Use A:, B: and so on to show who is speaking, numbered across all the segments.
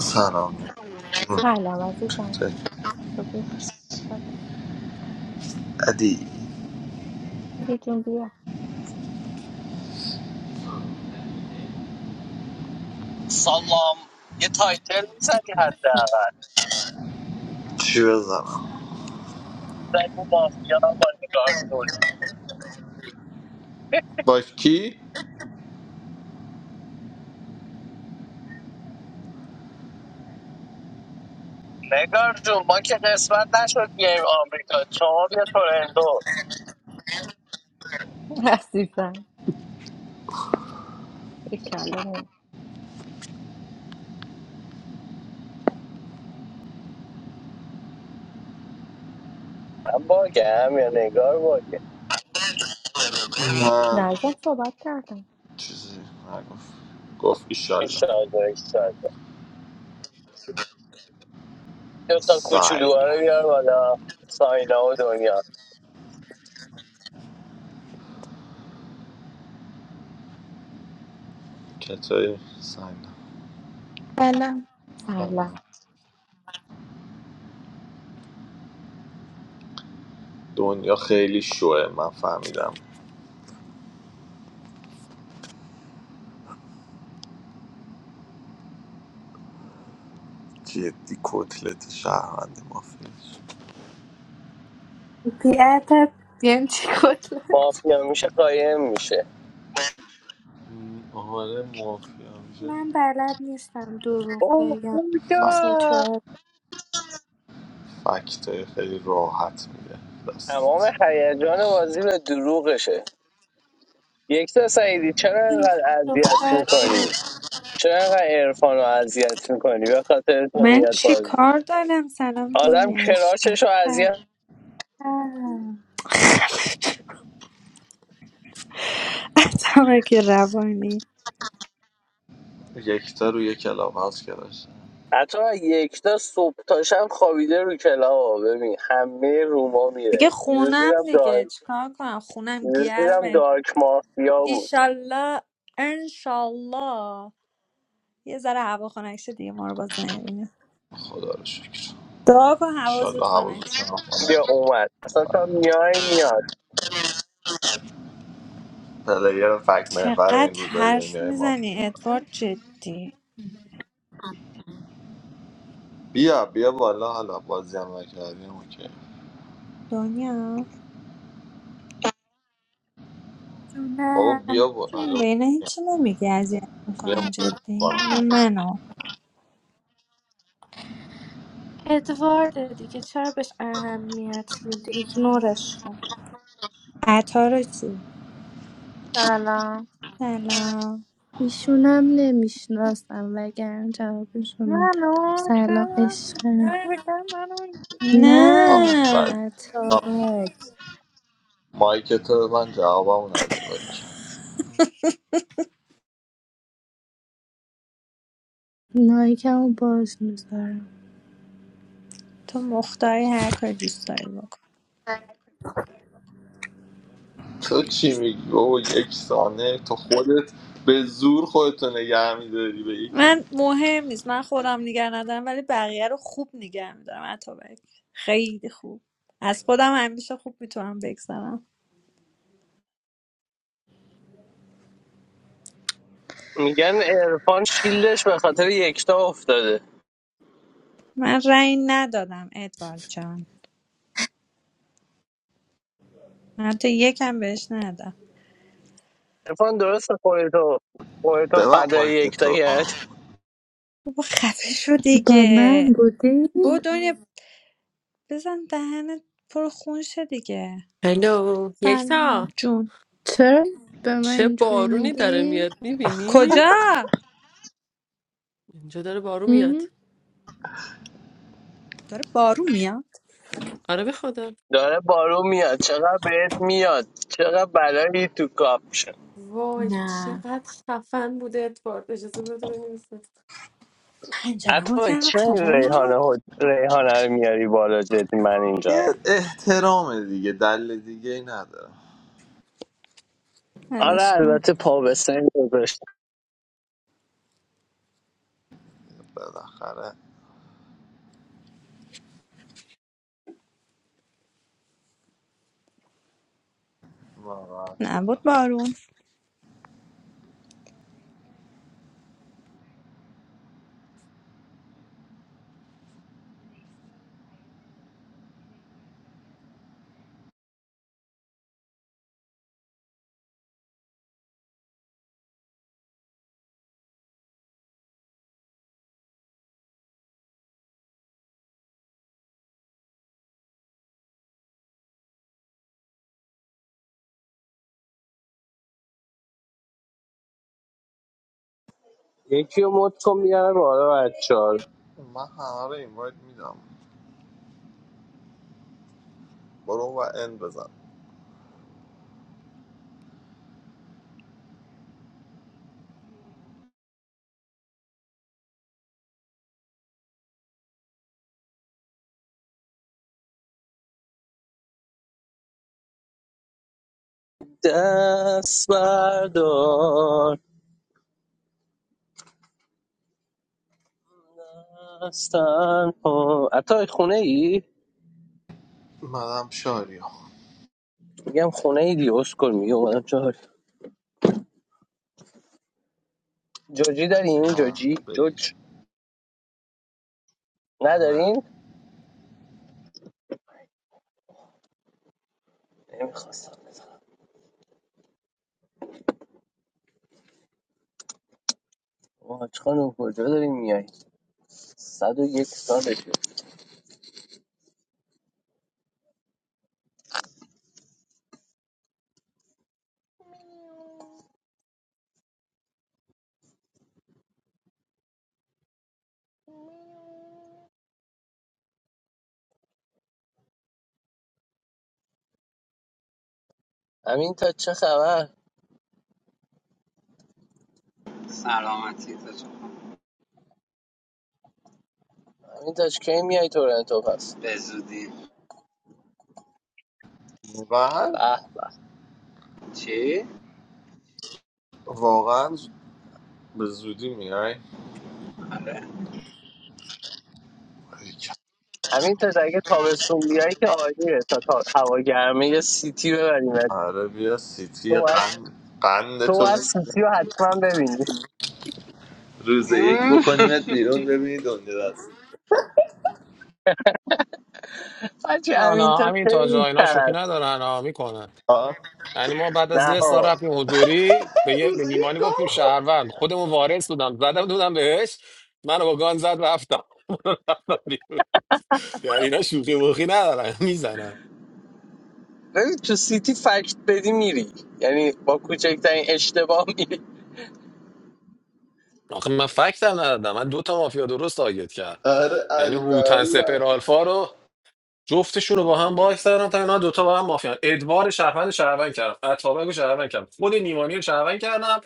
A: سلام چطوری؟
B: Sala, what is it? So be.
A: عدی
B: Did you do it?
C: سلام یه تایتل میزدی حداقل
A: چی بزنم
C: زدی مافیا با نگار جون
A: با کی؟
C: نگار جون ما که قسمت نشد بیایم آمریکا شما بیا تورندو
B: Yes, it is. Isha'Allah, me.
C: من باگم یا نگار باگه
A: من
B: Now, what is the conversation?
A: چیزی نگفت گفت ایشالله
C: ایشالله ایشالله دو تا کوچولوها
A: سعی
C: رو بیار بالا ساینا و دنیا
A: چطوری؟ سعی نه.
D: بله
B: Sala.
A: سلام دنیا خیلی شوه من فهمیدم جدی کتلت شهروندی مافیاش
E: بیادب یعنی چی کلا
C: مافیا میشه قایم میشه
A: م، آره مافیا میشه
E: من بلد نیستم دروغ
C: اوه
E: بگم مثل
A: فکت
C: خدا.
E: تو
A: فکت خیلی راحت میده
C: تمام
A: دستت
C: هیجان بازی به دروغشه یک تا سعیدی چرا
E: این
C: اینقدر اذیت
E: دختر
C: میکنی
E: دروغ
C: چرا اینقدر عرفان رو اذیت میکنی به خاطر
F: من
C: قومیت
F: چی
C: بازی
F: کار دارم سلام
C: آدم
F: دنیا عشقم
C: کراشش رو اذیت
E: کردم
F: که روانی
A: یکتا روی کلاب هاوس کرد.
C: حتی یکتا صبح تا شب خوابیده رو کلاها ببین همه روما
F: دیگه
C: میره دیروز
F: خونم
C: دیدم
F: دیگه
C: دارک
F: چیکار کنم خونم
C: دیروز دیدم
F: گرمه
C: دارک مافیا بود
F: ایشالله انشالله یه ذره هوا خنک شه دیگه ما رو باز نمیبینه
A: خدا رو شکر
F: دعا کن هوا
A: ایشالله
F: زود خنک شه
A: حوضتون رو کنه.
C: بیا اومد اصلا تا میای میاد
A: پلیر فکت محور این
F: چقدر
A: روزهای
F: حرف
A: دنیای مافیا
F: میزنی ادوارد جدی
A: بیا بیا بالا حالا بازی هم نکردیم اوکی
F: دنیا
A: بابا بیا
E: جونم
A: بالا حالا
F: به اینا هیچی نمیگی اذیت
A: بیا
F: میکنم جدی
A: بالا
F: اونم منو
E: ادوارد دیگه چرا بهش اهمیت میده ایگنورش کن
F: عطا رو چی
G: La la
F: سلام
E: ایشونم نمیشناسم وگرنه جوابش رو
G: منو
E: میدادم سلام عشقم
G: بگم منو
E: نه
A: آفر
F: نه
E: اتابک
A: مایک تو به من جوابمو نده باریکن
E: مایکمو باز میذارم
F: تو مختاری هر کاری دوست داری بکن
A: تو چی میگی بابا یک ثانیه تو خودت به زور خودتو نگه میداری به یکی
F: من
A: دیگه
F: مهم نیست من خودم نگه ندارم ولی بقیه رو خوب نگه میدارم اتابک خیلی خوب از خودم همیشه خوب میتونم بگذرم
C: میگن عرفان شیلدش به خاطر یکتا افتاده
F: من رأی ندادم ادوارد جان من حتی یکم بهش ندادم
C: عرفان درست خودتو خودتو
A: به من
C: فدای
A: مایک
C: یکتا
A: تو آه.
C: کرد
F: بابا خفه شو
E: با
F: دیگه
E: من بودی
F: بابا دنیا بزن دهنت پر خون شه دیگه
H: هلو
F: سلام
H: یکتا
F: جون
E: چرا به من
H: چه
E: اینجوری
H: بارونی داره
E: میگی؟
H: میاد میبینی؟
F: کجا
H: اینجا داره بارون میاد
F: داره بارون میاد
H: آره به خدا
C: داره بارو میاد چقدر بهت میاد چقدر بلایی تو کاپ شه.
H: وای
F: نه
H: چقدر خفن بوده ادوارد اجازه بده بنویسم
F: پنجره‌مو
C: اتابک
F: کردم
C: چه این
F: خبر
C: ریحانه
F: نبود
C: ها- ریحانه رو میاری بالا جدی من اینجا
A: یه احترام دیگه دل دیگه ای نداره
C: آره
F: ولش کن.
C: البته پا به سن گذاشت
A: بالاخره ناراحت
F: نبود
A: شدم
F: بارون
C: یکی رو مد کن میارم بالا بچه ها رو.
A: من همه رو اینوایت میدم برو و ان بزن
C: دست بردار دستن کن اتابک خونه ای؟
A: منم شاریا
C: میگم خونه ای دیگه اسکل میگه اومدم چهار جوجی دارین
A: نه
C: جوجی
A: بگیر
C: جوج
A: نه
C: ندارین؟ نمیخواستم بزنم. واج خانم کجا داری میای؟ صد و یک سالشه امین تا چه خبر؟
I: Assalamu alaikum.
C: امین تا کی میای تورنتو پس؟
A: واقعا
C: به به
A: واقعا به زودی میای
C: همین تا اگه تابستون بیای که عالیه تا, تا هوا گرمه یه سیتی ببریم
A: آره بیا
C: تو
A: سیتی
C: باید
A: قند قند
C: تو
A: تو
C: باید
A: بگیر.
C: سیتی رو حتما ببینی
A: روز یک بکنیمت بیرون ببینی دنیا دست
C: بچه
J: نه
C: همین
J: نه
C: تا
J: همین تاجا
C: خیلی
J: اینا شوخی
C: کرد
J: ندارن ها میکنن
A: آه.
J: یعنی ما بعد از
C: نه
J: یه سال
C: آقا.
J: رفتیم حضوری به یه
A: روز
J: به
A: یک
J: نیمانی گفتیم
A: گام خورد
J: شهروند خودمون وارث بودم زدم دودم بهش منو با گان زد رفتم یعنی اینا شوخی موخی ندارن میزنن
C: ببین تو سیتی فکت بدی میری یعنی با کوچکترین اشتباه میری
J: آخه من فکتم ندادم من دو تا مافیا درست تارگت کرد
A: آره
J: یعنی هوتن
A: البری
J: سپر
A: بر.
J: آلفا رو جفتشون رو با هم باکس کردم تا اینا دوتا با هم مافیان ادوار شهروند شهروند کردم اتابک رو شهروند کردم خود نیمانی رو شهروند کردم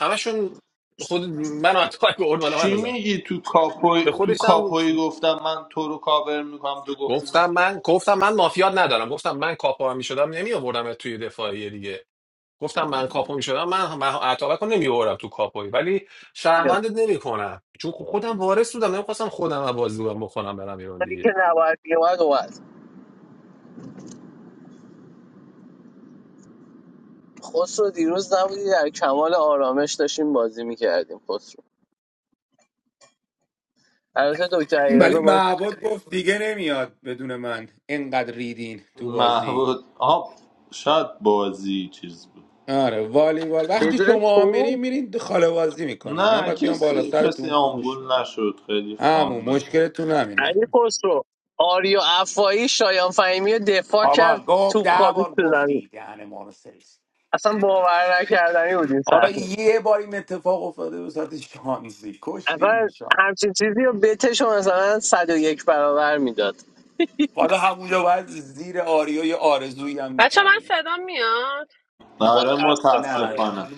J: همشون خود من و اتابک به اول من
A: چی
J: زد
A: میگی تو کاپوی
J: به
A: تو
J: خودش هم بود.
A: کاپوی گفتم من تو رو کاور میکنم تو گفتی من
J: گفتم من گفتم من مافیات ندارم گفتم من کاپو هم میشدم نمی آوردم توی دفاعی دیگه گفتم من کاپو میشدم من من اتابک رو نمی آوردم تو کاپوی ولی شهروندت نمی کنم چون خودم وارث بودم نمیخواستم خودم از بازی بکنم برم ایران
C: ولی که
J: دیگه
C: نباید میومد اومد خسرو دیروز نبودی در کمال آرامش داشتیم بازی میکردیم خسرو البته دکتر
K: ولی
C: ایرزا باز
K: معبود گفت دیگه نمیاد بدون من اینقدر ریدین تو بازی
A: محبود آه شاید بازی چیز بود
K: آره والیبال وقتی
C: بدون
K: شما
C: تو
K: میرین میرین خاله بازی میکنین من
A: نه
K: باید بیام بالا
A: کسی کسی
K: سرتون فوش
A: آمبول
K: بدم
A: نشد خیلی
K: همون
A: فان بود
K: مشکلتون
C: علی
K: همینه
C: خسرو آریو عفایی شایان فهیمی رو دفاع کرد
K: آبا گفت
C: توپ
K: ده
C: خالص
K: بار
C: تو زمین
K: گفتی دهن ما رو سرویس
C: اصلا باور نکردنی بود این
K: آره
C: صحنه
K: یه بار این اتفاق افتاده به ساعت شانزی کشتی
C: اول
K: شاید
C: همچین چیزی رو بتشو مثلا 101 برابر میداد
K: حالا همونجا باید زیر آریا یه آرزویی هم
H: بچه من
K: میکردی
H: صدام میاد
A: آره
K: نه
C: متاسفانه
K: نه
A: متاسفانه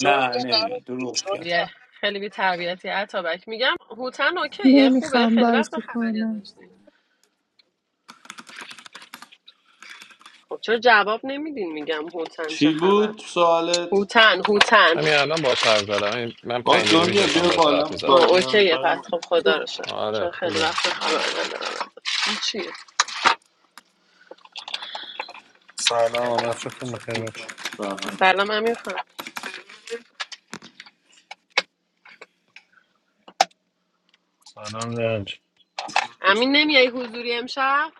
C: جونی
K: نه
C: نبود
K: نمیاد
C: که
K: دروغ
C: جونی
K: کرد
H: یه
C: هم-
H: خیلی بی تربیتی عطابک میگم هوتن اوکیه خوبه
E: نمیخوام
H: خیلی وقت
E: بازی
H: خبری
E: کنم
H: ازش نی خب چرا جواب نمیدین میگم هوتن چه
A: چی
H: خبر
A: بود سوالت
H: هوتن هوتن
J: همین الان باهاش حرف زدم همین- من
A: با
J: 5 دقیقه پیش
A: دنیا
J: داشتم
A: بیا
J: باهاش
A: بالا
J: حرف
H: آه
A: بازی
H: اوکیه
A: نمیکنیم
H: پس خب خدا رو شد
J: آره
H: چون خیلی وقت
J: خوبه
A: آره
H: خبر ندارم ازش. این چیه
L: سلام وقتتون بخیر بچه
A: سلام.
H: سلام امیر
L: سلام رنج
H: امین نمیای حضوری امشب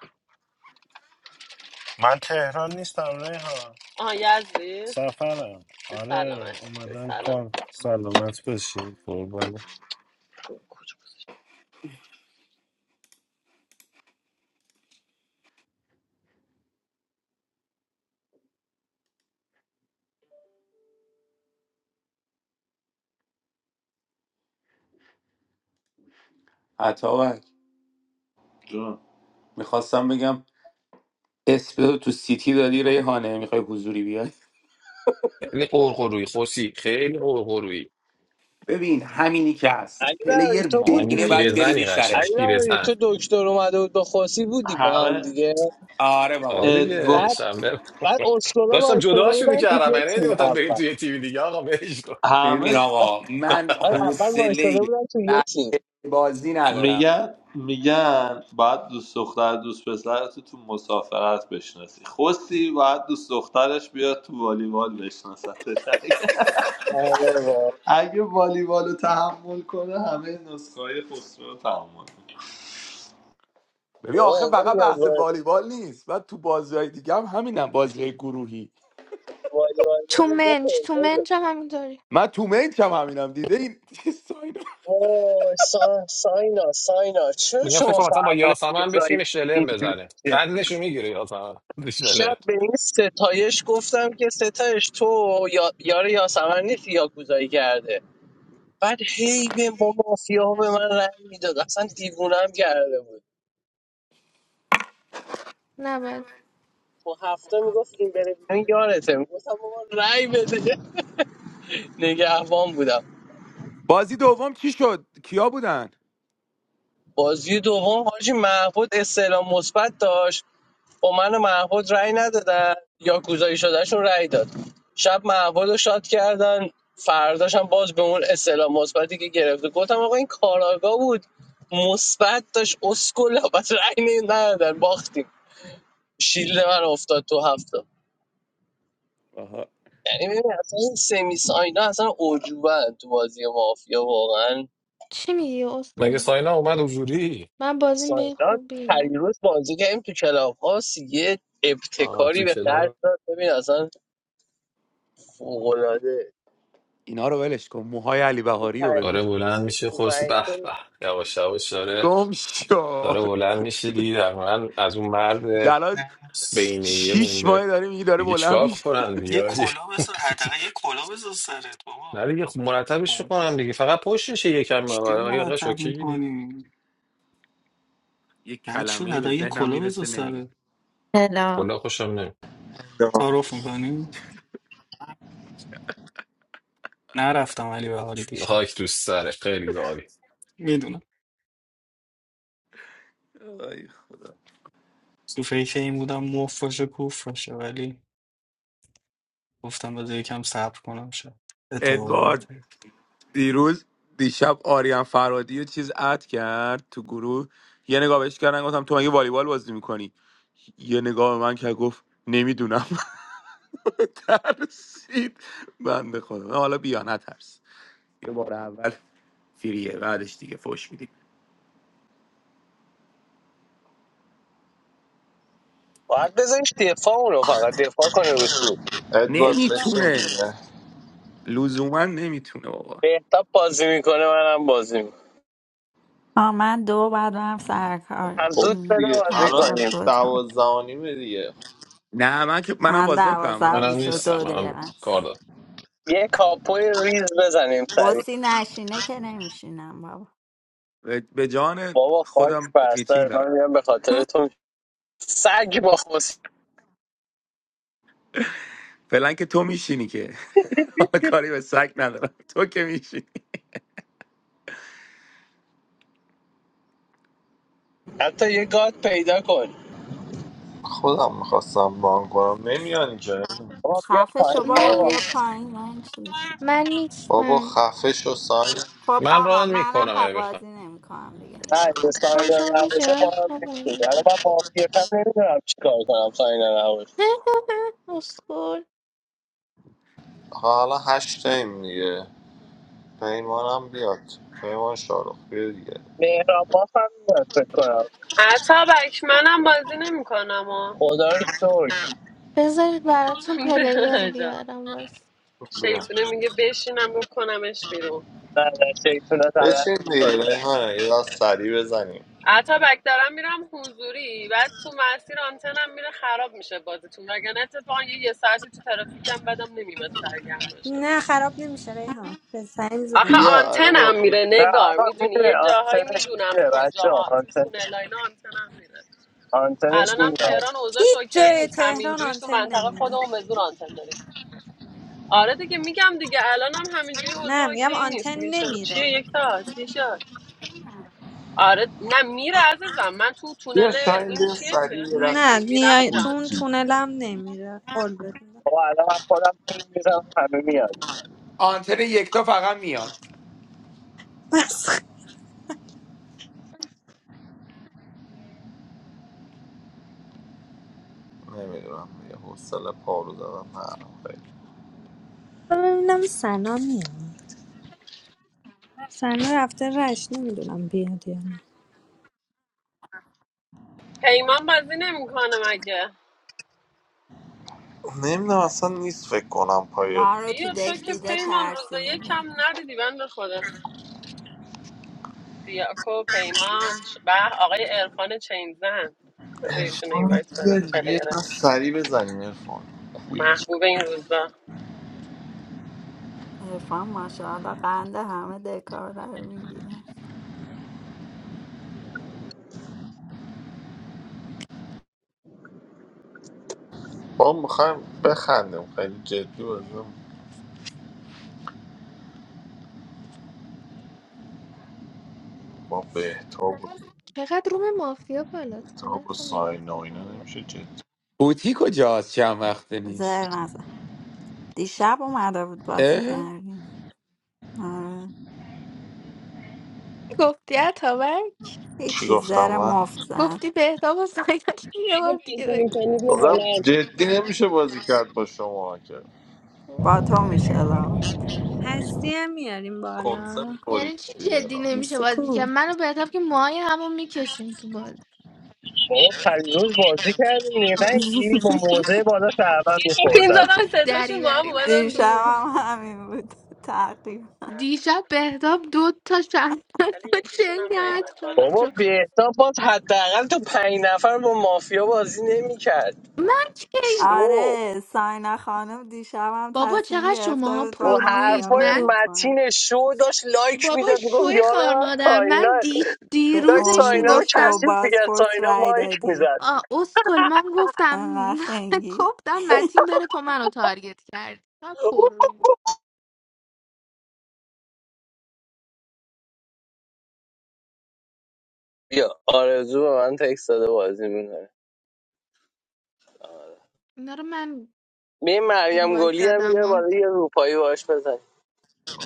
L: من تهران نیستم ریحان
H: آها یزدی
L: سفرم
H: به
L: آره
H: سلامت به
L: اومدم
H: سلامت
L: کار سلامت باشی قربان
K: عطاوک
A: جون
K: میخواستم بگم اسپرو تو سیتی داری ریحانه میخوای حضوری بیای
J: خیلی قرقرویی خوسی خیلی قرقرویی
K: ببین همینی که هست
C: علی برای
K: پلیر
C: تو بودی
J: اون
K: برینه باید برینی
J: پیرزنی قشنگ
C: علی
K: سرش
C: برای
J: پیرزن
C: تو دکتر اومده بود با خوسی بودی با هم
A: همه
C: دیگه
K: آره بابا
J: آره
K: بوده
J: دیگه
A: ادو...
C: بعد
J: شنبه
C: بعد اسکولا
J: داشتم
C: وایستاده
J: جداشو
C: بودن تو
J: میکردم
C: یه
J: یعنی
C: تیم
J: نمی‌گفتم بریم
C: اول
J: توی تیوی دیگه آقا برش کن
K: ببین
A: همه
K: آقا من
C: بعد اول
K: حوصله
C: وایستاده بودن تو یه
K: بحث
C: تیم
K: بازی ندارم
A: میگن میگن باید دوست دختر دوست پسرت تو تو مسافرت بشناسی خوسی باید دوست دخترش بیاد تو والیبال بشناستش
C: آره با
A: اگه والیبال رو تحمل کنه همه نسخه های خسرو رو تحمل
K: ببین آخه فقط بحث والیبال نیست و تو بازی های دیگه هم همینم بازی های گروهی
C: وای وای
D: تو
C: ها اینجا
D: منج تو
C: پیدایه.
D: منج هم همینطوری
K: من تو مینچ هم همینم دیده این ساینا.
C: وای سا- ساینا ساینا چرا
J: میگم فکر
C: شما
J: کنم مثلا با
C: فرقانه دیگه
J: یاسمن
C: زایی
J: بشین شلم
C: اینجوری
J: بزنه
C: جدی
J: قندشو میگیره یاسمن شلم
C: شب به این ستایش گفتم که ستایش تو یا یار یاسمن نیستی یا گوزایی کرده بعد هی به با مافیا ها به من رنگ میداد اصلا دیوونم کرده بود
D: نباید
C: تو هفته میگفت این بره بیرون یارته میگفتم بابا رأی بده نگهبان بودم
K: بازی دوم چی شد کیا بودن
C: بازی دوم حاجی محمود استعلام مثبت داشت با من و محمود رأی ندادن یا گذاری شدهشون رأی داد شب محمود رو شاد کردن فرداش هم باز به اون اصطلاح مثبتی که گرفته گفتم آقا این کاراگاه بود مثبت داشت اسکل بس رأی نی- ندادن باختیم شیلد من افتاد تو هفته
K: آها
C: یعنی ببین اصلا این سمی ساینا اصلا عجوبه تو بازی مافیا واقعا
D: چی میگی
J: مگه
D: اسکل
J: ساینا اومد حضوری
D: من بازیم به این
C: ساینا
D: خوبیه
C: پریروز بازی کردیم تو کلاب هاست یه
J: آه
C: ابتکاری
J: تو
C: به خرج
J: کلا
C: داد ببین اصلا فوق‌العاده
K: اینا رو ولش کن موهای علی بهاری رو بگو
J: آره بلند میشه
C: تو
J: خورسی
C: پنج
J: به
C: تا
J: به یواش یواش داره
K: گم شو
J: داره بلند میشه دیگه در من از اون مرد
K: الان
M: نفس.
J: بینیه
K: شیش
J: مونده
K: ماه داره میگه داره
J: دیگه
K: بلند
J: چیکار
K: میشه
J: کنن
M: یه
J: دیگه حاجی؟
M: کلا بسار حداقل یه کلا بسار سرت بابا
J: نه دیگه خب مرتبش کنم دیگه فقط پشتش یکم
M: چی
J: آیقش
M: مرتب
J: اوکی دیگه
M: میکنی
K: یک
M: بعد شد
K: کلمه ای به
M: حداقل یه
K: ذهنم
M: کلا بسار
K: میرسه نمیگم
M: سرت
N: هلا
J: کلا خوشم نمیاد
A: یا.
M: تعارف میکنی نرفتم علی بهاری دیشب
J: خاک دوست سره خیلی عالی
M: میدونم
K: آی.
M: تو فکر این بودم مفت باشه کوف باشه ولی گفتم بذار یکم صبر کنم شد اتفاقی
K: ادوارد
M: بهتری
K: دیروز دیشب آریان فرادی یه چیز اد کرد تو گروه یه نگاه بهش کردن گفتم تو مگه والیبال بازی میکنی یه نگاه به من که گفت نمیدونم ترسید بنده خدا حالا بیا نترس یه بار اول فریه بعدش دیگه فوش میدیم
C: باید بذاریش دفاع اونو فقط دفاع کنه رو تو
A: ادوارد بشین
K: نمیتونه
A: دیگه
K: لزوما نمیتونه بابا
C: بهتاب بازی میکنه منم بازی میکنم
N: آه من دو بعد برم سر کار
C: پس
A: خب
C: زود
N: م،
C: بده
A: دیگه
C: بازی
N: بعد
A: الان
N: تا
C: کنیم
N: دو تا
A: دوازده و نیمه دیگه
K: نه من که منم
N: من
K: بازی نمیکنم
N: دوازده
K: من
N: و
J: منم
N: بیست
K: میتینگ
N: و
J: نیستم
K: دارم
N: دو دقیقه
J: منم کار
N: است
J: دارم
C: یه کاپوی ریز بزنیم سریع
N: قصی نشینه که نمیشینم بابا
K: به به جان
C: بابا فاکس
K: خودم میتینگ
C: پرستر
K: دارم
C: من میرم به خاطر تو سگ با خوص
K: فعلا که تو میشینی که حالا کاری به سگ ندارم تو که میشینی
C: حتی یه گاد پیدا کن
A: خودم میخواستم بان کنم نمیان که
C: بابا بیا پایین
N: خفشو بابا
D: من
C: بابا
N: بیا
D: نیست
N: پایین من چی؟
D: من
A: بابا
D: نیستم
A: خفه شو ساین
N: خب
J: من
N: آقا
J: ران
N: منم
J: میکنم
N: پا
J: اگه بخوام
N: بازی نمیکنم دیگه این
C: نه
N: چه
C: یه
N: وقت
C: ساینا
D: باشم بشه
C: نباشه
D: من
C: با هم
D: خوابم
C: نیستیم الان
D: می‌برم.
C: من مافیت هم نمیدونم چیکار کنم ساینا نباشه
D: اسکل
A: حالا هشت تایم دیگه پیمانم بیاد پیمان شارخ بیا دیگه
C: مهران باف هم میاد فکر کنم
H: اتابک منم بازی نمیکنم و
C: خدا رو شکر
D: بذارید براتون
H: به
D: پلیر
H: عجب.
D: بیارم وایس
A: بیا.
H: شیطونه میگه بشینم بکنمش بیرون
C: نه نه شیطونه
A: بشین
C: تلت
A: دیگه ریحانه یه دست سریع بزنیم
H: اتابک دارم میرم حضوری بعد تو مسیر آنتنم میره خراب میشه بازیتون وگرنه اتفاقا یه, یه ساعتی تو ترافیکم بدم نمیمد سرگرم باشم
F: نه خراب نمیشه ریحان به سعی
H: آخه
F: میزنم
A: بیا آره با
H: آنتنم
A: بیا
H: میره
C: نه
H: نگار
C: آقا
H: میدونی
C: میره
H: یه جاهایی
C: آنتنش
H: میدونم
C: میره بچه ها
H: کجاها تو
C: آنتنش
H: تونل آنتنم میره
C: آنتنش
H: الانم
C: میره
H: تهران اوضاعش
F: هیچ
H: اوکی
F: جای
H: نیست
F: تهران
H: همینجوریش تو
F: آنتن
H: منطقه
F: نمیره
H: خودمون به زور آنتن داریم آره دیگه میگم دیگه الانم همینجوری
F: نه
H: اوضاع
F: میگم
H: اوکی نیست
F: آنتن
H: دیگه چه چیه
F: نمیره
H: یک تا چی شد آره نه میره عزیزم من تو
A: بیا
H: تونل
A: شاین
H: این
A: بیا
H: چیه توی
A: سریع یه
F: نه
H: هکی
A: دست
H: میرم
F: نیا
H: میره
F: تو اون
H: آنتن
A: کویکی
F: تونلم نمیره قول بدونم
C: بابا الان من خودم پین میزنم همه میاد
K: آنتن یکتا فقط میاد
F: بس
A: نمیدونم دیگه حوصله پارو زدم نه
F: ببینم سنا میاد سنا رفته رش نمیدونم بیاد یا نه
H: پیمان بازی نمیکنه مگه
A: نمیدونم اصلا نیست فکر کنم پای
N: ما رو تو
H: بیا
A: گوشی
H: تو
N: دک
H: که
N: دیده
H: پیمان روز
N: ترسیده به
H: یکم ندیدی بند خدا دیاکو پیمان ش- به آقای عرفان چینزن از ایشون این
A: آره،
H: وایت بدم
A: بیا بیا
H: پلیر
A: تا سری بزنیم ارفان کویک
H: محبوب این روزا
N: ارفان ماشاءالله قند همه دکارا رو میگیره
A: ما میخوایم بخندیم خیلی جدی بازم با بهتاب و
D: چقدر روم مافیا بالاست یه
A: بهتاب و
D: لحظه نگاه
A: ساینا و
D: کن
A: اینا
D: حالا.
A: نمیشه جدی
K: بوتی کجاست چند وقته
N: زر
K: نیست
N: نزن دیشب اومده بود بازی
K: اه
N: کردیم آره
D: گفتی اتابک
A: چی
N: هیچی
A: گفتم
N: زر
A: من
N: مفت زد
D: گفتی بهتاب و سایدش یه بار دیگه بگو
A: گفتم جدی نمیشه بازی کرد با شما که
N: با تو میشه لال
F: هستی هم میاریم
A: کنسه
F: بالا
A: میخورید
D: یعنی چی
A: دیگه
D: جدی
A: را
D: نمیشه
F: هستی
D: بازی
F: کو
D: کرد من و بهتاب که ماهی همون میکشیم تو بازی
C: بابا پریروز بازی کردیم دیگه نه با موزه بالا شهرون
H: پین
C: میخوردن
H: زدم سه
D: دری
H: تاشون با هم
D: بری
H: اومدن تو
D: نکنی
N: دیشبم
H: روم
N: همین بود تقریب
H: اه،
D: دیشب بهتاب دو تا شهروند
H: ولی
D: رو
H: یکیشون
D: چنگ
H: هم
D: کرد
H: نیومد بالا
D: شد
C: بابا
D: شد
C: بهتاب باز حداقل تو پنج نفر با مافیا بازی نمیکرد
D: من کی
C: شو
N: آره ساینا خانم دیشبم
D: بابا
N: تصمیم
D: چقدر
N: گرفته
D: شماها
N: بود با
C: رو
D: پر
N: مافیا
D: روید
C: حرفای
D: من
N: بازی کنه
C: متین شو داشت لایک
D: بابا
C: میداد میگفت
D: شوی
C: یار
D: خار
C: من
D: مادر
C: ساینا
D: من دیش
N: به
C: داشت
D: دیروزش
C: ساینا
N: امید
C: رو
N: شو
D: میگفتم
C: کثیف میکرد
N: بازپورت
C: ساینا
N: رای
C: مایک
N: دادی
C: میزد
D: آ، اسکل من گفتم
N: انقدر
D: من
N: خنگی
D: گفتم متین بره تو منو تارگت کرد چقدر پر رو بود.
C: بیا آرزو به من تکست داده بازی می‌کنه.
D: اینا رو من
C: به این مریم
D: اینوایت
C: گلی هم
D: دادم
C: یه
D: و
C: بالا یه روپایی باش بزن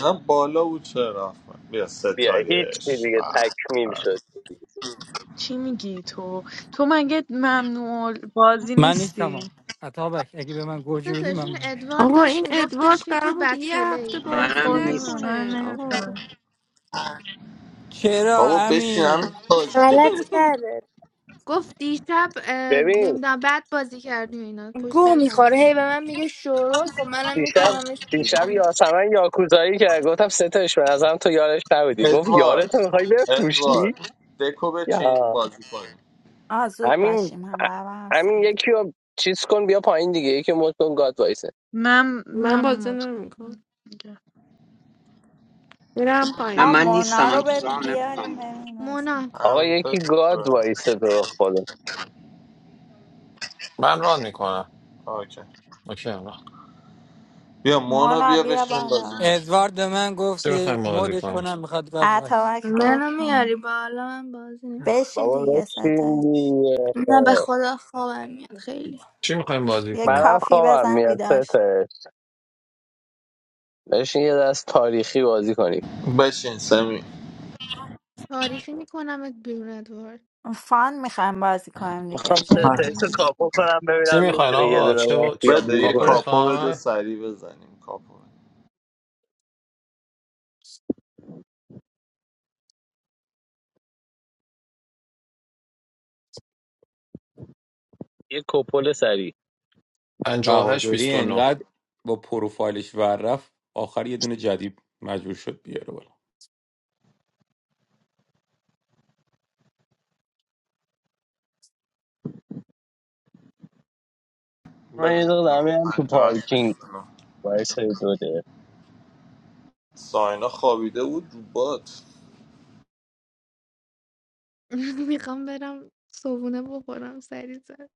A: نه بالا بود چرا رفت بیا
C: بیا هیچی
A: ستایش
C: دیگه
A: بله.
C: تکمیل شد
G: چی میگی تو تو مگه ممنوع بازی
O: من نیستم
G: نیستی
O: آن اتابک اگه به من گوجه بدی من
D: تاشین
O: نمیشه
D: ادوارد
P: آقا
D: داشت
P: این ادوارد
D: میگفتش که
P: قرار
D: تو
P: بود
D: بد
P: یه
D: پلی
P: هفته
G: به
P: بازی
G: خدا من
P: نکنه آقا
G: نمیفهم
O: چرا
A: بابا بشین همین
O: امی
A: تاج دیگه
Q: غلط کرده
D: گفت دیشب
C: ببین
D: نمیدونم بعد بازی کردی و اینا پشت
Q: گوه
D: سر حرف
Q: میخوره هی
D: زد
Q: به من میگه شروع خب منم
C: دیشب
Q: میکنمش
C: دیشب
Q: بیرون
C: یاسمن یاکوزایی کرد گفتم ستایش به نظرم تو یارش نبودی گفت یارتو
A: ادوارد
C: میخوای بفروشی
A: ادوارد دکو بچین
C: یا
A: بازی کنیم
N: آ زود
C: همین
N: باشیم هم بابا هم
C: همین
N: سلام
C: یکی رو چیز کن بیا پایین دیگه یکی مد کن گاد وایسه
G: من
P: من
G: منو
P: بازی
G: مت
P: نمیکنم
G: کن
P: میرم پایین.
N: آ مونا رو به بیاریم ببینیم بازی
D: مونا
N: می‌کنه.
C: آقا
A: همین تا
C: یکی گاد وایسه تو خودم
J: من ران میکنم
A: آکه
J: اوکی آقا
A: بیا مونا
N: مونا
A: بیا
N: بیا
A: بشین بازی
N: بالا
A: کن.
O: ادوارد به من گفت
J: چی
O: که
J: میخوایم بازی
O: مودش
J: کنیم
O: کنم میخواد گاز وایس
N: اتاوک برو
Q: منو میاری
N: پایین.
Q: بالا من بازی نمیکنم
N: بشین
C: بابا
N: دیگه
C: بشین
N: ستش
C: دیگه
Q: نه به خدا خوابم میاد خیلی
J: چی میخوایم بازی
N: یه
J: کنیم
C: منم
N: کافی
C: خوابم
N: بزن
C: میاد
N: بیدار
C: ستایش بشین یه دست تاریخی بازی کنیم
A: بشین سمی
D: تاریخی میکنمت بیرون ادوارد
N: فان میخوایم بازی کنیم دیگه
C: میخوام
N: جدی
C: ستایس رو
N: نیست
C: کاپو کنم
J: چی
C: ببینم
J: میخواین
C: میتونه یه
J: آقا
C: دونه
J: چه با... چ...
C: مافیا
A: بده
C: بو
A: یه
J: کاپو
C: کنه
A: کاپو بده
J: میخواین
A: سریع بزنیم کاپو
C: یه کپل سری
J: پنجاه و هشت بیست
K: بهادری
J: و نه
K: انقدر با پروفایلش ور رفت آخر یه دونه جدید مجبور شد بیاره بالا
C: من
A: بده
C: یه دونه دمه
A: بزن
C: هم تو
A: پنجاهش
C: پارکینگ
A: بشینم
C: وایسای دو دقیقه.
A: ساینا خوابیده بود رو باد
D: میخوام برم صبونه بخورم سری زد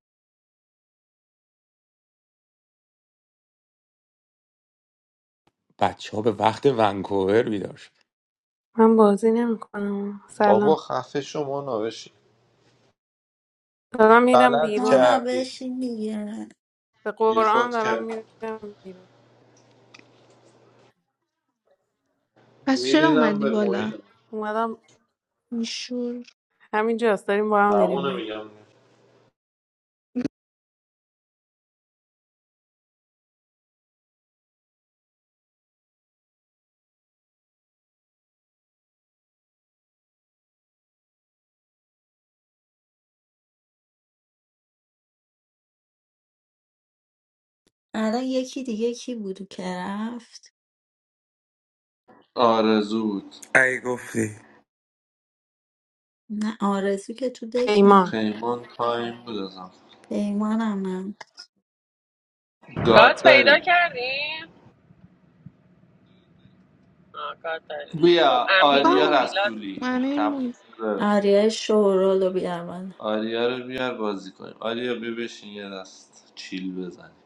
K: بچه ها به وقت ونکوور بیدار شد
R: من بازی نمیکنم
A: بابا
R: سلام
A: خفه شما نوشی
R: دارم میرم
A: غلط
R: بیرون
N: مانا
A: کردی
N: بشین دیگه
R: به قرآن
A: بیخود
R: دارم
A: کرد
R: میرم بیرون
D: پس چرا
A: میرینم
D: اومدی
A: به
D: بالا
A: موین
R: اومدم
D: میشور
R: همینجاست داریم با هم میریم
A: همونو
R: بیرون
A: میگم
N: الان یکی دیگه کی بودو که رفت
A: آرزو بود
K: ای گفتی
N: نه آرزو که تو دک نم
R: پیمان
A: پیمان تایم بود ازم
N: پیمانم نم
H: گات
A: گاد
H: پیدا
A: داریم
H: کردیم آه کار داریم
A: بیا
H: خب امین
A: آریا
H: و
D: بگم
H: میلاد
A: رسولی
D: امیر
A: تموم
D: مون-
A: شده
N: آریه شورالو بیار بالا
A: آریا رو بیار بازی کنیم آریا بیا بشین یه دست چیل بزنیم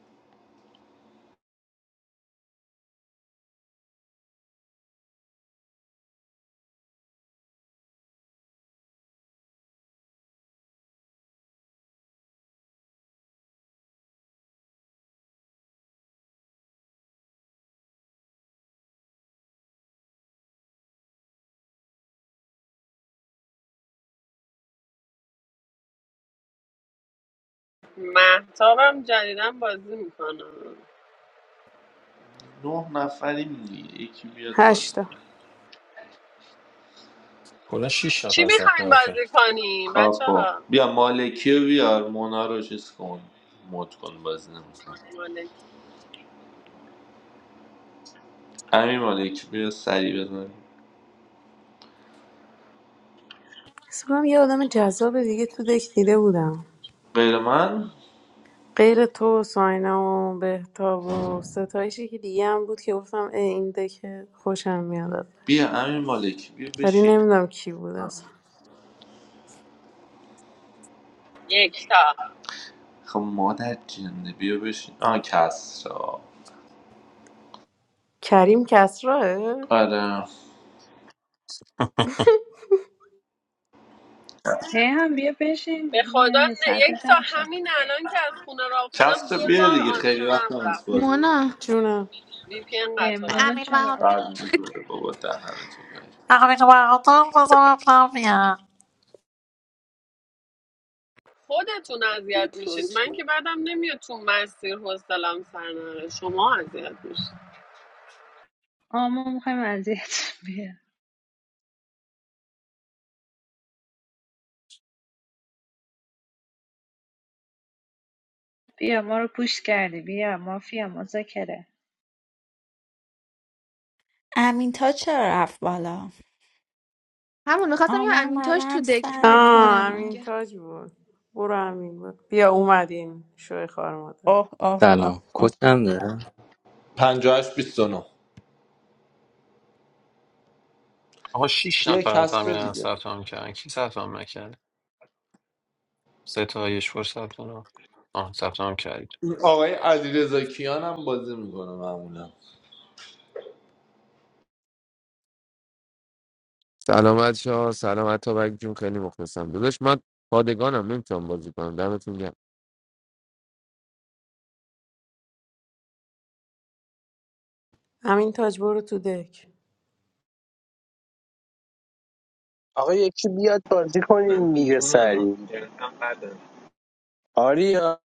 H: محتابم جدیدن بازی میکنم
A: نه نفریم دیگه یکی بیاد بازی
R: هشتا
A: کنه
J: کلا شش
H: چی
J: نفر ثبت
H: میخواین
J: نام
H: بازی
J: کرد
H: کنیم بچه
A: کاپو
H: ها
A: بیا مالکی رو بیار مونا رو چیز کن مد کن بازی نمیکن
H: مالک
A: امین مالکی بیا سری بزنیم
R: حس کنم یه آدم جذاب دیگه تو دک دیده بودم
A: غیر من
R: غیر تو و ساینا و بهتاب و ستایشی که دیگه هم بود که گفتم اه، این دک خوشم میاد ازش
A: بیا امین مالکی بیا
R: ولی
A: بشین
R: نمیدونم کی بود اصلا
H: یکتا
A: خب مادر جنده بیا بشین آه کسرا
R: کریم کسراه
A: آره
F: هم بیا بشین
H: به خدا
F: یعنی یه
H: نه-
F: ساعت
H: یکتا
F: جمع شه
H: همین الان که از خونه راه شدم
A: کسرا
H: دو
A: بیا
H: بار
A: دیگه خیلی وقت
H: آنتنم
A: هم نیست
H: رفت
A: بازی
H: یعنی
D: مونا
R: جونم
H: وی پی ان
F: اه،
H: قطع و
D: به
F: مونا
H: وصل
D: امیر
H: کرد
F: چرا
D: وحاده
F: رفت
A: بعد
F: بالا
A: بزرگ بابا دهنه تو گاهی
H: خودتون اذیت میشید
D: بتوش
H: من که بعدم نمیاد تو مسیر حوصلم سر نره شما اذیت میشید
F: آه ما میخوایم اذیت بیا ما رو پوش کردی بیا مافیا مذاکره
N: امین تا چرا رفت بالا
D: همون میخواستم
N: آه
D: یه
N: من
D: امیر تاش
N: بابام
D: تو دک بود
N: سر
R: آه
D: مونا
N: کار
R: امین
D: میگه
R: تاج بود برو امین بود. بیا اومدین شوی خار مادر
N: اوه اوه اوه
S: سلام کد
N: اوه
S: چنده؟
A: 58 29
J: آقا 6
A: یه
J: نفر
A: کسر
J: همین الان
A: دیگه
J: ثبت نام کردن کی ثبت نام نکرد ستایش با ثبت نام آه ثبت نام کردید
A: این آقای علیرضا کیان هم بازی میکنه معمولا
T: Assalamualaikum. Assalamualaikum. How are you? I'm very well. How are you? Good.
R: امین تاج برو تو دک
C: آقا یکی بیاد بازی کنیم دیگه سری آریا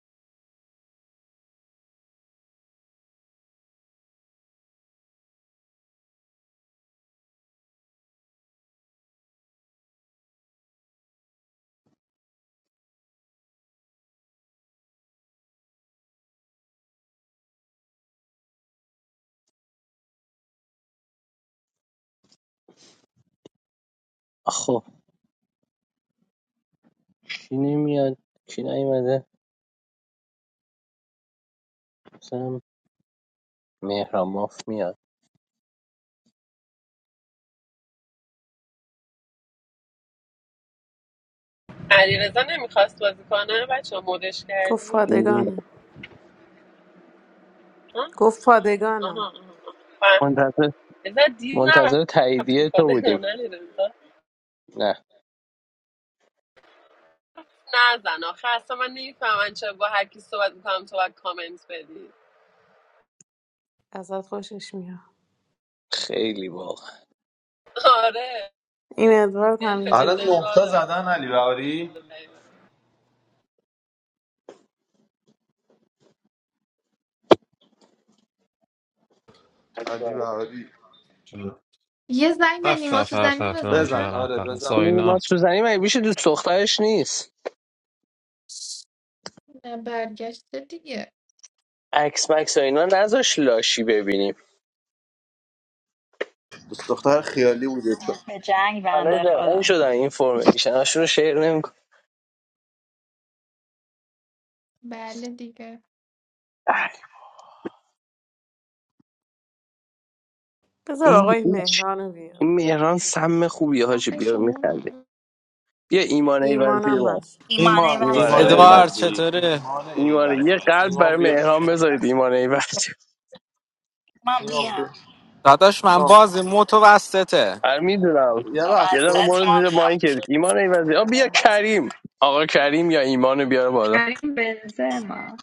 C: خب کی نمیاد کی نیومده مثلا مهران ماف میاد
H: علیرضا نمیخواست بازی کنه بچه مدش
R: گفت
H: کردیم
R: پادگانم
H: آها
R: گفت پادگانم
H: آها آها. فهمید
C: منتظر
H: رضا دیر
C: منتظر
H: نرفت تو
C: تاییدیه تو بودیم
H: پادگان علیرضا
C: نه
H: نزن آخه اصلا من نمیفهمم چرا با هر کی صحبت میکنم تو باید کامنت بدی
R: ازت خوشش میاد
C: خیلی واقعا
H: آره
R: این ادوارد
H: دل به
A: الان
H: دل
R: همینجوری
H: را
A: نقطه زدن علی بهاری
H: داره.
A: علی بهاری
J: شد.
D: یه زنگ به
J: هفت
D: نیما
J: نفر
D: سوزنی
J: ثبت نام
D: بزنم
A: بزن
J: کردم
A: آره
J: فقط
A: بزن
C: نیما
J: ساینا
C: سوزنی مگه بیشه دوست دخترش نیست
D: نه، برگشته دیگه
C: عکس مکس و اینا نذاش لاشی ببینیم
A: دوست دختر خیالی بوده چون
N: خود به جنگ
C: همه
N: بنده
C: زرنگ
N: خدا
C: شدن این فرمیشن هاشون رو شیر نمیکن
D: بله دیگه
R: بذار
C: این
R: آقای
C: این, چ-
R: مهران رو بیار
C: این مهران سم خوبی حاجی
D: خفه
C: بیا میخنده
D: شما
C: بیا ایمان ایورزی
R: ایمانم
C: من
R: هست
N: ایمانه
A: ایمان
C: ایمان
N: وزی
A: ایمان
N: رو
C: ایورزی
U: Edward
N: بیام
A: ایوزی
U: Chatteri.
A: ایمان
C: ایمان یه
A: ایوزی
C: قلب برای
A: ایمان بیا
C: مهران
A: بسم
C: بذارید ایمان ایورزی
N: من
A: ایمان بیا
N: بیام
U: That's what I'm.
A: ایمان.
U: Motivated.
C: من میدونم
A: یه
C: یه
A: لحظه
C: دقیقه
A: بزن.
N: وسط
C: برو زیر
N: ما
C: مایکت ایمان ایورزی آ بیا
N: نموشیم
C: کریم آقا کریم یا ایمان بیار بالا
F: کریم بنزما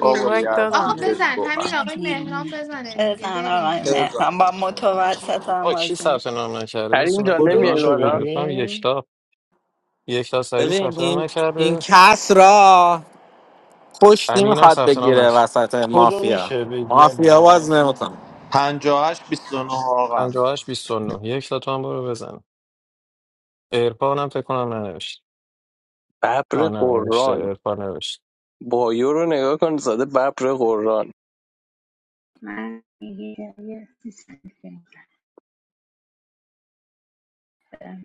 A: بابا
R: اینوایت
D: آقا
R: دادم
A: یزید
R: بهشون
D: بزن
A: تو
D: همین
N: همه
D: آقای مهران
N: بیرونه
D: بزنه دیگه
N: بزن آقای
D: بریم
N: مهران
A: بزن
N: با متوسط هم
J: آه کی
N: بازی
J: ثبت
N: می‌کنه.
J: نام نکرده
C: کریم
J: میتونم
C: جان
L: کدو
C: نمیای
J: بزنم
L: میشه
J: بخونم
C: بالا
J: بکنم
L: بگی؟
J: یکتا یکتا
U: But
J: سعیدی ثبت نام
U: this, this
J: نکرده
U: case, we want
J: امین هم
U: to
J: ثبت
U: get
J: نام نکرد
U: into the
L: کدو
U: mafia.
L: میشه بگی
U: Mafia
L: علی
U: doesn't
L: جان
U: want me.
A: 58 29 آقا
J: 58 نه. یکتا تو هم برو بزن ارفان هم فکر کنم ننوشت
C: ببر
J: آه نه نوشته
C: قرآن
J: ارفان نوشت
C: بایو رو نگاه کن زاده ببر قرآن
F: من یه یه سیستم بنزما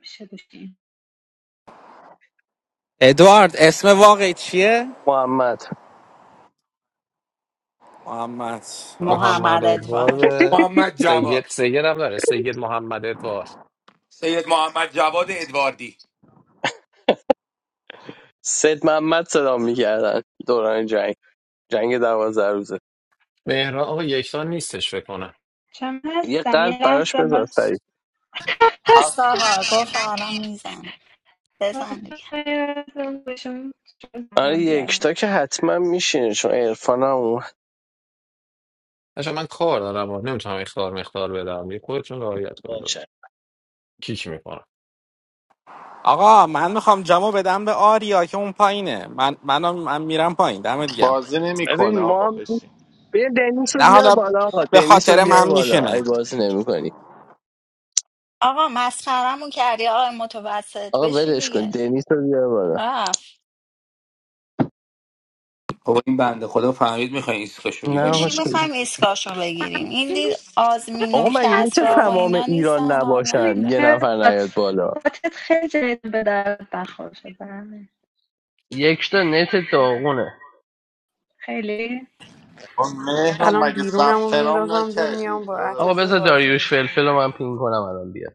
F: میشه بشین
U: Edward, what's your real name?
C: محمد
U: Mohammad. Okay. Sir,
J: محمد
N: محمد ادوارد
J: ادوارد
K: محمد
J: سید
K: جواد
J: سید هم داره سید محمد ادوارد
K: سید محمد جواد ادواردی
C: سید محمد صدا میکردن دوران جنگ جنگ دوازده روزه
J: مهران آقا یکتا نیستش فکر کنم
F: چم
C: یه
F: هستم
C: قلب
F: یه
C: براش
F: لحظه
C: بذار
F: باز
C: سریع
N: هست
A: هست
N: آقا گفت الان میزنم بزن دیگه
F: بشون
C: آره
F: بگم بیارم
C: یکتا که حتما میشینه چون عرفان هم اومد
J: بچه‌ها، من کار دارم نمیتونم اختار مختار بدم یه خودتون رعایت کنید
C: باشه
J: کیک میکنم
U: I want to go to the jury. That's downstairs. I'm going downstairs. I'll be right back.
A: بازی نمیکنه
C: ببین ما
A: آقا
C: هم
A: بشین
C: بیا دنیس رو بیار
U: Not
C: بالا آقا
U: because of
C: دنیس رو
U: the
C: بیار بالا
U: matter.
C: ای بازی نمی کنی
N: آقا مسخرمون کردی آقای متوسط
C: آقا
N: بشین
C: ولش کن
N: دیگه
C: دنیس رو بیار بالا
N: رفت
K: خب این بنده خدا فهمید میخواین ایسکاشو
C: نه
K: بگیریم
D: بابا
C: آقا
N: چی
D: یه
K: دیگه
N: میخوایم
C: شدی
N: ایسکاشو بگیریم این
D: همچین
N: دید آزمین
C: آقا
N: و
C: مگه میشه
N: کسرا و
D: چسبه.
C: تمام
N: اینا
C: ایران
N: نیستن حال
C: نباشن
F: همین
C: یه
N: نکرد
F: که
C: نفر نیاد
F: بات
C: بالا
F: باتت خیلی جدید به درد بخور شده همه.
C: یکتا نت داغونه
F: خیلی
A: اون مهرم
R: الان
A: مگه
R: بیرونم رو
A: ثبت نام
R: میندازم دور
A: نکردی
R: میام با عطا
C: آقا
R: جون
C: بذار
A: داداش
R: بازی
C: داریوش فلفل
R: میکنم
C: رو من پین کنم الان بیاد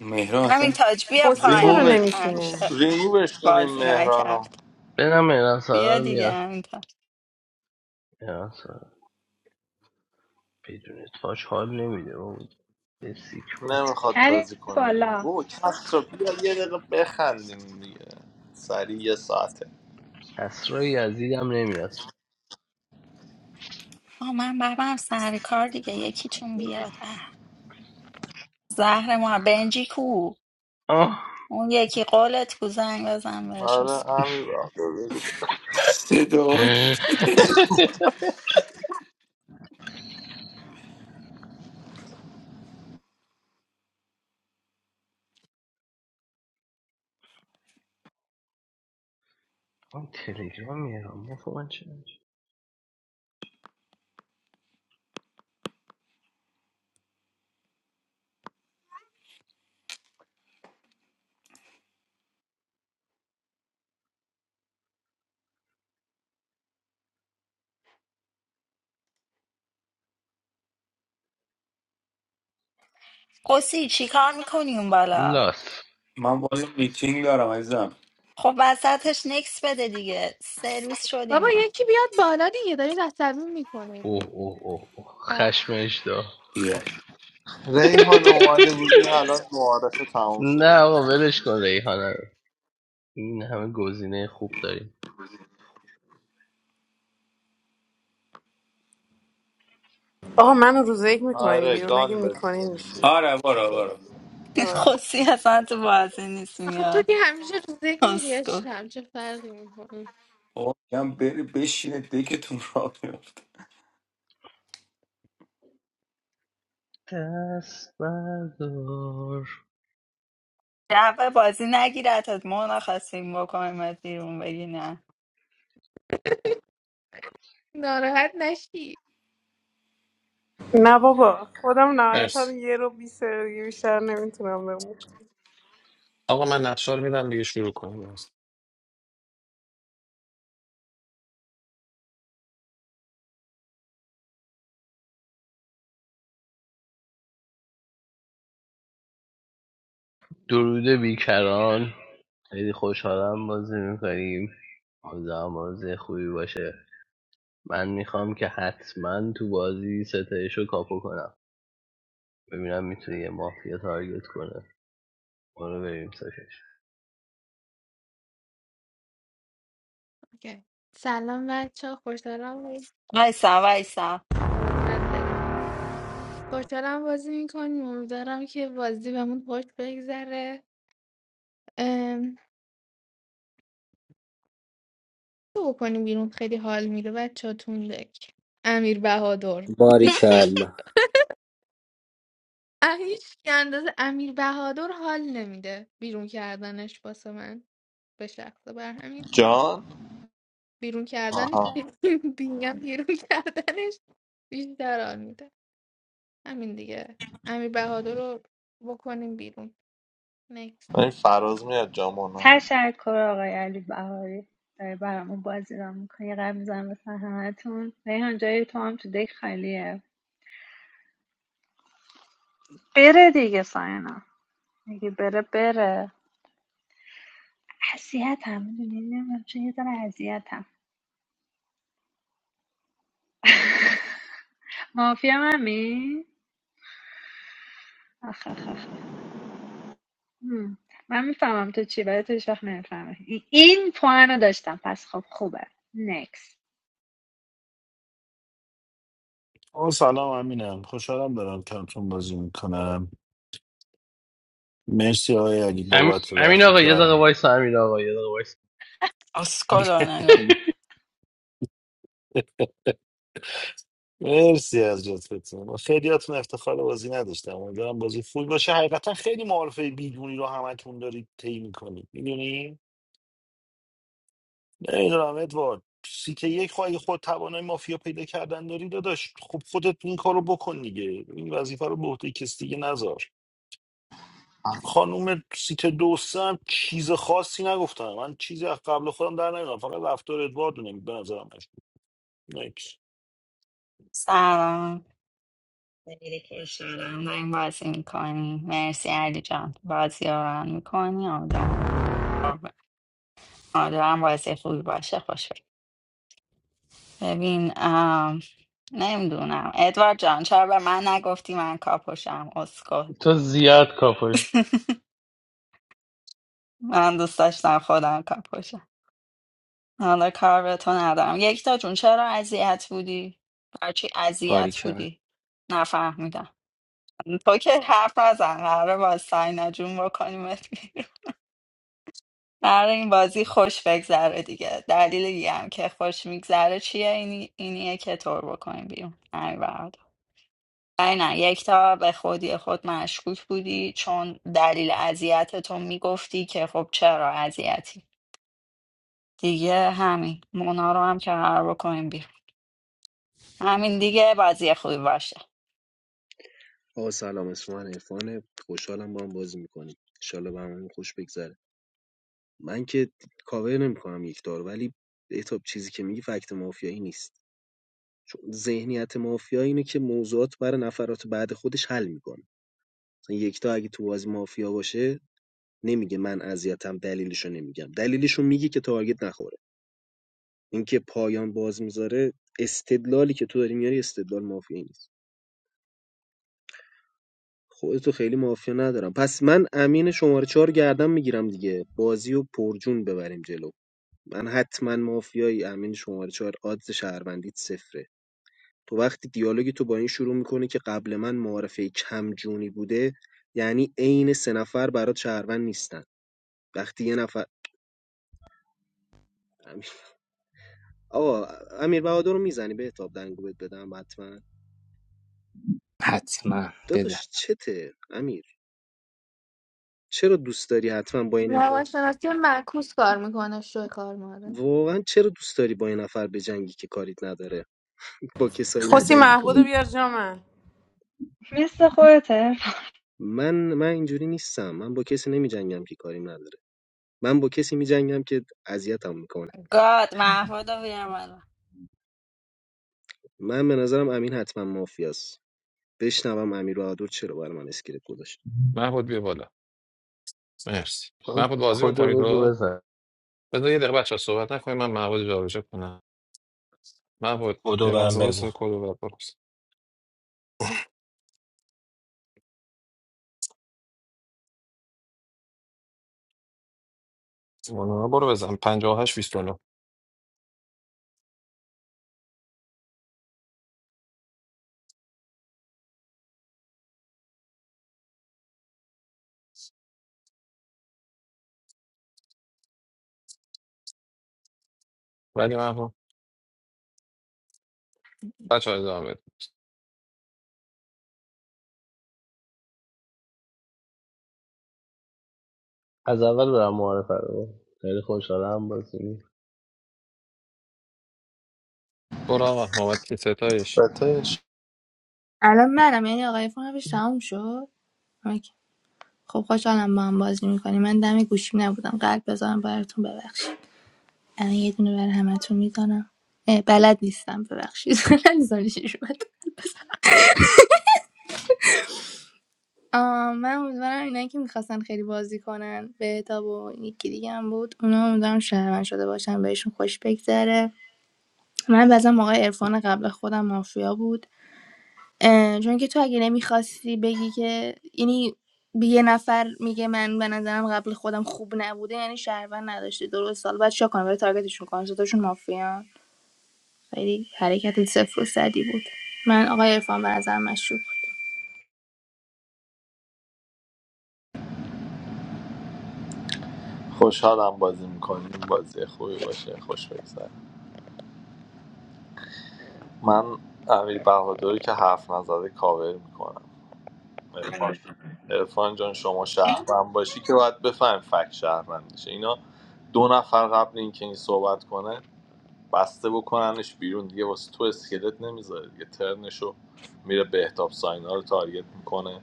K: مهران
N: همین
K: اصلا
N: تاج بیا
R: خوسی چرا
N: پایین
A: ریمووش
N: این
R: نمیشینه
N: انشه
A: ریمووش کنیم
N: بازی
A: مهرانو
N: نکرد
C: بنام مهران
N: بیا
C: سارار
N: دیگه همین تاج
C: میاد بدون تاج حال نمیده بابا به سیک بابا
A: نمیخواد
F: کریم
A: بازی کنه ریم
F: بالا
A: او کس رو بیا یه دقیقه بخندیم دیگه سریع یه ساعته
C: کسرای یزیدم نمیاد
N: آه من برم سر کار دیگه یکیتون بیاد اه زهر ما بنجی کو
C: آه
N: اون یکی قولت کو زنگ بزن بهش
A: آره
N: اسکو.
A: همین راه رو بگو.
K: صدا چیه؟
C: من تلگرام میرم بابا من چه
N: خوسی چی کار میکنی اون بالا
C: لاس
K: من باز میتینگ دارم عزیزم
N: خب وسطش نکس بده دیگه سرویس شدیم
D: بابا
N: ما
D: یکی بیاد بالا دیگه دارید عصبی میکنید
C: اوه اوه اوه اوه. خشمش دا
K: بیا.
A: ریحان اومده بودی الان معارفه تموم شده
C: نه
A: بود
C: آقا ولش کن ریحانه رو این همه گزینه خوب داریم
R: آقا منو روز یک میکنین
A: آره
R: بیرون اگه
A: گان
R: میکنین
A: بزنیم
R: میشین.
A: بیا.
K: آره برو برو
N: خوسی اصلا تو بازی نیست
D: آخه تو
N: میاد
D: که همیشه رو ذکر میری
N: اسکو
D: عشقم چه فرقی میکنه
K: بابا میگم بری بشینه دکتون را بیفته
C: دست بردار
N: جبه بازی نگیرتت مونا خواستیم بکنیم بیرون بگی نه
D: ناراحت نشی
R: نه بابا خودم نهایتا
J: مرسی
R: یه رو بیست دقیقه دیگه بیشتر نمیتونم بمونم
J: آقا من نقشه رو میدم دیگه شروع کنیم
C: درود بیکران خیلی خوشحالم بازی میکنیم آزم بازی خوبی باشه من میخوام که حتما تو بازی ستایش رو کاپو کنم ببینم میتونه یه مافیا تارگت کنه ما رو بریم سرش
D: اوکی. سلام بچه خوشحالم بازی-
N: وایسا وایسا
D: قربونت برم خوشحالم بازی میکنیم امیدوارم که بازی بهمون خوش بگذره تو بکنی بیرون خیلی حال میده بچه تون دک امیر بهادر هیچ
S: باریکلا
D: اه، هیچ که اندازه امیر بهادر حال نمیده بیرون کردنش واسه من به شخص بر همین
A: جان
D: بیرون کردنش
A: آها
D: بینگم بیرون کردنش بیشتر حال میده همین دیگه امیر بهادر رو بکنیم بیرون نکست
A: این فراز میاد جامونا
F: تشکر آقای علی بهاری داری برامون بازی را میکنی قبل میزنم به همتون ریحان جای تو هم تو دک خالیه بره دیگه ساینا اگه بره بره اذیت هم میدونی نمیدونم چه یه داره اذیت هم مافیا ممی آخ آخ آخ آخ آخ. هم. من میفهمم تو چی ولی تو هیچ وقت نمیفهمه این پوان رو داشتم پس خب خوبه نکس
L: آه، سلام امینم خوشحالم دارم کمتون بازی میکنم مرسی آقای علی
C: ام...
L: بابت
C: امین
L: وقتی
C: آقا
L: که
C: یه دقیقه
L: برام
C: وایس امین آقا یه دقیقه وایس
N: اسکلو نگو
L: مرسی از لطفتون من خیلیاتون افتخار بازی نداشتم امیدوارم بازی فول باشه حقیقتا خیلی معارفه بیدونی رو همتون دارید طی میکنید میدونی نمیدونم ادوارد سیته یک خواهی خود توانای مافیا پیدا کردن داری داداش خب خودت این کار رو بکن دیگه این وظیفه رو به عهده کسی دیگه نذار خانوم سیت دوستم چیز خاصی نگفتم من چیزی از قبل خودم در نمیدونم فقط رفتار ادوارد رو نمی- به نظرم مشکوک. Next.
N: سلام خیلی خوش شدم داریم بازی میکنی مرسی علی جان بازی رو ران میکنی آدم آدم بازی خوبی باشه خوش بگذره. ببین نمیدونم ادوارد جان چرا به من نگفتی من کاپوشم اسکت
C: تو زیاد کاپوش
N: من دوست داشتم خودم کاپوشم حالا کار به تو ندارم یکتا جون چرا اذیت بودی برچی اذیت
S: باریکر
N: بودی نفهمیدم تو که حرف نزن قراره با ساینا جون بکنیمت بیرون قراره این بازی خوش بگذره دیگه دلیل دیگه هم که خوش میگذره چیه اینی اینیه که تو رو بکنیم بیرون همین برات. نه نه یک تا به خودی خود مشکوک بودی چون دلیل اذیتتو میگفتی که خب چرا اذیتی دیگه همین مونا رو هم که قرار بکنیم بیرون همین دیگه بازی خوبی باشه
V: آقا سلام اسم من عرفانه خوشحالم با هم بازی میکنیم انشالله به همون خوش بگذره من که کاور نمیکنم یک دار ولی اتاب چیزی که میگی فکت مافیایی نیست چون ذهنیت مافیا اینه که موضوعات برای نفرات بعد خودش حل میکنه مثلا یکتا اگه تو بازی مافیا باشه نمیگه من اذیتم دلیلشو نمیگم دلیلشو میگه که تارگت نخوره اینکه پایان باز میذاره استدلالی که تو داری میاری استدلال مافیایی نیست خودتو خیلی مافیا ندارم پس من امین شماره چهار گردم میگیرم دیگه بازی و پرجون ببریم جلو من حتما مافیایی امین شماره چهار آدز شهروندیت صفره تو وقتی دیالوگی تو با این شروع میکنه که قبل من معارفه کمجونی بوده یعنی عین سه نفر برات شهروند نیستن وقتی یه نفر امیر... آقا امیر بهادر رو میزنی به تاب دنگو بهت بدم حتما
S: حتما بده
V: داداش چته امیر چرا دوست داری حتما با این
D: روانشناسی معکوس کار میکنه شوی کار مادر
V: واقعا چرا دوست داری با این نفر بجنگی که کاریت نداره با کسایی
R: خوسی
V: نجنگی
R: محبود رو
V: کنی
R: بیار جا من
F: مثل خودته
V: من من اینجوری نیستم من با کسی نمیجنگم که کاریم نداره من با کسی میجنگم که اذیتم میکنه
N: گاد محمود رو بیار بالا
V: من به نظرم امین حتما مافیاست بشنوم امیر بهادر چرا برای من اسکلت گذاشت
J: محمود بیا بالا مرسی محمود بازی میکنید
C: کدو بگو
J: تو
C: بزن
J: بذار یه دقیقه بچه صحبت نکنید من محمود رو جابجا کنم محمود
W: بدو
J: یه
W: بهم
J: لحظه وایس
W: بگو
J: کد رو برات بپرس مونا برو بزن 58 29 ولی محمود بچه‌ها ادامه بده
C: از اول برم معارفه رو خیلی خوشحالم بازی
J: برو آقا نوبت که ستایش
A: ستش
Q: الان منم یعنی آقای فانوش تموم شد اوکی. خب خوشحالم با هم بازی میکنی من دم گوشیم نبودم قلب بذارم براتون ببخشید الان یه دونه برای همتون میدانم بلد نیستم ببخشید بلد نیستم آه، من امیدوارم اینایی که میخواستن خیلی بازی کنن بهتاب و این یکی دیگه هم بود اونا امیدوارم شهروند شده باشن بهشون خوش بگذره من بازم آقای عرفان قبل خودم مافیا بود اه، چون که تو اگه نمیخواستی بگی که یعنی به یه نفر میگه من به نظرم قبل خودم خوب نبوده یعنی شهروند نداشتی درست سال بعد چیکار کنم برای تارگتشون کنم ستاشون مافیا خیلی حرکت صفر و صدی بود من آقای عرفان به نظرم مشروب
A: خوشحالم بازی میکنیم بازی خوبی باشه خوش بگذره من امیر بهادری که حرف نزده کاور میکنم عرفان عرفان جان شما شهروند باشی که باید بفهم فک شهروند میشه اینا دو نفر قبل اینکه این صحبت کنه بسته بکننش بیرون دیگه واسه تو اسکلت نمیذاره دیگه ترنشو میره بهتاب ساینا رو تارگت میکنه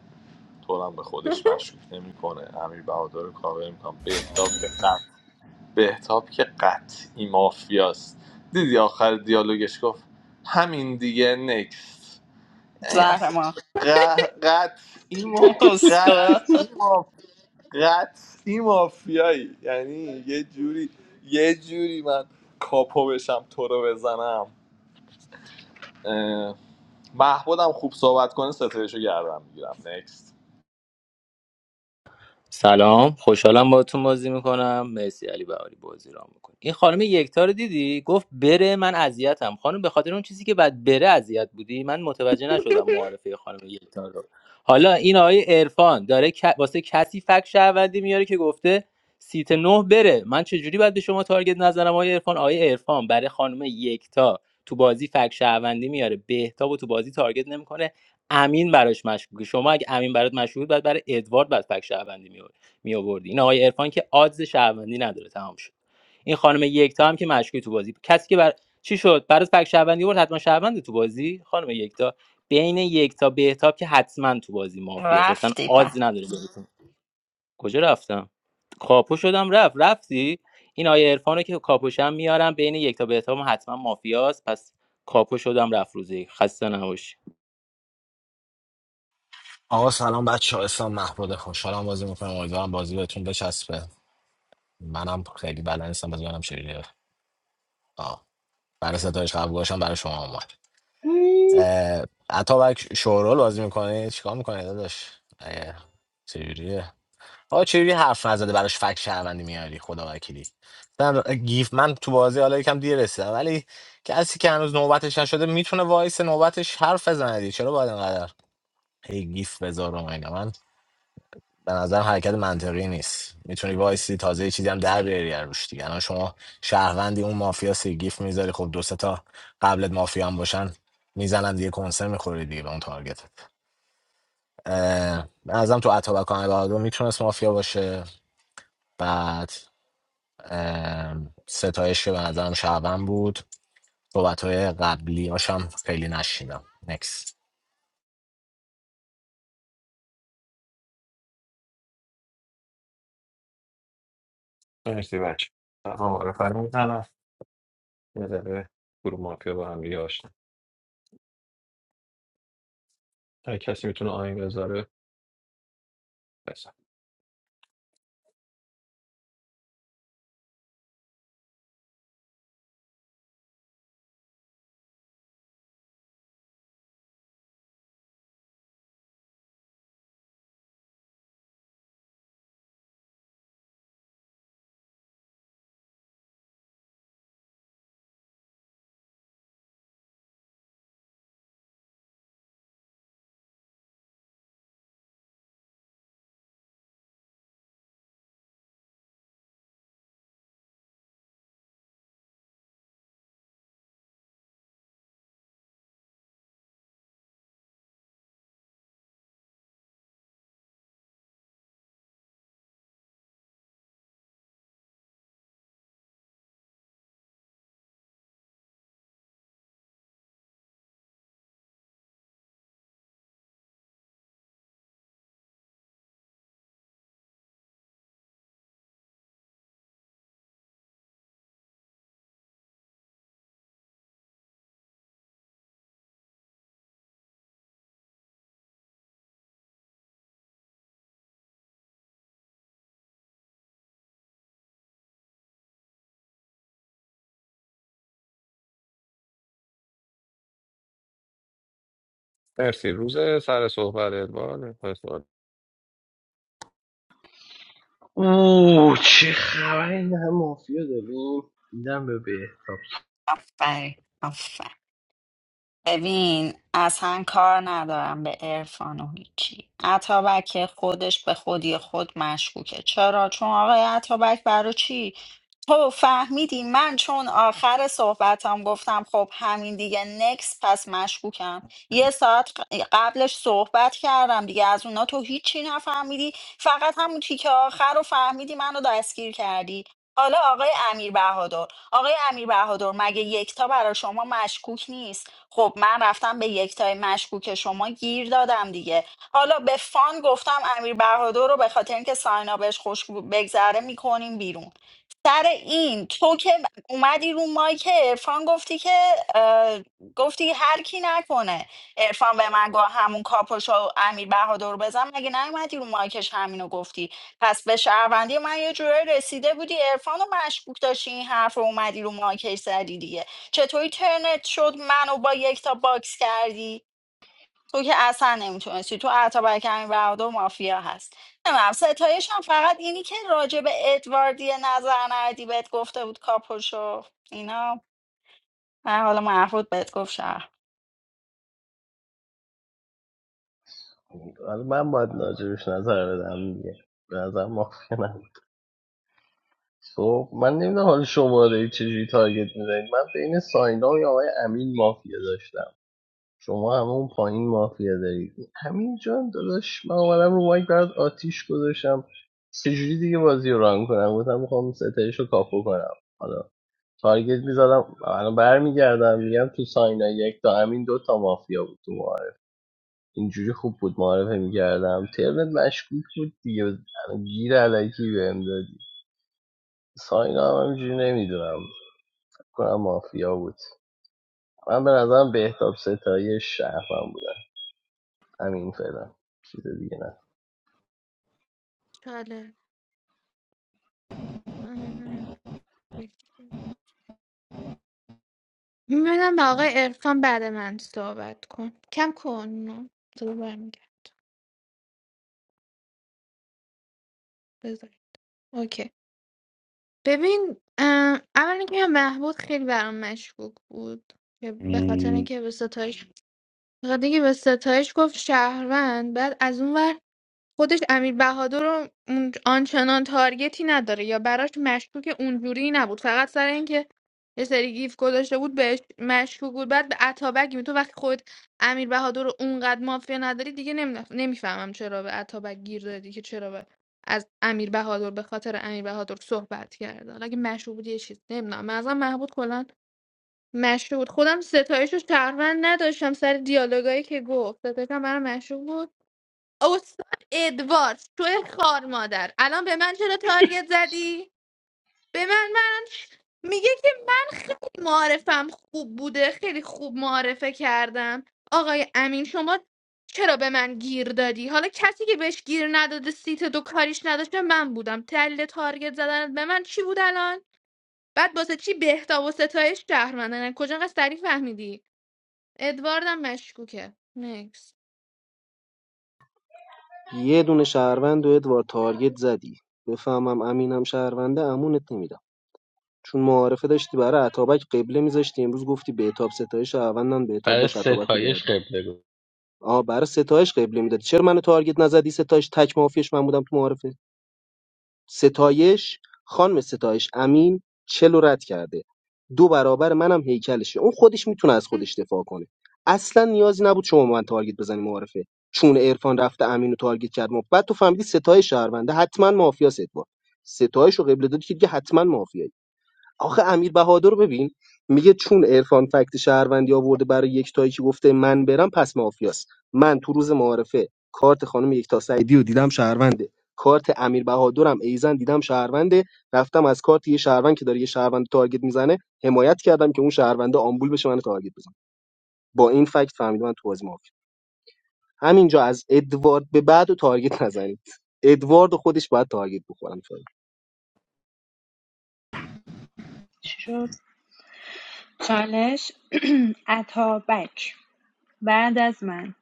A: تو هم به خودش مشکوک نمیکنه امیر بهادر رو کاور میکنم بهتاب که قط بهتاب که قطعی مافیاست دیدی آخر دیالوگش گفت همین دیگه نکست این
N: زهر
A: اصلا
N: ما
A: ق- قطعی ما
N: اسکو
A: قطعی ما قطعی مافیایی یعنی یه جوری یه جوری من کاپو بشم تو رو بزنم اه، محمود هم خوب صحبت کنه ستایشو گردم میگیرم
S: سلام خوشحالم باهاتون بازی میکنم مرسی علی بهاری بازی را میکنه این خانم یکتا رو دیدی گفت بره من اذیتم خانم به خاطر اون چیزی که بعد بره اذیت بودی من متوجه نشدم معارفه خانم یکتا رو حالا این آقای عرفان داره ک- واسه کسی فک شهروندی میاره که گفته سیت نه بره من چجوری باید به شما تارگت نظرم آقای عرفان آقای عرفان برای خانم یکتا تو بازی فک شهروندی میاره بهتاب و تو بازی تارگت نمیکنه امین براش مشکوکه شما اگه امین برات مشکوک بود باید برای ادوارد بعد فک شهروندی می می آوردی این آقای عرفان که آدز شهروندی نداره تمام شد این خانم یکتا هم که مشکوک تو بازی کسی که بر چی شد برات فک شهروندی بود حتما شهروند تو بازی خانم یکتا بین یکتا بهتاب که حتما تو بازی مافیاست اصلا
N: رفتی په
S: آدز نداره بازیتون کجا رفتم کاپو شدم رفت رفتی این آیه عرفان رو که کاپوشم میارم بین یکتا بهتاب هم حتما مافیاست پس کاپو شدم رفت روزی خسته نباشی
W: آقا سلام بچه ها اسلام محمود خوشحالم بازی میکنم امیدوارم بازی بهتون بچسبه منم خیلی بلد نیستم بازی کنم شیریه آه برای ستایش قبل باشم برای شما اومد اه، اتابک شورول بازی میکنه چیکار میکنه داداش اه، چجوریه آقا چجوری حرف نزده براش فک شهروندی میاری خدا وکیلی من گیف من تو بازی حالا یکم دیر رسیدم ولی کسی که هنوز نوبتش نشده میتونه وایس نوبتش حرف بزنه دیگه. چرا باید اینقدر هی گیف بذارم اینا من به نظر حرکت منطقی نیست میتونی وایسی تازه یه چیزی هم در بیاری از روش دیگه الان شما شهروندی اون مافیا سی گیف میذاری خب دو سه تا قبلت مافیا هم باشن میزنن دیگه کنسه میخوری دیگه به اون تارگتت اه، به نظرم تو اتابک و بهادر میتونست مافیا باشه بعد اه، ستایش که به نظرم شهروند بود صحبت های قبلی هاشم خیلی نشیدم نکس
J: مرسی بچه آقا معرفه رو میزنم یه دقیقه گروه مافیا با هم دیگه آشنا هر کسی میتونه آهنگ بذاره مرسی روز سر صحبت ادوارد پس سوال.
C: اوه چه خبره این هم مافیا داریم دیدم به بهتاب
N: آفرین آفرین. ببین اصلا کار ندارم به عرفان و هیچی اتابک خودش به خودی خود مشکوکه چرا چون آقای اتابک برای چی تو فهمیدی من چون آخر صحبتم گفتم خب همین دیگه نکس پس مشکوکم یه ساعت قبلش صحبت کردم دیگه از اونا تو هیچی نفهمیدی فقط همون تیکه آخر رو فهمیدی منو دستگیر کردی حالا آقای امیر بهادر آقای امیر بهادر مگه یکتا برای شما مشکوک نیست خب من رفتم به یکتای مشکوک شما گیر دادم دیگه حالا به فان گفتم امیر بهادر رو به خاطر اینکه ساینا بهش خوش بگذره میکنیم بیرون سر این تو که اومدی رو مایک عرفان گفتی که اه، گفتی هر کی نکنه عرفان به من گفت همون کاپوشو امیر بهادر رو بزن مگه نیومدی رو مایکش همینو گفتی پس به شهروندی من یه جوری رسیده بودی عرفان رو مشکوک داشتی این حرف رو اومدی رو مایکش زدی دیگه چطوری ترنت شد منو با یک تا باکس کردی تو که اصلا نمیتونستی تو اتابک همین برادر و مافیا هست نمیم ستایش هم فقط اینی که راجع به ادواردی نظر ندی بهت گفته بود کاپوشو اینا من حالا مرفوض بهت گفت شهر
C: حالا من باید راجبش نظر بدم دیگه به نظر مافیا نبود خب من نمیدونم حالا شما رو چجوری تارگت میزنید من بین ساینا و آقای امین مافیا داشتم شما همه اون پایین مافیا دارید همین جان داداش من اومدم رو مایک برات آتیش گذاشتم چجوری دیگه بازی رو ران کنم گفتم میخوام ستایش رو کاپو کنم حالا تارگت میزدم الان برمیگردم میگم تو ساینا یک تا همین دو تا مافیا بود تو معارف اینجوری خوب بود معارفه میگردم ترنت مشکوک بود دیگه الان گیر علکی بهم دادی ساینا هم همینجوری نمیدونم کنم مافیا بود من به نظرم بهتاب ستایش شهرم بودن همین فعلا چیز دیگه نه
D: چاله میبینم به آقای ارفان بعد من صحبت کن کم کن نه. صدا برمیگرد بذار اوکی ببین اه، اولا که محبود خیلی برام مشکوک بود که به خاطر
L: مم.
D: اینکه به ستایش به خاطر اینکه به ستایش گفت شهروند بعد از اون ور خودش امیر بهادر رو اون- آنچنان تارگتی نداره یا براش مشکوک اونجوری نبود فقط سر اینکه یه سری گیف گذاشته بود بهش مشکوک بود بعد به عطابک می تو وقتی خود امیر بهادر رو اونقدر مافیا نداری دیگه نمیفهمم چرا به عطابک گیر دادی که چرا به از امیر بهادر به خاطر امیر بهادر صحبت کرد حالا اگه مشکوک بود یه چیز نمیدونم مثلا محبود کلا مشکوک بود خودم ستایش رو شهروند نداشتم سر دیالوگایی که گفت ستایش هم برام مشکوک بود استاد ادوارد تو خار مادر الان به من چرا تارگت زدی به من من میگه که من خیلی معارفم خوب بوده خیلی خوب معارفه کردم آقای امین شما چرا به من گیر دادی حالا کسی که بهش گیر نداده سیت دو کاریش نداشته من بودم تل تارگت زدن به من چی بود الان بعد واسه چی بهتا و ستایش شهرمندن کجا انقدر سریع فهمیدی ادواردم مشکوکه نکس
V: یه دونه شهروند و ادوارد تارگت زدی بفهمم امینم شهرونده امونت نمیدم چون معارفه داشتی برای عطابک قبله میذاشتی امروز گفتی بهتاب ستایش شهروندن بهتاب
C: برای
V: داشت عطابک رو
C: ستایش
V: گردن
C: قبله بود
V: آها برای ستایش قبله میدادی چرا منو تارگت نزدی ستایش تک مافیش من بودم تو معارفه ستایش، خانم ستایش امین چلو رو رد کرده دو برابر منم هیکلشه اون خودش میتونه از خودش دفاع کنه اصلا نیازی نبود شما به من تارگت بزنی معارفه چون عرفان رفته امین رو تارگت کرد ما بعد تو فهمیدی ستایش شهرونده حتما مافیا ادوارد ستایش رو قبله دادی که دیگه حتما مافیایی آخه امیر بهادر رو ببین میگه چون عرفان فکت شهروندی آورده برای یکتایی که گفته من برم پس مافیاست من تو روز معارفه کارت خانم یکتا سعیدی رو دیدم شهرونده کارت امیر بهادرم ایزن دیدم شهرونده رفتم از کارت یه شهروند که داره یه شهروند تارگت میزنه حمایت کردم که اون شهرونده آمبول بشه من تارگت بزنه با این فکت فهمیدم من تو بازی مافیا همینجا از ادوارد به بعد و تارگت نزنید ادوارد خودش باید تارگت بخورن فعلا.
F: چی شد چالش اتابک بعد از من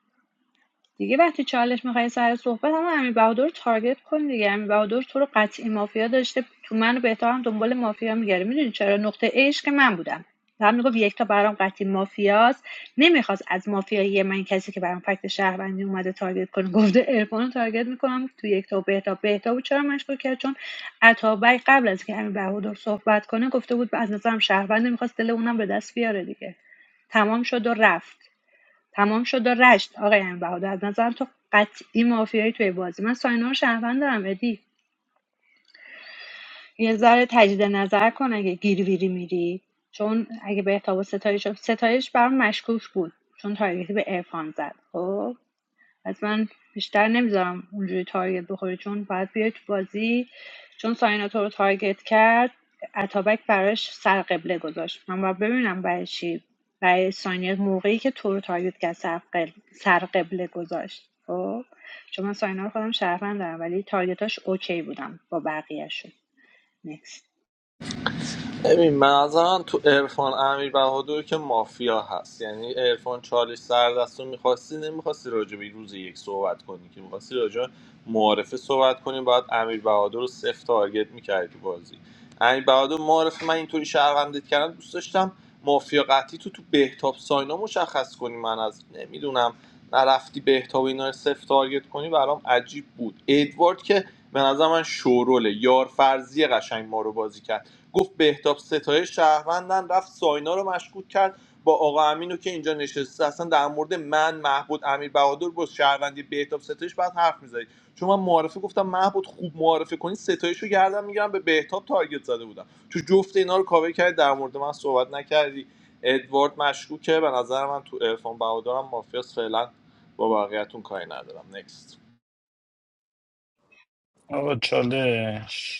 F: دیگه وقتی چالش میخوای سر صحبت هم امیر بهادر رو تارگت کن دیگه امیر بهادر تو رو قطعی مافیا داشته تو منو و بهتر هم دنبال مافیا میگره میدونی چرا نقطه ایش که من بودم هم میگفت یک تا برام قطعی مافیاست نمیخواست از مافیایی من کسی که برام فکت شهروندی اومده تارگت کنه گفته عرفان تارگت میکنم تو یک تا و بهتا بهتا بود چرا مشکل کرد چون عطابک قبل از که امیر بهادر صحبت کنه گفته بود از نظرم شهرونده میخواست دل اونم به دست بیاره دیگه تمام شد و رفت تمام شد و رشت آقای امیر بهادر از نظرم تو قطعی مافیایی توی بازی من ساینا رو شهروند دارم ادی یه ذره تجدید نظر کن اگه گیرویری میری چون اگه به احتاب و ستایش ستایش برام مشکوک بود چون تارگتی به عرفان زد خب پس من بیشتر نمیذارم اونجوری تارگت بخوری چون باید بیای تو بازی چون ساینا تو رو تارگت کرد اتابک براش سرقبله گذاشت من باید ببینم برای چی برای ساینا موقعی که تو رو تارگت کرد سرقبله, سرقبله گذاشت خب چون من ساینا رو خودم شرفن دارم ولی تارگتاش اوکی بودم با بقیهشون نکست
A: ببین من از آن تو عرفان امیر بهادر که مافیا هست یعنی عرفان چالش سر دست رو میخواستی نمیخواستی راجع به روز یک صحبت کنی که میخواستی راجع به معارفه صحبت کنی باید امیر بهادر رو صفر تارگت میکردی تو بازی امیر بهادر معارفه من اینطوری شهروندت کردم دوست داشتم مافیا قطعی تو تو بهتاب ساینا مشخص کنی من از نمیدونم نرفتی بهتاب اینا رو صفر تارگت کنی برام عجیب بود ادوارد که به نظر من شوروله یار فرضی قشنگ ما رو بازی کرد گفت بهتاب ستای شهروندن رفت ساینا رو مشکوک کرد با آقا امینو که اینجا نشسته اصلا در مورد من محبود امیر بهادر با شهروندی بهتاب ستایش بعد حرف میزدی چون من معارفه گفتم محبود خوب معارفه کنی ستایش رو گردم میگیرم به بهتاب تارگت زده بودم تو جفت اینا رو کاور کردی در مورد من صحبت نکردی ادوارد مشکوکه به نظر من تو ارفان بهادرم مافیاس فعلا با بقیه‌تون کاری ندارم نکست
L: آقا چالش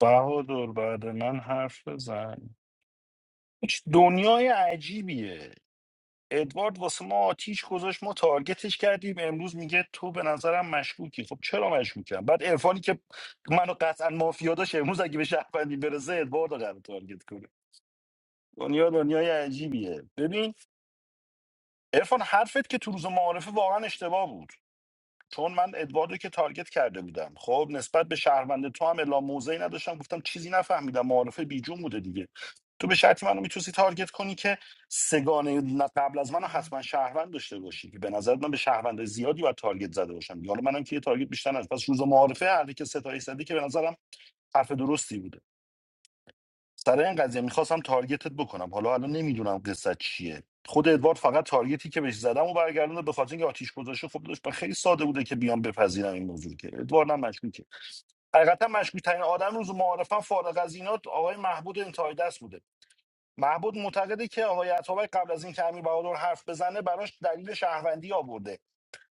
L: بهادر بعد من حرف بزن هیچ دنیای عجیبیه ادوارد واسه ما آتیش گذاشت ما تارگتش کردیم امروز میگه تو به نظرم مشکوکی خب چرا مشکوکم بعد عرفانی که منو قطعا مافیا داشت امروز اگه به شهروندی برسه ادوارد رو قرار تارگت کنه دنیا دنیای عجیبیه ببین عرفان حرفت که تو روز معارفه واقعا اشتباه بود چون من ادواردو که تارگت کرده بودم خب نسبت به شهروند تو هم اعلام موضعی نداشتم گفتم چیزی نفهمیدم معارفه بیجون بوده دیگه تو به شرطی منو میتونستی تارگت کنی که سگانه ن- قبل از منو حتما شهروند داشته باشی که به نظر من به شهروند زیادی و تارگت زده باشم دیگه. حالا منم که یه تارگت بیشتر از پس روز معارفه هر کی که ستایش زدی که به نظرم حرف درستی بود سر این قضیه میخواستم تارگتت بکنم حالا الان نمیدونم قصه چیه خود ادوارد فقط تارگتی که بهش زدم و برگردونه به خاطر اینکه آتیش گذاشته خب داشت خیلی ساده بوده که بیام بپذیرم این موضوع که ادوارد هم مشکوکه حقیقتا مشکوک ترین آدم روز معارفم فارغ از اینات آقای محبود انتهای دست بوده محبود معتقده که آقای عطابک قبل از اینکه امیر بهادر حرف بزنه براش دلیل شهروندی آورده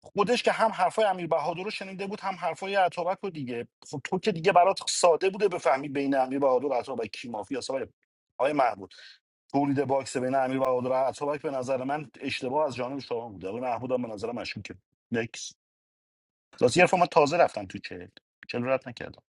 L: خودش که هم حرفای امیر بهادر رو شنیده بود هم حرفای عطابک رو دیگه خب تو که دیگه برات ساده بوده بفهمی بین امیر بهادر و عطابک کی مافیاست آقای آقای محمود تولید باکس بین امیر بهادر و عطابک به نظر من اشتباه از جانب شما بوده آقای محمود هم به نظر مشکوکه نکس لاستی حرف من تازه رفتم تو چهل چهل رد نکردم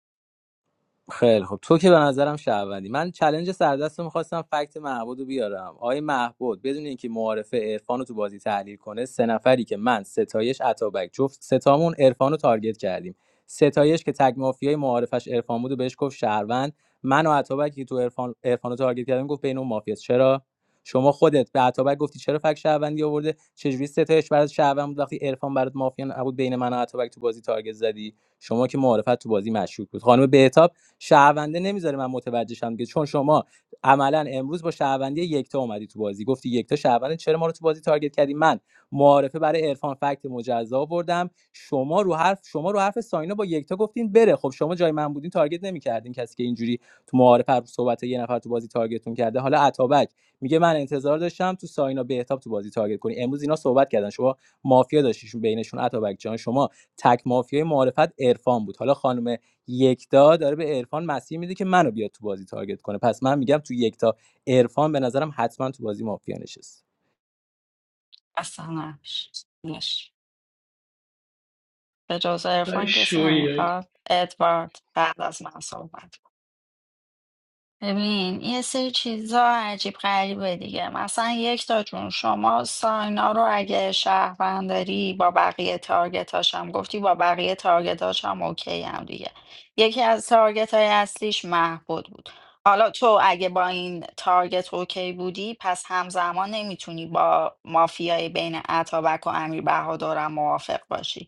S: خیلی خب تو که به نظرم شهروندی من چلنج سردست رو میخواستم فکت معبود رو بیارم آقای معبود بدون اینکه معارفه عرفان رو تو بازی تحلیل کنه سه نفری که من ستایش عطابک جفت ستامون عرفان رو تارگت کردیم ستایش که تگ مافیای معارفش عرفان بود و بهش گفت شهروند من و عطابک که تو عرفان عرفان رو تارگت کردیم گفت بین اون مافیاست چرا شما خودت به عطابک گفتی چرا فک شهروندی آورده چجوری ستایش برات شهروند بود وقتی عرفان برات مافیا نبود بین من و عطابک تو بازی تارگت زدی شما که معارفت تو بازی مشکوک بود خانم بهتاب شهرونده نمیذاره من متوجه شم دیگه چون شما عملا امروز با شهروندی یکتا اومدی تو بازی گفتی یکتا شهرونده چرا ما رو تو بازی تارگت کردی من معارفه برای عرفان فکت مجزا آوردم شما رو حرف شما رو حرف ساینا با یکتا گفتین بره خب شما جای من بودین تارگت نمیکردین کسی که اینجوری تو معارفه رو صحبت یه نفر تو بازی تارگتتون کرده حالا عطابک میگه من انتظار داشتم تو ساینا بهتاب تو بازی تارگت کنی امروز اینا صحبت کردن شما مافیا داشتیشون بینشون عطابک جان شما تک مافیای معرفت عرفان بود حالا خانم یکتا داره به عرفان مسیح میده که منو بیاد تو بازی تارگت کنه پس من میگم تو یکتا عرفان به نظرم حتما تو بازی مافیا نشست
N: اصلا نمیش نش. به جز
C: برای
N: عرفان کسی
C: شوی
N: نمیخواد ادوارد بعد از من صحبت ببین یه سری چیزا عجیب غریبه دیگه مثلا یک تا جون شما ساینا رو اگه شهروند داری با بقیه تارگتاش هم گفتی با بقیه تارگتاش هم اوکی هم دیگه یکی از تارگت های اصلیش محبود بود حالا تو اگه با این تارگت اوکی بودی پس همزمان نمیتونی با مافیای بین اتابک و امیر بهادارم موافق باشی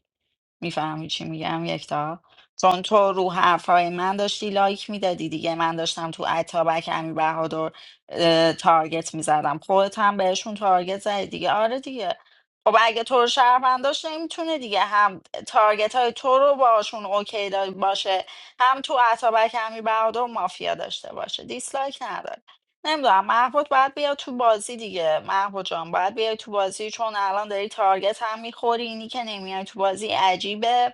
N: میفهمی چی میگم یکتا چون تو رو حرفای من داشتی لایک میدادی دیگه من داشتم تو اتابک امی بهادر اه، تارگت میزدم خودت هم بهشون تارگت زدی دیگه آره دیگه خب اگه تو رو شهروند داشت نمیتونه دیگه هم تارگت های تو رو باشون اوکی دا- باشه هم تو اتابک امی بهادر مافیا داشته باشه دیسلایک نداره نمیدونم محبوط باید بیاد تو بازی دیگه محبوط جان باید بیای تو بازی چون الان داری تارگت هم میخوری اینی که نمیای تو بازی عجیبه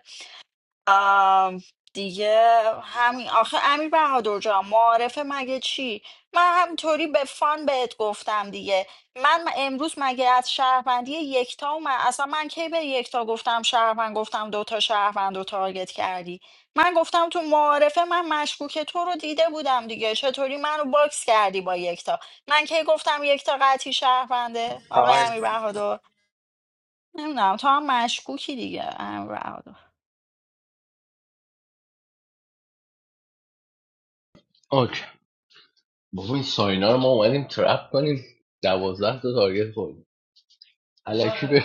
N: آم، دیگه همین آخه امیر بهادر جان معارفه مگه چی من همینطوری به فان بهت گفتم دیگه من امروز مگه از شهروندی یکتا اومد اصلا من کی به یکتا گفتم شهروند گفتم دوتا شهروند رو تارگت کردی من گفتم تو معارفه من مشکوک تو رو دیده بودم دیگه چطوری منو باکس کردی با یکتا من کی گفتم یکتا قطعی شهرونده آقای امیر بهادر نمیدونم تو هم مشکوکی دیگه امیر بهادر
C: اوکی بابا این ساینا رو ما اومدیم ترپ کنیم دوازده تا تارگت خوردیم الکی به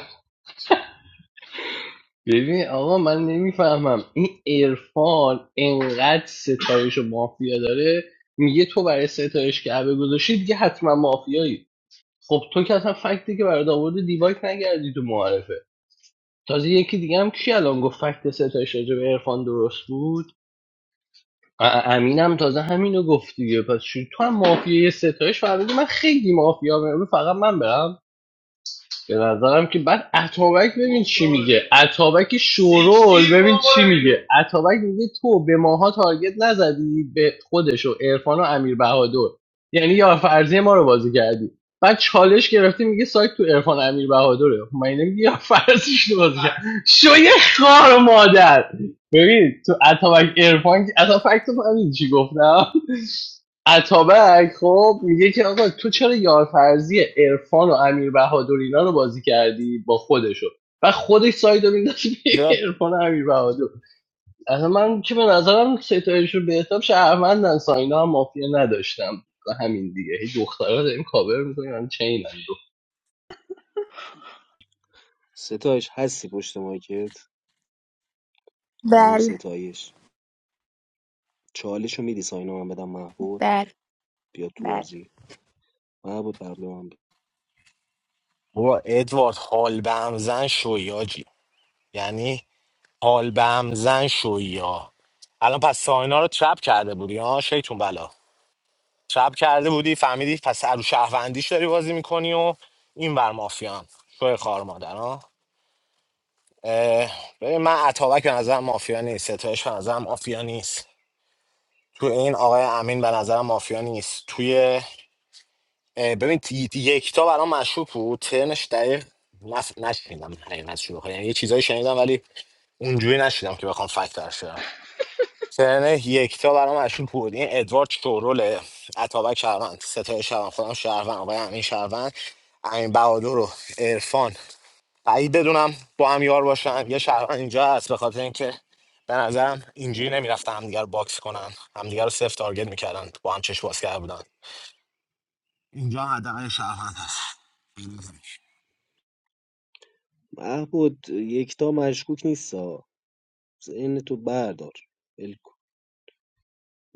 C: ببین آقا من نمیفهمم این عرفان انقدر ستایش و مافیا داره میگه تو برای ستایش کعبه گذاشتی دیگه حتما مافیایی خب تو که اصلا فکتی که برات آورده دیوایت نگردی تو معارفه تازه یکی دیگه هم کی الان گفت فکت ستایش راجع به عرفان درست بود ا- امینم تازه همینو گفت دیگه پس چی- تو هم مافیای ستایش فهمیدی من خیلی مافیا برم فقط من برم به نظرم که بعد اتابک ببین چی میگه اتابک شورول ببین چی میگه اتابک میگه تو به ماها تارگت نزدی به خودش و عرفان و امیر بهادر یعنی یا فرضی ما رو بازی کردی بعد چالش گرفتی میگه سایت تو عرفان امیر بهادره خب من نمیگه یا فرضیش رو بازی کرد شو یه خار مادر ببین تو اتابک عرفان که- اصلا فکر تو فهمیدی چی گفتم اتابک خب میگه که آقا تو چرا یارفرزی عرفان و امیر بهادر اینا رو بازی کردی با خودشو و خودش سایدو میندازه بین
W: جا
C: عرفان و امیر بهادر اصلا من که به نظرم ستایشون به حساب شهروندن ساینا هم مافیا نداشتم و همین دیگه هی دخترها داریم کاور میکنیم چینن دو
V: ستایش هستی پشت مایکت خانم
Q: بله
V: ستایش چالشو میدی ساینا من بدم محبود
Q: بله
V: بیاد تو
Q: بله
V: بازی محبود قبل من ب-
W: بابا ادوارد حال به هم زن شویاجی یعنی حال به هم زن شویی ها الان پس ساینا رو ترپ کرده بودی ها شیطون بلا ترپ کرده بودی فهمیدی پس ارو شهروندیش داری بازی میکنی و این بر مافیان شوی خار مادر ها اه، ببین من عطاوک به نظرم مافیا نیست ستایش به نظرم مافیا نیست تو این آقای امین به نظرم مافیا نیست توی اه، ببین تی- تی- یکتا برام مشروب بود ترنش دقیق نف... نشنیدم حقیقت شروع یعنی یه چیزایی شنیدم ولی اونجوری نشیدم که بخوام فکر سن یکتا برام مشهور بود این ادوارد شوروله اتابک شهروند ستای شهروند خودم شهروند آقای امین شهروند امین بهادر و عرفان بعید بدونم با هم یار باشن یه شهروند اینجا هست به خاطر اینکه به نظرم اینجوری نمیرفتن همدیگه رو باکس کنن همدیگه رو صفر تارگت میکردن با هم چش باز کرده بودن اینجا حداقل شهروند هست
V: محبود یکتا مشکوک نیستا ذهن تو بردار ول کن.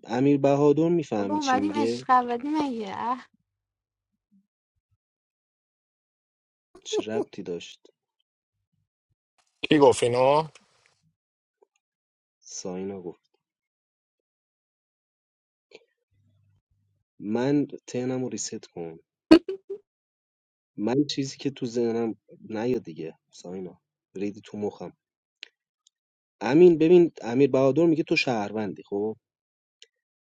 V: امیر بهادر میفهمی چی میگه
D: اه،
V: چه ربطی داشت
W: کی گفت اینو؟
V: ساینا گفت من تهنم رو ریست کن من چیزی که تو ذهنم نیا دیگه ساینا ریدی تو مخم امین ببین امیر بهادر میگه تو شهروندی خب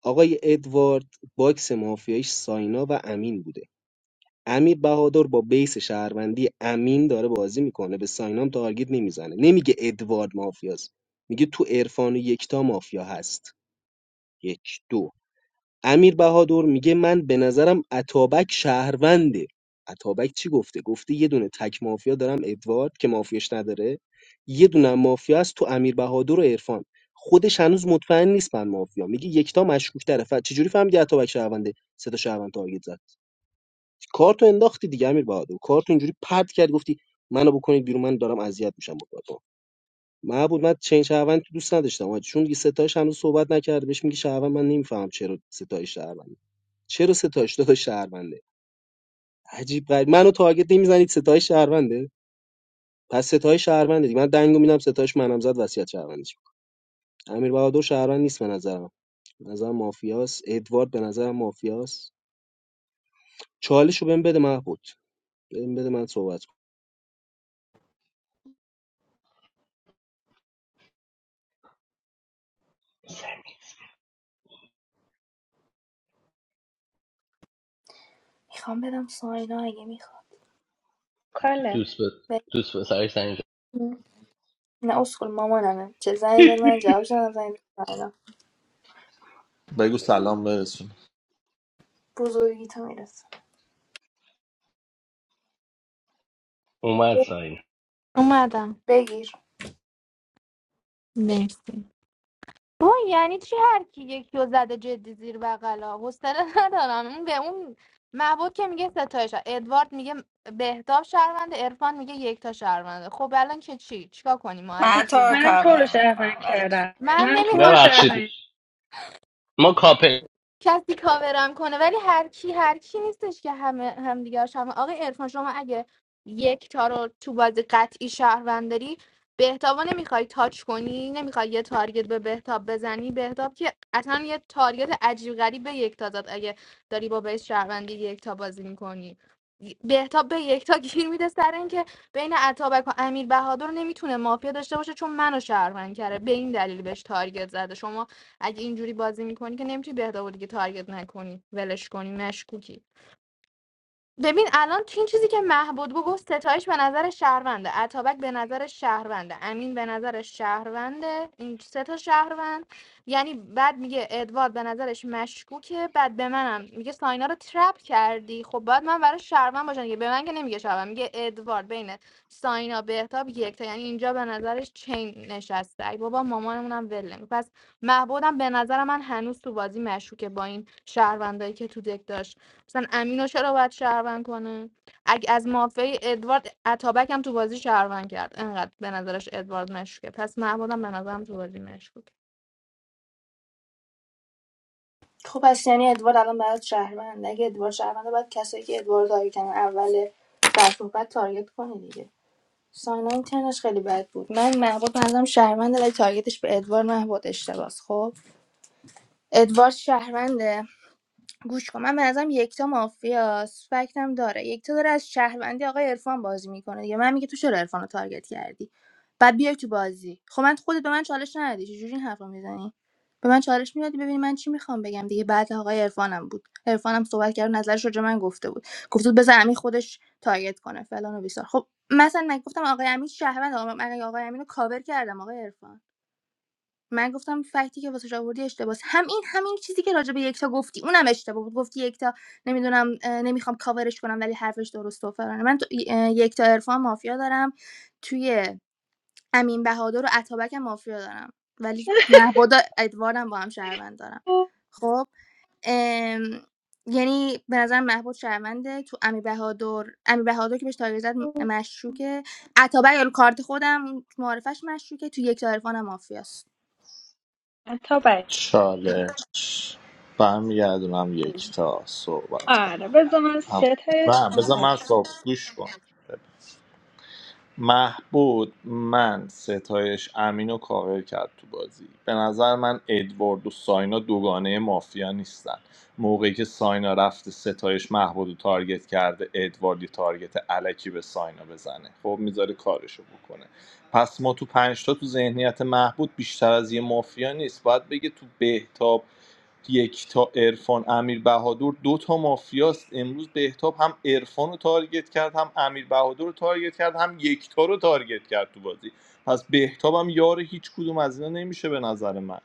V: آقای ادوارد باکس مافیایش ساینا و امین بوده امیر بهادر با بیس شهروندی امین داره بازی میکنه به ساینام تارگت نمیزنه نمیگه ادوارد مافیاست میگه تو عرفان و یکتا مافیا هست یک دو امیر بهادر میگه من به نظرم اتابک شهرونده اتابک چی گفته گفته یه دونه تک مافیا دارم ادوارد که مافیاش نداره یه دونه هم مافیا است تو امیر بهادر و عرفان خودش هنوز مطمئن نیست من مافیا میگه یکتا مشکوک طرف چجوری فهمیدی اتابک شهرونده سه تا شهروند تارگت زد کارتو انداختی دیگه امیر بهادر کارتو اینجوری پرت کرد گفتی منو بکنید بیرون من دارم اذیت میشم مطلقا معبود من چین شهروند تو دوست نداشتم آجی. چون دیگه ستایش هنوز صحبت نکرده بهش میگی شهروند من نمیفهم چرا ستایش شهرونده چرا ستایش داداش شهرونده عجیب غریب منو تارگت نمیزنید ستایش شهرونده پس ستایش شهرونده دیگه من دنگو میدم ستایش منم زد وصیت شهروندش می‌کنم. امیر بهادر شهروند نیست به نظرم به نظرم مافیاس ادوارد به نظرم مافیاس چالشو بهم بده محبود بهم بده من صحبت کنم.
Q: میخوام بدم ساینا اگه میخوام.
F: کاله
C: دوست به دوست به سرش زنگ
Q: ببین، نه اسکول مامانمه چه زنگ زد من جواب شدم زنگ زدم
A: بگو سلام برسون
Q: بزرگی تو میرسه
C: اومد ساینا
D: اومدم
Q: بگیر
D: مرسی با یعنی چی هر کی یکی رو زده جدی زیر بغلا حوصله ندارم اون به اون محبوب که میگه ستایش ادوارد میگه بهتاب شهرونده عرفان میگه یکتا شهرونده خب الان که چی چیکار کنیم ما
N: من
D: الکی
N: تو
D: یه
N: رو
F: منم
D: نفر
F: تو رو
N: کاور
F: شرفن
N: میکنم ولی
F: کردم
D: من
F: من تو رو
D: نمیخوام
C: ببخشید
F: شرفن
C: ما کاپل
D: کسی کاورم کنه ولی هر کی هر کی نیستش که همه هم دیگه شما آقای عرفان شما اگه یک تا رو تو بازی قطعی شهروند داری بهتابا نمیخوای تاچ کنی نمیخوای یه تارگت به بهتاب بزنی بهتاب که اصلا یه تارگت عجیب غریب به یکتا زد اگه داری با بیس شهروندی یکتا بازی میکنی بهتاب به یکتا گیر میده سر اینکه بین عطابک و امیر بهادر نمیتونه مافیا داشته باشه چون منو شهروند کرده به این دلیل بهش تارگت زده شما اگه اینجوری بازی میکنی که نمیتونی بهداو دیگه تارگت نکنی ولش کنی مشکوکی ببین الان تو این چیزی که مهبد گفت ستایش به نظر شهرونده اتابک به نظر شهرونده امین به نظر شهرونده این سه تا شهروند یعنی بعد میگه ادوارد به نظرش مشکوکه بعد به منم میگه ساینا رو ترپ کردی خب باید من برای شهروند باشم دیگه به من که نمیگه شهروند میگه ادوارد بین ساینا بهتاب یک تا یعنی اینجا به نظرش چین نشسته ای بابا مامانمونم ول نمی پس مهبدم به نظر من هنوز تو بازی مشکوکه با این شهروندایی که تو دک داشت مثلا امینو چرا باید شهروند کنه اگه از مافیای ادوارد اتابک هم تو بازی شهروند کرد انقدر به نظرش ادوارد مشکوکه پس محمودم به نظرم تو بازی مشکوکه
Q: خب پس یعنی ادوارد الان برات شهروند اگه ادوارد شهرونده باید کسایی که ادوارد تارگت کردن اول در صحبت تارگت کنه دیگه ساینا این تنش خیلی بد بود من محبوب منظرم شهرونده ولی تارگتش به ادوارد محبوب اشتباس خب ادوارد شهرونده گوش کن من به نظرم یکتا مافیاس فکتم داره یکتا داره از شهروندی آقای عرفان بازی میکنه دیگه من میگه تو چرا عرفان رو تارگت کردی بعد بیای تو بازی خب من خودت به من چالش ندادی چجوری این حرفو میزنی به من چالش میدادی ببینی من چی میخوام بگم دیگه بعد آقای عرفانم بود عرفانم صحبت کرد و نظرش راجع به من گفته بود گفت بود بذار امین خودش تارگت کنه فلان و بیسار خب مثلا من گفتم آقای امین شهروند آقا- من آقای امین رو کاور کردم آقای عرفان من گفتم فکتی که واسش آوردی اشتباس همین همین چیزی که راجع به یکتا گفتی اونم اشتباه بود گفتی یکتا نمیدونم اه، نمیخوام کاورش کنم ولی حرفش درست و فلانه من تو یکتا عرفان مافیا دارم توی امین بهادر و عطابک هم مافیا دارم ولی محبود و ادواردم با هم شهروند دارم خب ام، یعنی به نظر محبود شهرونده تو امی بهادر امی بهادر که بهش تاگه زد مشکوکه عطابک رو کارت خودم معرفش مشکوکه تو یک عرفان هم مافیاست
F: تا بعد
A: چالش برمیگردونم یکتا صحبت کن
F: آره بذار من
A: هم-
F: سه تا
A: نه
F: آه،
A: بذار من
F: اوکی.
A: صحبت گوش کن محبود من ستایش امین رو کاور کرد تو بازی به نظر من ادوارد و ساینا دوگانه مافیا نیستن موقعی که ساینا رفته ستایش محبود رو تارگت کرده ادوارد یه تارگت علکی به ساینا بزنه خب میذاره کارشو بکنه پس ما تو پنجتا تو ذهنیت محبود بیشتر از یه مافیا نیست باید بگه تو بهتاب یک تا عرفان امیر بهادر دو تا مافیاست امروز بهتاب هم عرفان رو تارگت کرد هم امیر بهادر رو تارگت کرد هم یکتا رو تارگت کرد تو بازی پس بهتاب هم یار هیچ کدوم از اینا نمیشه به نظر من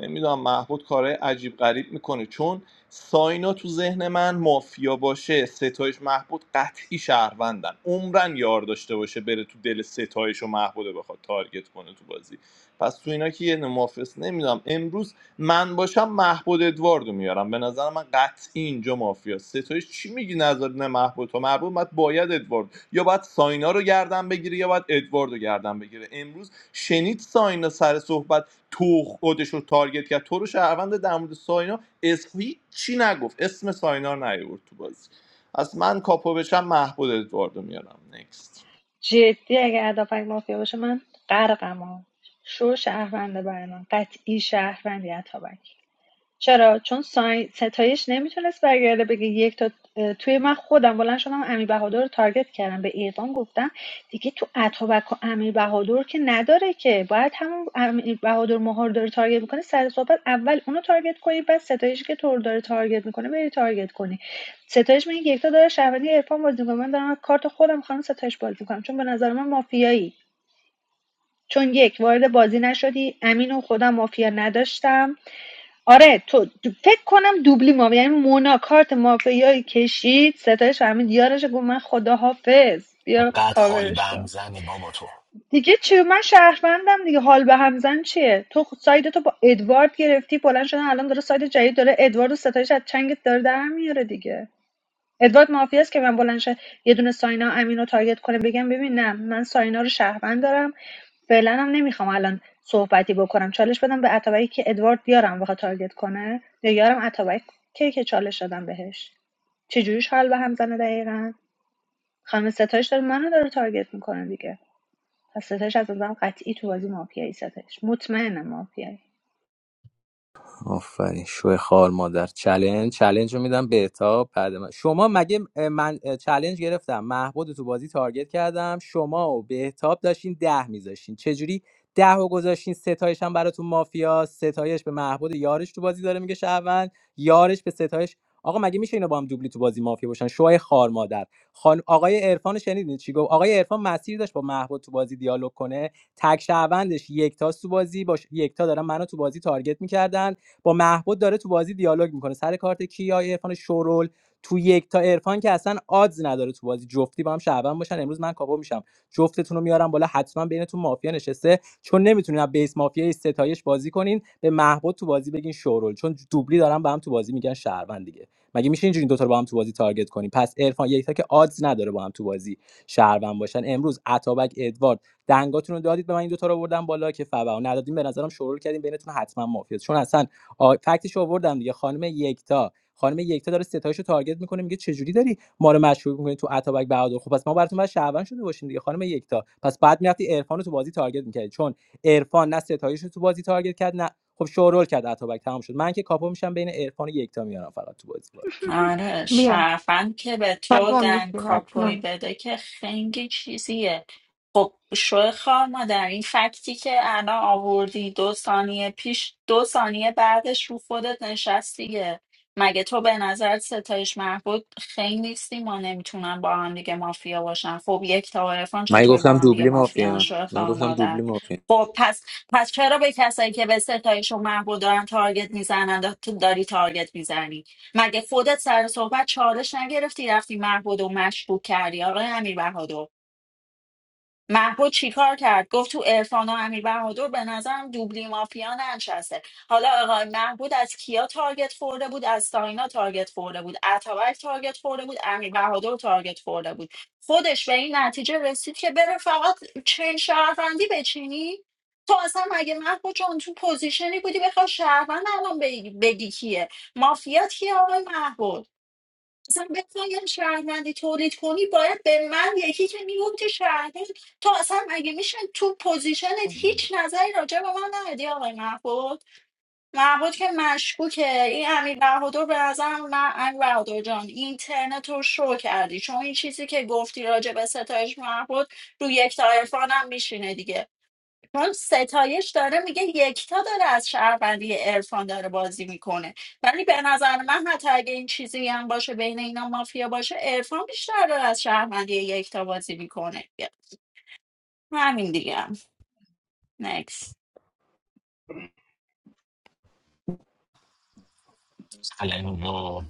A: نمیدونم محبود کارهای عجیب غریب میکنه چون ساینا تو ذهن من مافیا باشه ستایش محبود قطعی شهروندن عمرن یار داشته باشه بره تو دل ستایش و محبوده بخواد تارگت کنه تو بازی پس تو اینا که یه نمافس نمیدونم امروز من باشم محبود ادواردو میارم به نظر من قطعی اینجا مافیا ستایش چی میگی نظر نه محبود تو محبود باید باید ادوارد یا باید ساینا رو گردن بگیره یا باید ادواردو گردن بگیره امروز شنید ساینا سر صحبت تو خودش رو تارگت کرد تو رو شهروند در مورد ساینا اسمی چی نگفت اسم ساینا رو نیورد تو بازی از من کاپو بشم محبود ادواردو میارم نکست
F: جدی اگه هدفک مافیا باشه من غرقم ها شو شهرونده برای من قطعی شهروندی عطا چرا چون سای... ستایش نمیتونست برگرده بگه یک تا اه، توی من خودم بلند شدم امی بهادر رو تارگت کردم به اعدام گفتم دیگه تو اتابک و امی بهادر که نداره که باید همون امی بهادر مهار داره تارگت میکنه سر صحبت اول اونو تارگت کنی بعد ستایشی که تو رو داره تارگت میکنه بری تارگت کنی ستایش میگه یک تا داره شهروندی عرفان بازی میکنه من دارم کارت خودم خانم ستایش بازی میکنم چون به نظر من مافیایی چون یک وارد بازی نشدی امین و خودم مافیا نداشتم آره تو دو- فکر کنم دوبلی ما یعنی مونا کارت مافیایی کشید ستایش فهمید یارش گفت من خدا حافظ بیا
W: قد حال
F: کاورش
W: بم
F: کن
W: زنی بابا تو
F: دیگه چی من شهروندم دیگه حال به همزن چیه تو خ- ساید تو با ادوارد گرفتی بلند شدن الان داره ساید جدید داره ادوارد و ستایش از چنگت داره در میاره دیگه ادوارد مافیاست که من بلند شه یه دونه ساینا امین رو تارگت کنه بگم ببین نه من ساینا رو شهروند دارم فعلا هم نمیخوام الان صحبتی بکنم چالش بدم به اتابک که ادوارد یارم بخواد تارگت کنه یا یارم اتابک که که چالش دادم بهش چجوریش حال به هم زنه دقیقا خانم ستایش داره منو داره تارگت میکنه دیگه پس ستایش از نظرم قطعی تو بازی مافیایی ستایش مطمئنم مافیایی
S: آفرین شو خار مادر چلنج چلنج رو میدم بهتاب بعد من شما مگه اه، من اه، چلنج گرفتم محبود تو بازی تارگت کردم شما و بهتاب داشتین ده میذاشتین چجوری ده و گذاشتین ستایش هم براتون مافیا ستایش به محبود یارش تو بازی داره میگه شهروند یارش به ستایش آقا مگه میشه اینا با هم دوبلی تو بازی مافیا باشن شوهای خار مادر خان... آقای عرفان رو شنیدین چی گفت آقای عرفان مسیر داشت با محبود تو بازی دیالوگ کنه تک شهروندش یکتا تو بازی باش یکتا دارن منو تو بازی تارگت میکردن با محبود داره تو بازی دیالوگ میکنه سر کارت کیا عرفان شورول تو یک تا عرفان که اصلا آدز نداره تو بازی جفتی با هم شعبان باشن امروز من کاپو میشم جفتتون رو میارم بالا حتما بینتون مافیا نشسته چون نمیتونین از بیس مافیا ستایش بازی کنین به محبود تو بازی بگین شورول چون دوبلی دارن به هم تو بازی میگن شهروند دیگه مگه میشه اینجوری این دوتا رو با هم تو بازی تارگت کنیم پس عرفان یک تا که آدز نداره با هم تو بازی شهروند باشن امروز عطابک ادوارد دنگاتون رو دادید به من این دوتا رو بردم بالا که فبا ندادیم به نظرم شورول کردیم بینتون حتما مافیا چون اصلا آ، فکتش آوردم دیگه خانم یکتا خانم یکتا داره ستایشو تارگت میکنه میگه چجوری داری ما رو مشکوک میکنی تو اتابک بهادر خب پس ما براتون بعد شعبان شده باشیم دیگه خانم یکتا پس بعد میرفتی عرفان رو تو بازی تارگت میکردی چون عرفان نه ستایش رو تو بازی تارگت کرد نه خب شورول کرد اتابک تمام شد من که کاپو میشم بین عرفان و یکتا میارم فقط تو بازی بالا
N: آره
D: بیا
N: شرفند که به تو
D: پاپا
N: دن
D: میشه حتما
N: کاپوی بده که خنگی چیزیه خب شو خار مادر این فکتی که الان آوردی دو ثانیه پیش دو ثانیه بعدش رو خودت نشست دیگه مگه تو به نظر ستایش محبود خنگ نیستی ما نمیتونن با هم دیگه مافیا باشن خب یک تا عرفان
S: من
N: چطوری با
S: گفتم
N: هم دیگه
S: دوبلی
N: مافیان
S: مافیا
N: شو
S: من
N: خار
S: گفتم
N: مادر
S: دوبلی مافیا
N: خب پس پس چرا به کسایی که به ستایش و محبود دارن تارگت میزنن داری تارگت میزنی مگه خودت سر صحبت چالش نگرفتی رفتی محبود و مشکوک کردی آقای امیر بهادر محبود چیکار کرد گفت تو عرفان و امیر بهادر به نظرم دوبلی مافیا ننشسته حالا آقای محبود از کیا تارگت خورده بود از ساینا تارگت خورده بود اتابک تارگت خورده بود امیر بهادر تارگت خورده بود خودش به این نتیجه رسید که بره فقط چین شهروندی بچینی تو اصلا مگه محبود جان تو پوزیشنی بودی بخوای شهروند الان بگی بگی کیه مافیا کیه آقای محبود اصلا بخوایم شهروندی تولید کنی باید به من یکی که میگفتی شهروند تو اصلا اگه میشه تو پوزیشنت هیچ نظری راجع به من ندی آقای محبود محبود که مشکوکه این امیر بهادر به نظرم من امیر بهادر جان اینترنت رو شو کردی چون این چیزی که گفتی راجع به ستایش محبود رو یک تا عرفان هم میشینه دیگه. چون ستایش داره میگه یکتا داره از شهروندی عرفان داره بازی میکنه ولی به نظر من حتی اگه این چیزی هم باشه بین اینا مافیا باشه عرفان بیشتر داره از شهروندی یکتا بازی میکنه همین دیگه هم نکس
W: سلام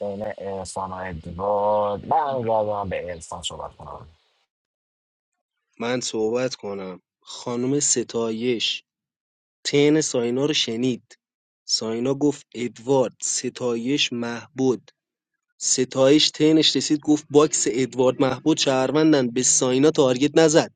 W: بین ارفان و ادوارد من رای دارم به ارفان صحبت کنم
V: من صحبت کنم خانم ستایش تن ساینا رو شنید ساینا گفت ادوارد ستایش محبود ستایش ترنش رسید گفت باکس ادوارد محبود شهروندن به ساینا تارگت نزد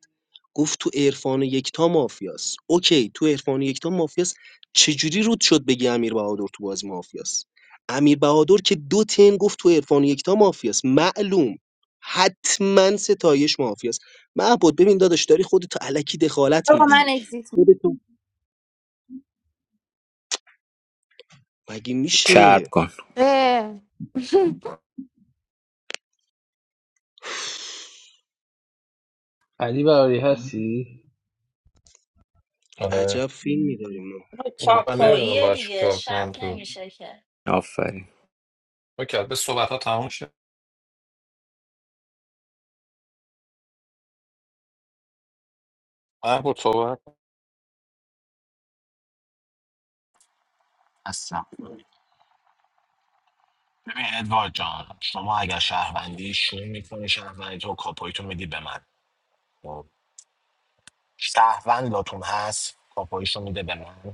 V: گفت تو عرفان و یکتا مافیاست اوکی تو عرفان و یکتا مافیاست چجوری رود شد بگی امیر بهادر تو بازی مافیاست امیر بهادر که دو تن گفت تو عرفان و یکتا مافیاست معلوم حتما ستایش مافیاست محبود ببین داداش داری خودتو علکی دخالت
Q: آقا
V: میدی
Q: من اگزیت
V: خودتو مگه
S: چرب
V: میشه
S: کن
D: اه.
C: علی برای هستی
V: عجب
J: آره
V: فیلمی داریم ما
J: من
C: اگزیت
J: نمیدونم
C: داد.
N: چاپاییه
J: باید
N: دیگه
J: چیکار
N: شب
J: کنم تو
N: نمیشه که
S: آفرین
J: اوکی به صحبت ها تموم شد من بود صحبت
W: هستم ببین ادوارد جان شما اگر شهروندی شون میکنی شهروندی تو کاپاییتو میدی به من خب. شهروند لاتون هست کاپاییشو میده به من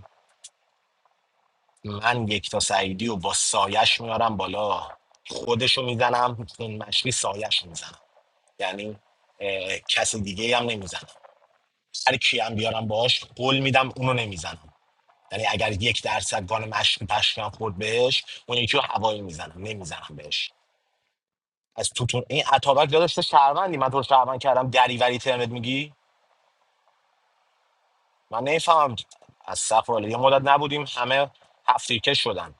W: من یک تا سعیدی و با سایش میارم بالا خودشو میزنم این مشقی سایش میزنم یعنی اه، کس دیگه هم نمیزنم هر کی هم بیارم باهاش قول میدم اونو نمیزنم یعنی اگر یک درصد گان مشکی پشکم خورد بهش اون یکی رو هوایی میزنم نمیزنم بهش از توتون این عطابک داداش تو شهروندی من تو رو شهروند کردم دریوری ترنت میگی من نمیفهمم از صفاله یه مدت نبودیم همه هفتیرکش شدن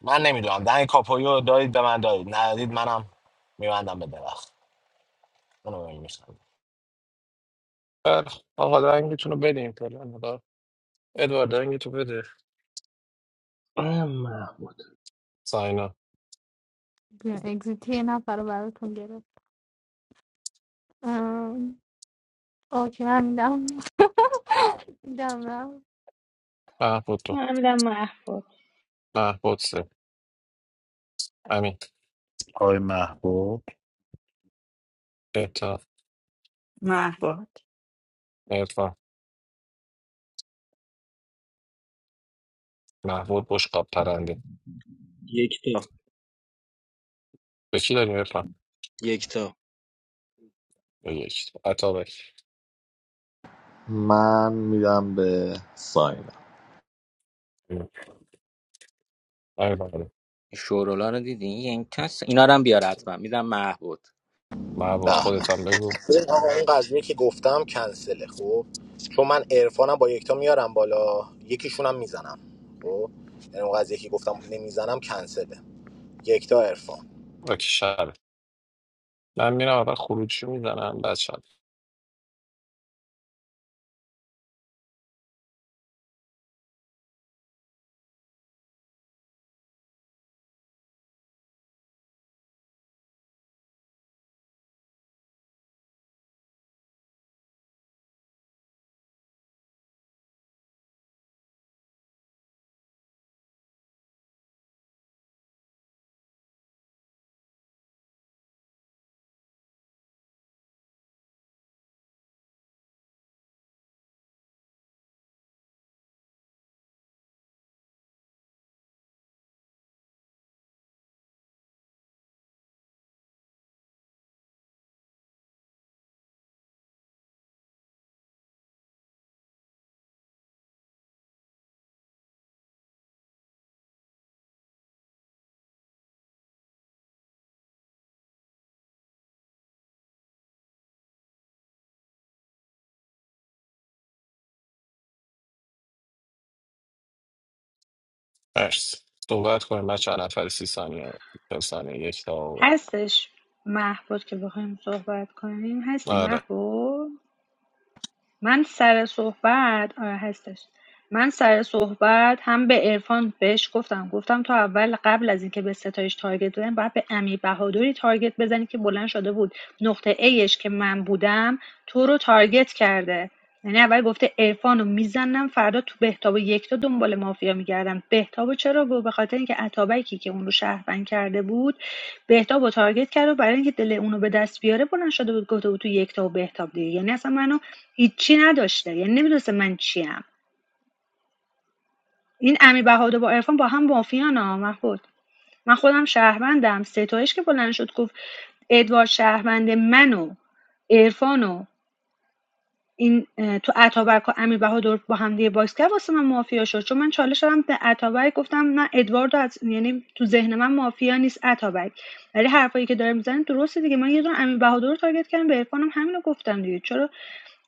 W: من نمیدونم دنگ کاپویی رو دارید به من دارید ندارید منم میبندم به درخت اونو میخندم
J: بله خب. آقا دنگتون رو بدیم فعلا آقا. ادوارد دنگتو بده
C: آه، محمود
J: ساینا
D: بیا اگزیتی یه نفر رو براتون گرفت ام، اوکی من میدم میدم نه.
J: محبود تو
F: من میدم محبود
J: محبود سه امین
L: آقای محبوب
J: بهتا
N: محباد
J: ارفان محبود بشقاب پرنده
V: یکتا
J: به کی داریم ارفان
V: یکتا
J: به یک عطابک
A: من میدم به ساینا
J: امین بهادر.
S: شورولا رو دیدی این کس اینا رو هم بیار حتما میدم محبود
J: محبود خودت هم بگو
W: ببین آقا این قضیه که گفتم کنسله خب چون من عرفانم با یکتا میارم بالا یکیشونم میزنم خب یعنی اون قضیه که گفتم نمیزنم کنسله یکتا عرفان
J: و کی شهره من میرم اول خروجی میزنم بعد مرسی صحبت کنیم من چند نفر سی ثانیه چل ثانیه یک تا آوره.
F: هستش محبود که بخوایم صحبت کنیم هستی
J: آره
F: محبود من سر صحبت آره هستش من سر صحبت هم به عرفان بهش گفتم گفتم تو اول قبل از اینکه به ستایش تارگت بزنی باید به امیر بهادری تارگت بزنی که بلند شده بود نقطه ایش که من بودم تو رو تارگت کرده یعنی اول گفته عرفان رو میزنم فردا تو بهتاب و یکتا دنبال مافیا میگردم بهتاب چرا گفت به خاطر اینکه اتابکی که اون رو شهروند کرده بود بهتاب و تارگت کرد و برای اینکه دل اونو به دست بیاره بلند شده بود گفته بود تو یکتا تا و بهتاب دیگه یعنی اصلا منو هیچی نداشته یعنی نمیدونسته من چیم این امیر بهادر با عرفان با هم مافیان ها محمود من خودم شهروندم ستایش که بلند شد گفت ادوارد شهروند منو عرفان این تو اتابک و امیر بهادر با هم دیگه باکس کرد واسه من مافیا شد چون من چالش دادم به اتابک گفتم نه ادوارد از یعنی تو ذهن من مافیا نیست اتابک ولی حرفایی که داره میزنه درسته دیگه من یه دونه امیر بهادر رو تارگت کردم به عرفانم همینو گفتم دیگه چرا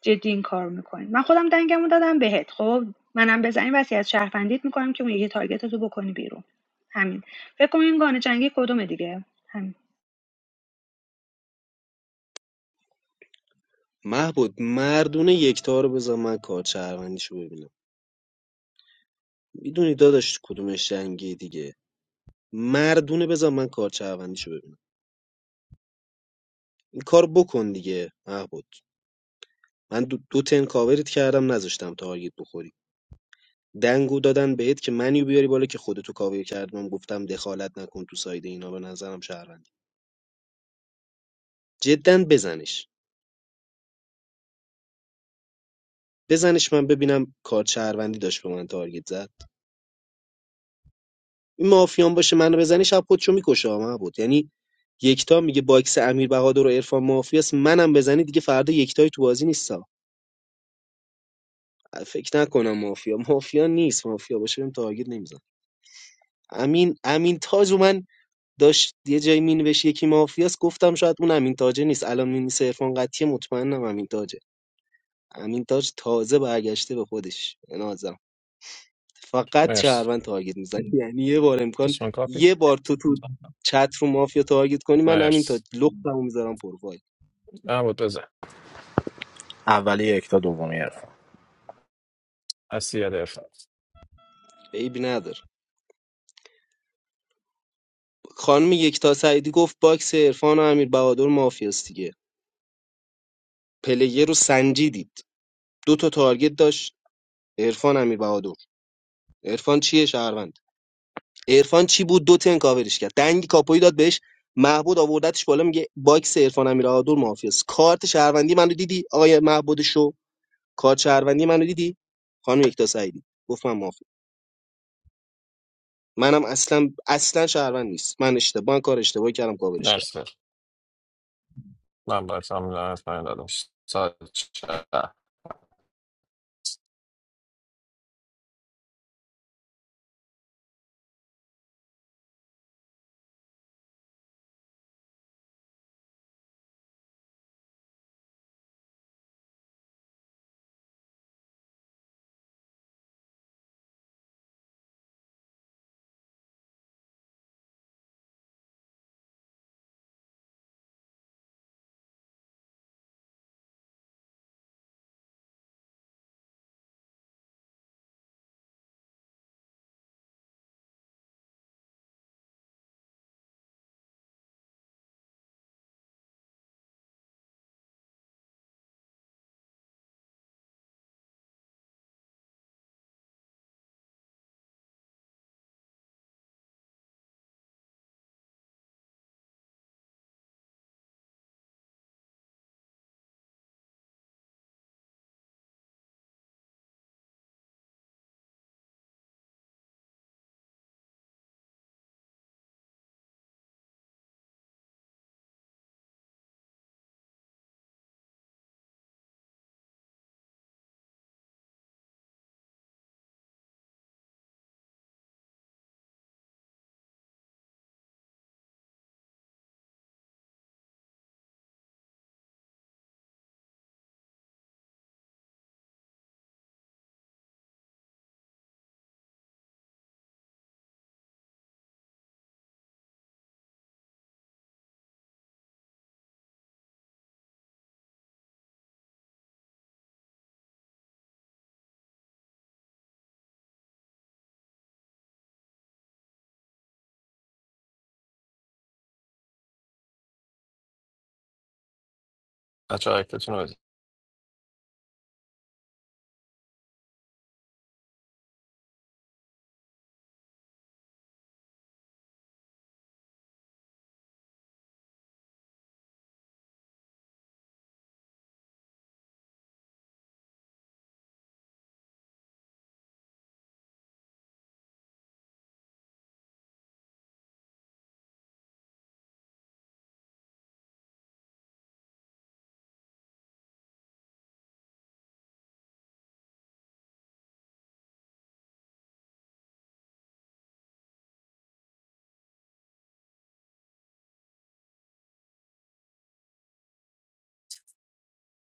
F: جدی این کار میکنین من خودم دنگمو دادم بهت خب منم بزنی وصیت شهروندیت میکنم که اون یکی تارگت بکنی بیرون همین فکر کنم این گانه جنگی کدومه دیگه همین
V: محبود مردونه یکتا رو بذار من کار شو ببینم میدونی داداش کدومش جنگی دیگه مردونه بذار من کار شو ببینم این کار بکن دیگه محبود من دو, دو تن کاورت کردم نذاشتم تارگت بخوری دنگو دادن بهت که منیو بیاری بالا که خودتو کاور کردم گفتم دخالت نکن تو ساید اینا به نظرم شهروندی جدا بزنش بزنش من ببینم کار شهروندی داشت به من تارگت زد این مافیان باشه منو بزنی شب خودشو میکشه ها، معبود یعنی یکتا میگه باکس امیر بهادر و عرفان مافیاست منم بزنی دیگه فردا یکتایی تو بازی نیستا فکر نکنم مافیا مافیا نیست مافیا باشه بهم تارگت نمیزن امین امین تاج و من داشت یه جایی مینوشت یکی مافیاست گفتم شاید اون امین تاجه نیست الان می نیست عرفان قطعی مطمئنم امین تاجه امین تاج تازه برگشته به خودش نازم فقط
J: مرسی
V: شهروند تارگت میزنی یعنی یه بار امکان
J: دوستان کاپی
V: یه بار تو تو چت رو مافیا تارگت کنی من همین تا
J: مرسی
V: لختمو میذارم پروفایل
J: نبود بزن
W: اولی یکتا دومی عرفان
J: هستی یه دفعه
V: عیبی نداره خانم یکتا سعیدی گفت باکس عرفان و امیر بهادر مافیاست دیگه پلیر رو سنجیدید دو تا تارگت داشت عرفان امیر بهادر عرفان چیه شهروند عرفان چی بود دو تن کاورش کرد دنگ کاپوی داد بهش محبود آوردتش بالا میگه باکس عرفان امیر بهادر مافیاست کارت شهروندی منو دیدی آقای محبود شو کار شهروندی منو دیدی خانم یکتا سعیدی گفت من مافیا منم اصلا اصلا شهروند نیست من اشتباه من کار اشتباهی کردم کاورش کردم
J: مرسی من باید هم لعنت ندادم ساعت چه بچه ها اکتتون رو بزن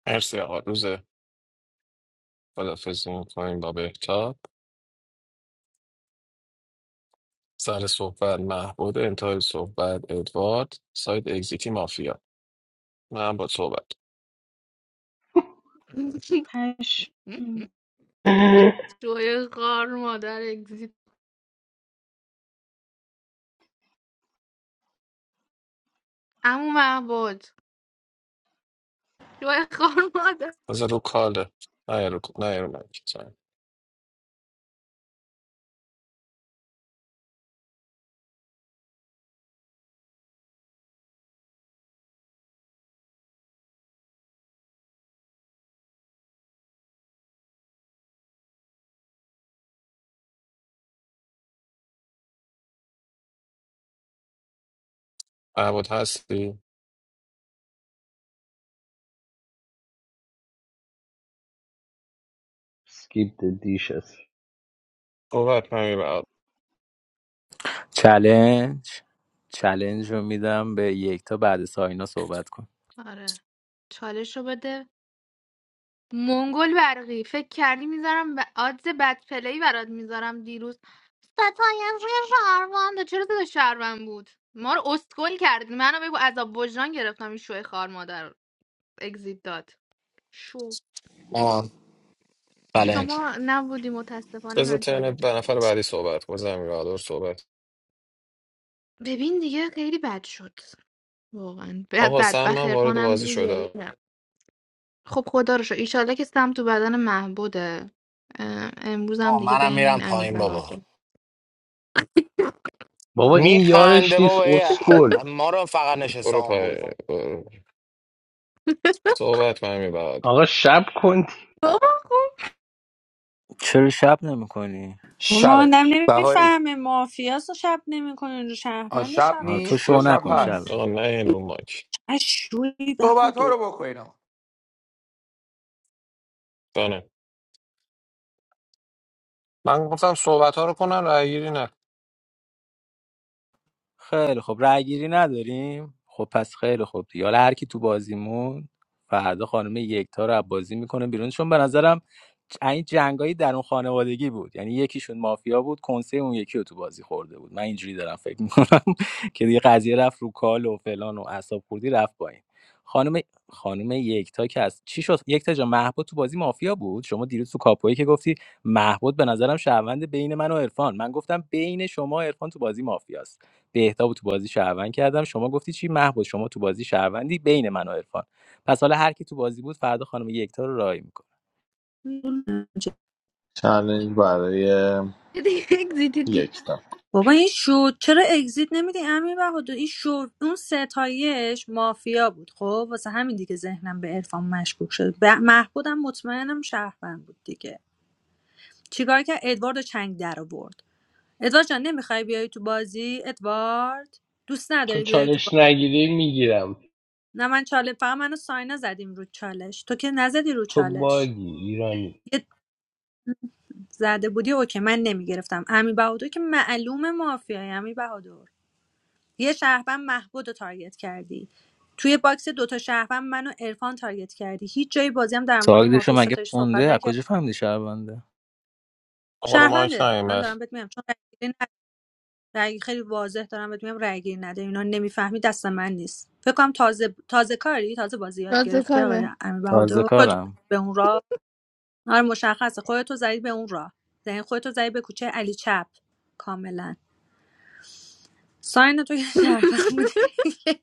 J: مرسی آقا روز خدافزی میکنیم با بهتاب سر صحبت محبود انتهای صحبت ادوارد سایت اگزیتی مافیا من با صحبت
F: هش
D: جوی خار مادر اگزیت عمو معبود جوی خار مادر
J: بذار رو کاله نه یه رو نه یه رو مایک. محبود هستی
C: skip the dishes
J: صحبت نمی
S: چلنج چلنج رو میدم به یک تا بعد ساینا صحبت کن
D: آره چالش رو بده منگل برقی فکر کردی میذارم به آدز بد پلی برات میذارم دیروز ستایم روی شهروند چرا زده شهروند بود ما رو اسکل کردی منو بگو عذاب وجدان گرفتم این شوه خار مادر اگزیت داد شو
W: آه بلنج
D: شما نبودی متاسفانه
J: بذار
D: من
J: ترن
D: چالش
J: ب- نفر بعدی صحبت کن زمین بهادر صحبت
D: ببین دیگه خیلی بد شد واقعا بد
J: آقا
D: بد
J: سم من وارد
D: بخیرپان هم
J: بازی
D: دیگه
J: شده
D: خب خدا رو شکر ایشالله که سم تو بدن محبوده اه، امروز هم
W: آه
D: دیگه
W: منم
D: بین
W: میرم
D: این امیر
W: پایین بابا
D: بهاده
C: بابا این یارش
W: میخنده بابا
C: نیست
W: ای،
C: اسکل
W: ما رو فقط نشسته
J: برو پای
W: آمبول
J: برو. صحبت من می بهادر
C: آقا شب کن
D: بابا
S: چرا شب نمیکنی
K: شبه
F: ماندم
K: بهاری
F: نمیفهمه مافیاس رو شب نمیکنه رو
K: آن
F: شهروند
K: شب
F: شب رو
S: تو
K: نیست
F: چیکار
K: یا
S: شو
K: شب
S: نکن
F: میکنی
S: شب
K: هست
J: آقا نه این رو مایک
F: شوی
K: صحبت ها
F: بهادو
K: رو بکنین آقا.
J: دانه من گفتم صحبت ها رو کنن رای گیری نه
S: خیلی خب رأی گیری نداریم خب پس خیلی خوب دیگه حالا هر کی تو بازیمون فردا خانم یکتا رو از بازی میکنه بیرون چون به نظرم ج- این جنگایی در اون خانوادگی بود یعنی یکیشون مافیا بود کنسه اون یکی رو تو بازی خورده بود من اینجوری دارم فکر میکنم که دیگه قضیه رفت رو کال و فلان و اعصاب خوردی رفت پایین خانم خانم یکتا که از چی شد یکتا جا محبود تو بازی مافیا بود شما دیروز تو کاپوی که گفتی محبود به نظرم شهروند بین من و عرفان من گفتم بین شما و عرفان تو بازی مافیاست بهتابو تو بازی شهروند کردم شما گفتی چی محبود شما تو بازی شهروندی بین من و عرفان پس حالا هر کی تو بازی بود فردا خانم یکتا رو رای میکنه
A: چالش برای
D: دیگه اگزیت
A: یک تا.
F: بابا این شو چرا اگزیت نمیدی امیر بهادر این شو اون ستایش مافیا بود خب واسه همین دیگه ذهنم به عرفان مشکوک شد ب- محبودم مطمئنم شهروند بود دیگه چیکار که ادوارد و چنگ در آورد ادوارد جان نمیخوای بیای تو بازی ادوارد دوست
C: تو
F: نداری بیای تو
C: چالش
F: بازی
C: نگیری میگیرم
F: نه من چاله فقط منو ساینا زدیم رو چالش تو که نزدی رو
C: تو
F: چالش
C: باگی ایرانی
F: زده بودی اوکی من نمیگرفتم امی بهادر که معلوم مافیای امی بهادر یه شهروند محبود رو تارگت کردی توی باکس دوتا شهروند منو عرفان تارگت کردی هیچ جای بازی هم در مورد
S: سوالشو
F: مافیا
S: مگه
F: ستایش
S: خونده
F: صحبت
S: از
F: نکرد
S: کجا فهمیدی شهرونده
J: آقا رو مایک نه
F: شهرونده
J: این
F: من
J: بر
F: دارم بهت میگم چون رأیگیری ن- رأی خیلی واضح دارم بهت میگم رأیگیری نده اینا نمیفهمی دست من نیست فکر کنم تازه تازه کاری تازه بازی یاد گرفتی آقای
D: رازکاره
F: امی بهادر
S: تازه
F: خودتو
S: کارم
F: به اون راه آره مشخصه خودتو زدی به اون راه یعنی خودتو زدی به کوچه علی چپ کاملا ساین تو که شرفم بودی که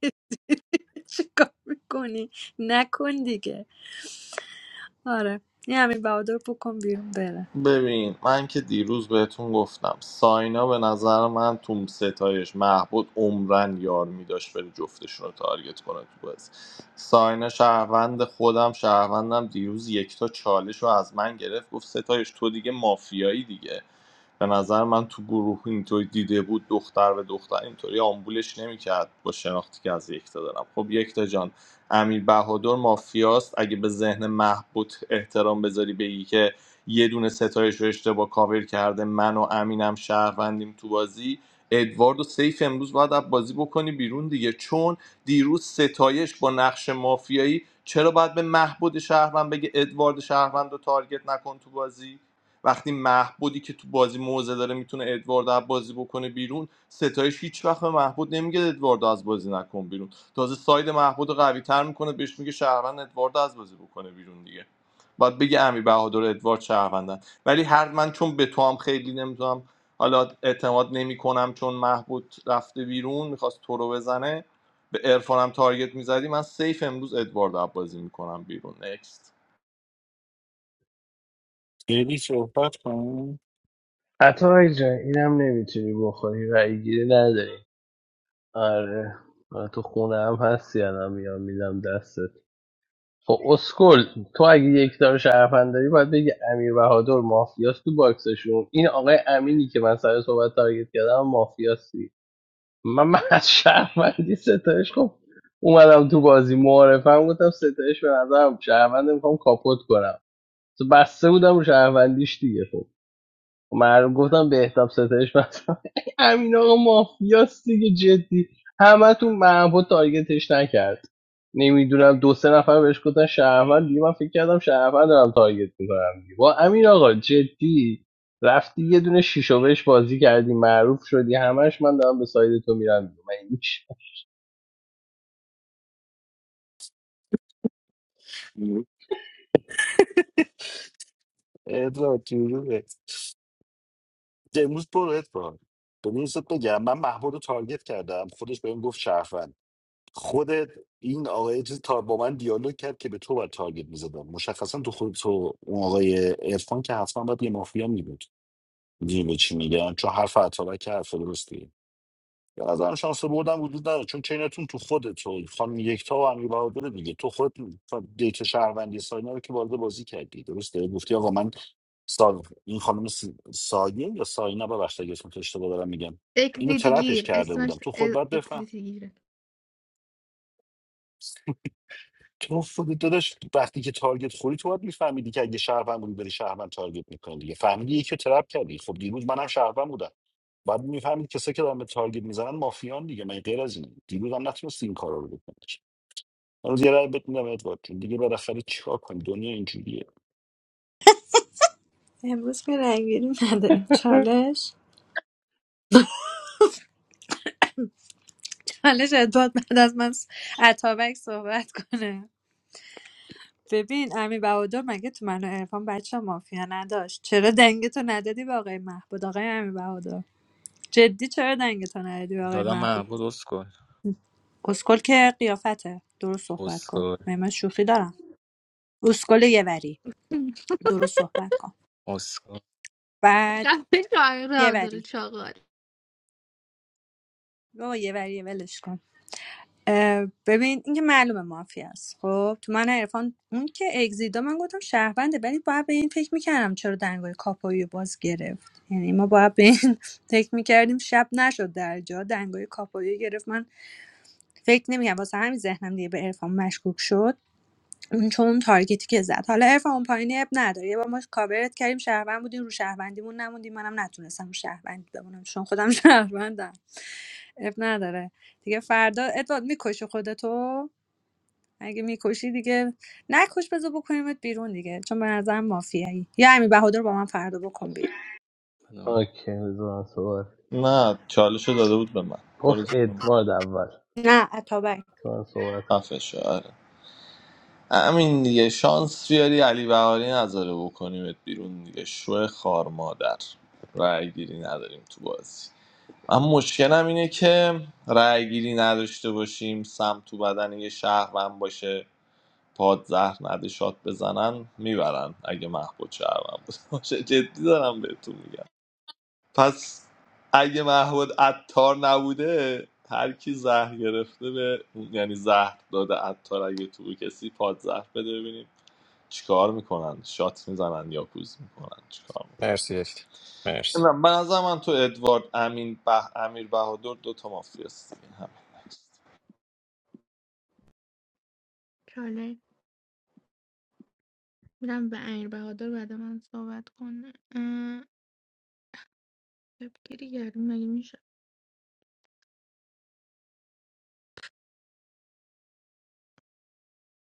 F: چیکار میکنی نکن دیگه آره این همین بهادر بکن بیرون بره
A: ببین من که دیروز بهتون گفتم ساینا به نظر من تو ستایش محبود عمرن یار میداشت بره جفتشون رو تارگت کنه تو بازی ساینا شهروند خودم شهروندم دیروز یکتا چالش رو از من گرفت گفت ستایش تو دیگه مافیایی دیگه به نظر من تو گروه اینطوری دیده بود دختر به دختر اینطوری آمبولش نمیکرد با شناختی که از یکتا دارم خب یکتا جان امیر بهادر مافیاست اگه به ذهن محبود احترام بذاری بگی که یه دونه ستایش رو اشتباه کاور کرده من و امینم شهروندیم تو بازی ادوارد و سیف امروز باید از بازی بکنی بیرون دیگه چون دیروز ستایش با نقش مافیایی چرا باید به محبود شهروند بگه ادوارد شهروند رو تارگت نکن تو بازی وقتی محبودی که تو بازی موزه داره میتونه ادوارد از بازی بکنه بیرون ستایش هیچ وقت به محبود نمیگه ادوارد از بازی نکن بیرون تازه ساید محبود قوی تر میکنه بهش میگه شهروند ادوارد از بازی بکنه بیرون دیگه باید بگی امیر بهادر و ادوارد شهروندن ولی هر من چون به تو هم خیلی نمیتونم حالا اعتماد نمیکنم چون محبود رفته بیرون میخواست تو رو بزنه به عرفانم تارگت میزدی من سیف امروز ادوارد عبازی میکنم بیرون نکست
L: یعنی صحبت کنم
C: عطا جان اینم نمیتونی بخوری رای گیری نداری آره آره، تو خونه هم هستی الان میام میدم دستت خب اسکل تو اگه یک دار شرفن داری باید بگی امیر بهادر مافیاست تو باکسشون این آقای امینی که من سر صحبت تارگت کردم مافیاست من, من از شهروندی ستایش خب اومدم تو بازی معارفم گفتم ستایش به نظرم شهروند میخوام کاپوت کنم تو بسته بودم رو شهروندیش دیگه خب معلوم گفتم به احتاب ستایش مثلا امین آقا مافیاست دیگه جدی همه تو محبا تارگتش نکرد نمیدونم دو سه نفر بهش گفتن شهروند دیگه من فکر کردم شهروند دارم تارگت میکنم دیگه با امین آقا جدی رفتی یه دونه شیشو بهش بازی کردی معروف شدی همش من دارم به ساید تو میرم دیگه. من هیچ
L: ادوارد جوروبت امروز برو ادوارد ببین یه چیز بهت بگم من محبود رو تارگت کردم خودش بهم گفت شهروند خودت این آقای چیز تا با من دیالوگ کرد که به تو باید تارگت میزدم مشخصا تو خود تو اون آقای عرفان که حتما باید یه مافیا میبود میدونی به چی میگن چون حرف عطابک که حرف درستی به نظرم شانس بردم وجود نداره چون چینتون تو خودتو خانم یکتا و امیر بهادر دیگه تو خود دیت شهروندی ساینا رو که وارد بازی کردی درسته گفتی آقا من سا... این خانم س... سایه یا ساینا ببخشید اگه اسمش اشتباه دارم میگم اینو
D: اکزیتی
L: ترپش
D: گیر
L: کرده بودم
D: اسمش
L: تو خود
D: ا-
L: باید بفهمی
D: اکزیتی گیره
L: تو خودت داداش وقتی که تارگت خوری تو باید میفهمیدی که اگه شهروند بودی بری شهروند تارگت میکنی دیگه فهمیدی یکی رو ترپ کردی خب دیروز منم شهروند بودم باید میفهمید کسایی که دارن به تارگت میزنن مافیان دیگه من غیر از اینه دیروز هم نتونستی این کارا رو بکنی امروز یه رای بهت میدم ادوارد جون. دیگه بالاخره چیکار کنی دنیا اینجوریه
F: امروز که رنگیری نداریم چالش چالش ادوارد بعد از من س- اتابک صحبت کنه ببین امی بهادر مگه تو منو عرفان بچه مافیا نداشت چرا دنگتو ندادی به آقای محبود آقای امی بهادر جدی چرا دنگتو ندادی به آقای
S: دادم
F: محبود
S: محبود اسکل
F: اسکل که قیافته درست صحبت کن
S: اسکل
F: من من شوخی دارم اسکل یه وری درست صحبت کن
S: اسکل
F: بعد
D: دفعه شاعر
F: یه
D: را داره
F: وری
D: چاقال
F: بابا یه وری ولش کن اه، ببین این که معلومه مافیا است خب تو من عرفان اون که اگزیدا من گفتم شهرونده ولی باید به این فکر میکردم چرا دنگای کاپایی رو باز گرفت یعنی ما باید به این فکر میکردیم شب نشد در جا دنگای کاپایی رو گرفت من فکر نمیکردم واسه همین ذهنم دیگه به عرفان مشکوک شد اون چون اون تارگتی که زد حالا عرفان اون پایینی اب نداره یه بار ما کاورت کردیم شهروند بودی رو شهروندیمون نموندی منم نتونستم رو شهروندی بمونم چون خودم شهروندم اب نداره دیگه فردا ادوارد میکشی خودتو اگه میکشی دیگه نکش بذار بکنیمت بیرون دیگه چون به نظرم مافیایی یا امی بهادر با من فردا بکن بیرون
C: اوکی بذار من صحبت
A: نه چالش رو داده بود به من
C: گفت
A: برو زیر.
C: ادوارد اول
F: نه اتابک
C: بذار من صحبت
A: خفه شو. آره. همین دیگه شانس بیاری علی بهاری نذاره بکنیمت بیرون دیگه شو خار مادر رأی گیری نداریم تو بازی اما مشکلم اینه که رأی گیری نداشته باشیم سم تو بدن یه شهروند باشه پاد زهر نده شات بزنن میبرن اگه محبوب شهروند بود باشه جدی دارم بهتون میگم پس اگه محمود عطار نبوده هر کی زهر گرفته به یعنی زهر داده عطار اگه تو به کسی پاد زهر بده ببینیم چیکار میکنن شات میزنن یا کوز میکنن چیکار میکنن
J: مرسی یک مرسی
A: نمی‌دونم. به نظر من تو ادوارد امین به امیر بهادر دو تا مافیاست دیگه همین
D: چاله میرم به امیر بهادر بعد من صحبت کنه اه، شبگیری گردیم مگه میشه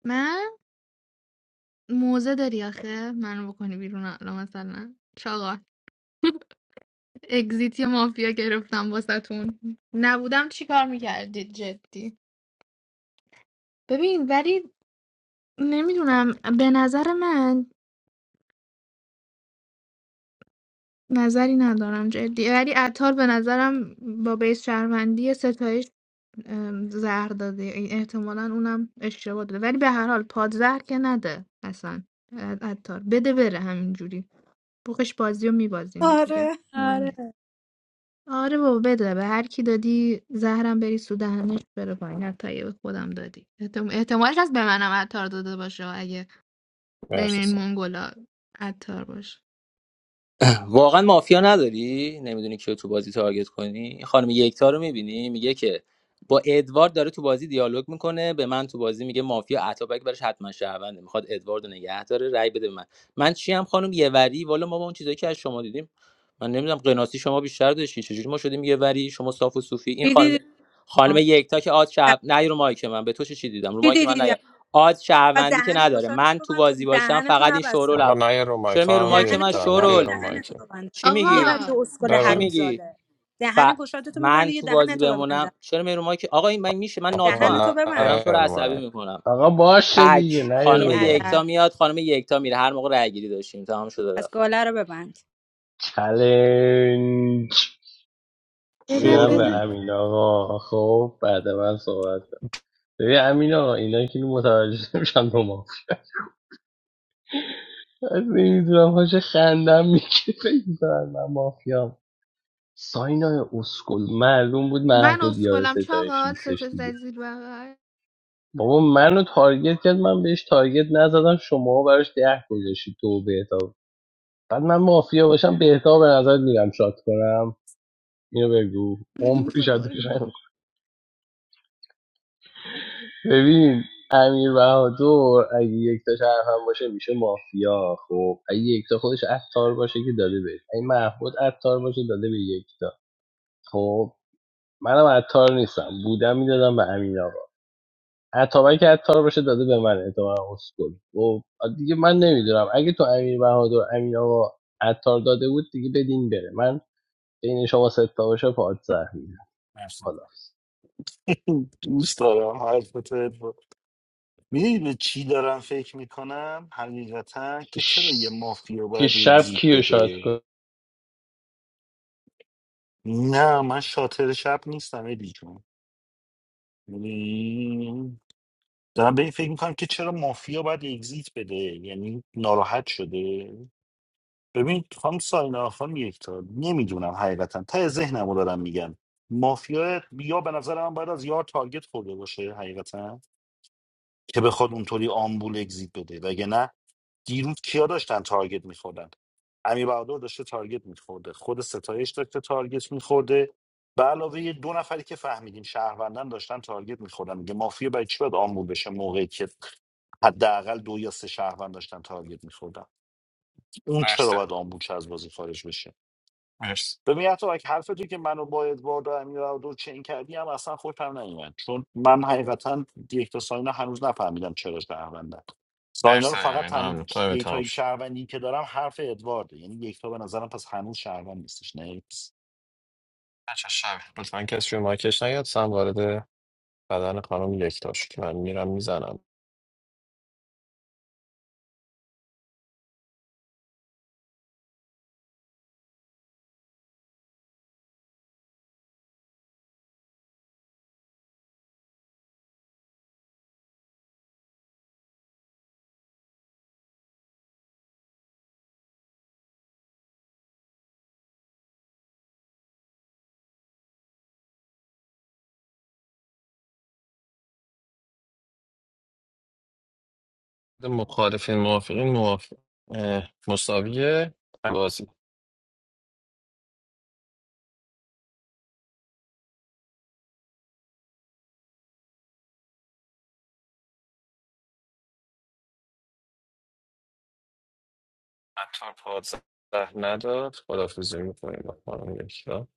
D: من موزه داری آخه منو بکنی بیرون الان مثلا چاقال اگزیتی مافیا گرفتم واسهتون نبودم چی کار میکردید جدی ببین ولی نمیدونم به نظر من نظری ندارم جدی ولی عطار به نظرم با بیس شهروندی ستایش ام، زهر داده این احتمالا اونم اشتباه داده ولی به هر حال پادزهر که نده اصلا ع- عطار بده بره همینجوری بخش بازی رو میبازیم دیگه
F: آره
D: مهم
F: آره
D: نیست آره بابا بده به هر کی دادی زهرم بری سو دهنش بره پایین حتی اگه به خودم دادی احتم- احتمالش هست به منم عطار داده باشه اگه بین
J: مرسی
D: این
J: سم.
D: منگولا عطار باشه
S: واقعا مافیا نداری نمیدونی کیو تو بازی تارگت کنی خانم یکتا رو میبینی میگه که با ادوارد داره تو بازی دیالوگ میکنه به من تو بازی میگه مافیا اتابک برش حتما شهرونده میخواد ادوارد رو نگه داره رای بده به من من چی هم خانم یه وری والا ما با اون چیزایی که از شما دیدیم من نمیدونم قناسی شما بیشتر داشتین چجوری ما شدیم یه وری شما صاف و صوفی این
F: چی
S: خانم
F: دیدی
S: خانم
F: آه.
S: یکتا که آد شب نه رو مایک من به تو چه چی دیدم رو
F: چی
S: مایک من
F: دیدی
S: نیا آد
F: و
S: شهروندی که
F: دهن
S: نداره
F: گشاد
S: من
F: تو
S: تو
F: من تو
S: بازی باشم
F: دهنتو
S: فقط این
F: نبستم
J: آقا
S: شورو
J: نه این رو مایک
S: چرا میای رو
J: خواهم
S: مایک
J: یک
S: من
F: دهنتو
J: دا نه
F: میبندی یه
J: این
S: شورول
J: رو مایک
F: دهنتو ببندم
S: چی
F: یه
S: میگی
F: وری
D: آقا
F: اسکل
S: چی
F: حروم
J: ببند
S: میگی
F: زاده
S: ف...
F: دهن گشادتو
S: من
F: میبندی یه
S: تو بازی
F: دهنتو
S: بمونم
F: ببندم
S: چرا میرو که آقا این من میشه من
F: و
S: ناتو
J: آقا
S: هم.
F: دهنتو
J: نه
S: دارم
F: ببند
S: تو
J: این
S: رو
J: رو
S: عصبی
J: مایک
S: میکنم
C: آقا باشه دیگه
S: تک
C: نه یه
S: خانم
F: بی
C: رو باید
S: یکتا
F: ادب
S: میاد خانم یکتا میره هر موقع رای گیری داشتیم تمام شده
F: از
S: رفت
F: گاله رو ببند
C: چلنج
D: بده
C: میدم به
D: بده
A: شورولی
C: امین آقا خب بعد من صحبت کن. ببین امین آقا اینا که اینو متوجه نمیشن دو ماه از نمیدونم هاش خندم میگه فکر میکنن من مافیام ساینا اسکل معلوم بود
D: من
C: محبود یار
D: اسکلم
C: ستایش
D: چاقال
C: نیستش
D: ستو زد
C: دیگه
D: زیر بغل
C: بابا منو تارگت کرد من بهش تارگت نزدم شما براش ده گذاشتید تو به بعد من مافیا باشم بهتا به نظر میرم شات کنم اینو بگو عمری
D: برو
C: شاتش نمی‌کنم.
D: گم
C: ببین امیر بهادر اگه یک تا شرفم باشه میشه مافیا خب اگه یک تا خودش عطار باشه که داده بهش اگه محمود عطار باشه داده به یک تا خب منم عطار نیستم بودم میدادم به امین آقا عطابک که عطار باشه داده به من اعتماع اسکول. خب دیگه من نمیدونم اگه تو امیر بهادر امین آقا عطار داده بود دیگه بدین بره من بین شما ستا باشه پادزهر می
J: مرسی
C: حالا
L: دوست دارم حرفت ادوارد میدونی به چی دارم فکر میکنم حقیقتا که چرا
C: ش...
L: یه مافیا
C: یه
L: باید
C: شب
L: اگزیت
C: کیو شاد
L: بده
C: کن
L: نه من شاطر شب نیستم ادی جون یعنی دارم به این فکر میکنم که چرا مافیا باید اگزیت بده یعنی ناراحت شده ببین خانم ساینا خانم یکتا نمیدونم حقیقتا ته ذهنم رو دارم میگم مافیا یا به نظر من باید از یار تارگت خورده باشه حقیقتا که بخواد اونطوری آمبول اگزیت بده وگه نه دیروز کیا داشتن تارگت میخوردن امیر بهادر داشته تارگت میخورده خود ستایش داشته تارگت میخورده به علاوه یه دو نفری که فهمیدیم شهروندن داشتن تارگت میخوردن میگه مافیا برای چی باید آمبول بشه موقعی که حداقل دو یا سه شهروند داشتن تارگت میخوردن اون چرا
J: مرسی
L: باید آمبول شه از بازی خارج بشه
J: مرسی
L: ببین حتی اگه حرف تو که منو با ادوارد و امیرعبدو چین کردی هم اصلا خوشم نیومد چون من حقیقتا یک تا ساینا هنوز نفهمیدم چرا شهروندن ساینا
J: مرسی
L: رو فقط
J: همین
L: تنها
J: ممنون تایم تمام
L: دیتای
J: شد
L: شهروندی که دارم حرف ادوارده یعنی یک تا به نظرم پس هنوز شهروند نیستش نه
J: بچه شب لطفا کسی رو مایکش نیاد سم وارد بدن خانم یک تاش که من میرم میزنم مخالفین موافقین موافق اه، مساویه بازی اتار پازده نداد خدافزی میکنیم با خانم یکتا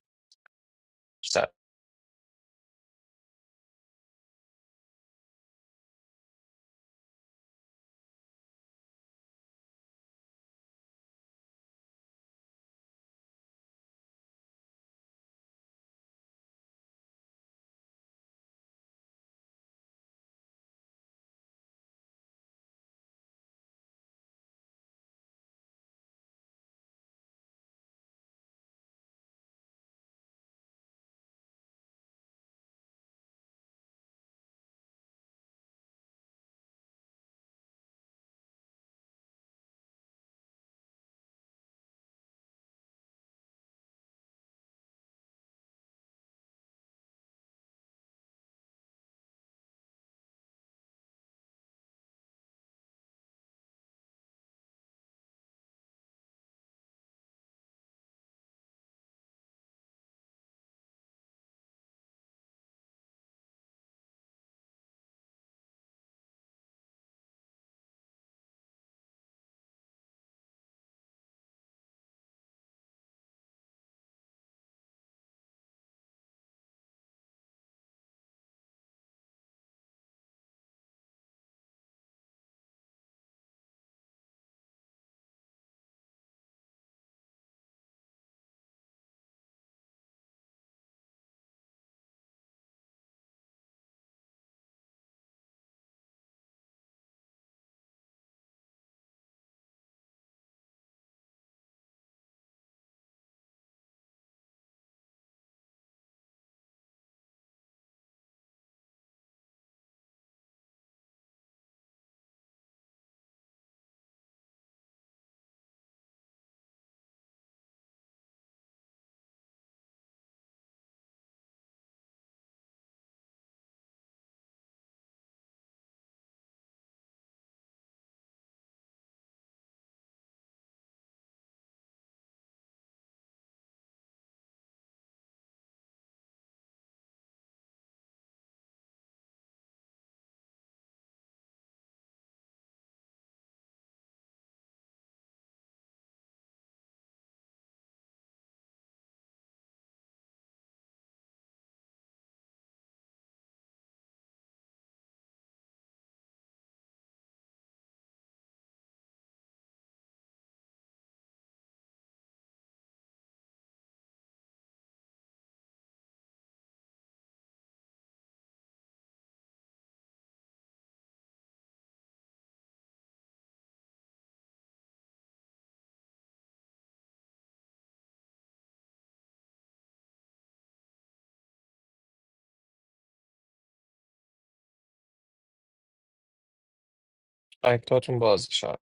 J: اکتاتون بازی شد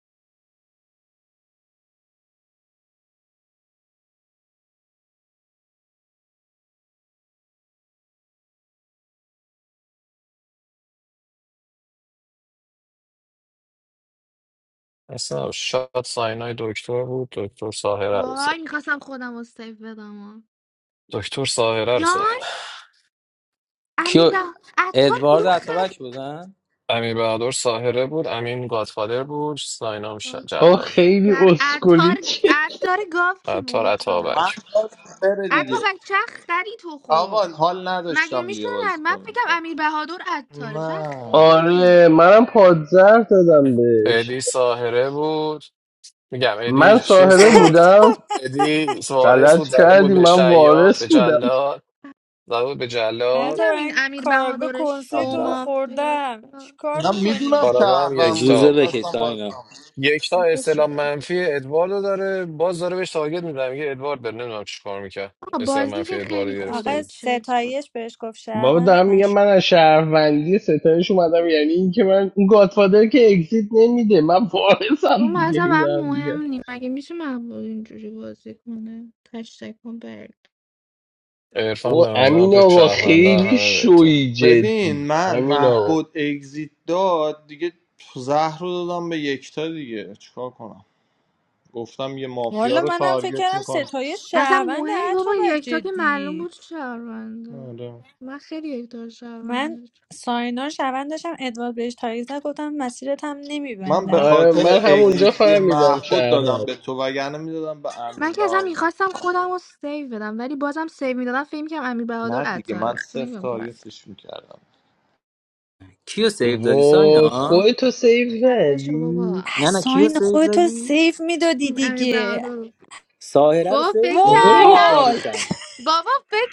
J: اصلا شاد ساینای دکتر بود دکتر ساهره رو سیف
D: وای میخواستم خودم رو سیف بدم آه.
J: دکتر ساهره رو سیف
D: یان امیر
S: کیو
D: بح... عطار
S: ادوارد
D: کدوم
S: عطابک
D: خرید
S: بودن
J: امیر بهادر ساهره بود امین گادفادر بود ساینا هم ش-
D: خاک
C: آه
D: تو
J: جلاد
C: خیلی
D: در
C: اسکولی
D: عطار
C: چیه
D: عطار گاو کی
J: عطار
D: بود بابا
A: من
J: عطابک
A: یادم بره
D: عطا
A: دیگه
D: بچه خری تو خب
A: آقا حال
D: مگه
A: نداشتم دیگه
D: میشونه
A: بازی
D: من
A: کنیم
D: فکرم امیر بهادر عطاره چه
A: نه
D: خنگی
C: آره منم پادزر دادم بهش
J: ادی ساهره بود میگم ادی
C: من
J: چیز
C: ساحره
J: بود
F: حتی
C: بودم
J: ادی سوارس
C: غلط
J: بود زده بود
C: کردی
J: به
C: من
J: شیاد
C: وارث
J: به
C: بودم
J: جلاد زده بود به
F: حتی
J: جلاد
D: میگم این
F: من
D: امیر
F: کارگاه
D: بهادر
F: کنسه تو رو
J: قبل
D: شما فیاد
F: خوردم چیکار
A: من میدونم
F: میکنی؟
J: کاراگاه هم
A: شهروند بود
J: یکتا
S: زوزه
J: بود
S: بکی
A: خواستم بازی
S: ساینا
A: کنم.
J: یکتا استلام
D: شما
J: منفی ادواردو داره باز داره بهش تارگت میزنه میگه ادوارد بره نمیدونم چی کار میکرد استلام
D: بازی
J: منفی
D: که
J: ادواردو
D: خیلی
J: گرفته
F: آقا
D: خدای
J: بود
D: چیز بود
F: ستایش بهش گفت
C: بابا
F: شهروند
C: دارم میگم
F: مشکوک
C: من از شهروندی ستایش اومدم یعنی اینکه من اون گادفادر که اگزیت نمیده من وارثم
D: اون
C: دیگه
D: مثلا
C: هی
D: برام
C: دارم میگم
D: مهم نیم مگه میشه محبوب اینجوری بازی کنه تشتک کن برگ
J: عرفان
C: او
J: به نظرم
C: امین
J: تو
C: آقا
J: شهرونده
C: خیلی
J: همه بهتا
C: شوی جدی
A: ببین من
C: امین آقا
A: محبود اگزیت داد دیگه زهر رو دادم به یکتا دیگه چیکار کنم گفتم یه مافیا
F: والا
A: رو
F: منم فکر
A: تارگت
F: کردم
A: میکنم
F: ستایش
D: مثلا
F: شهروند
D: مهم بابا
F: اتابک
D: یکتا که معلوم
F: جدی
D: بود شهرونده
A: آره.
D: من خیلی یکتا رو
F: من
D: شهرونده داشتم.
F: ساینا رو شهروند داشتم ادوارد بهش تایید زد، گفتم مسیرت هم
A: من به
F: نمیبندم
C: آره
A: خاطر
C: من
D: وای.
C: همونجا
A: اگزیتی
C: فهمیدم
A: محبود
C: شهروند
A: دادم به تو وگرنه میدادم به امیر
D: من که اصلا
A: بهادر
D: میخواستم خودم رو سیو بدم ولی بازم سیو میدادم فکر میکنم امیر بهادر
A: نه دیگه من
D: عطاره تو
A: صفر
D: نمیدونم که
A: تارگتش میکردم
S: کیو سیو دادی
C: وای
S: ساینا
C: خودتو سیف
D: خفه شو بابا
C: زدی
S: نه نه کیو
F: احساین
S: سیو
F: خودتو
S: دادی
F: سیف میدادی
D: امیر
F: دیگه
D: بهادر
S: ساهره رو
D: بابا
S: سیو
D: فکر
C: وای
S: دادی
D: کردم
S: باری
F: وای
S: کرد
D: بابا فکر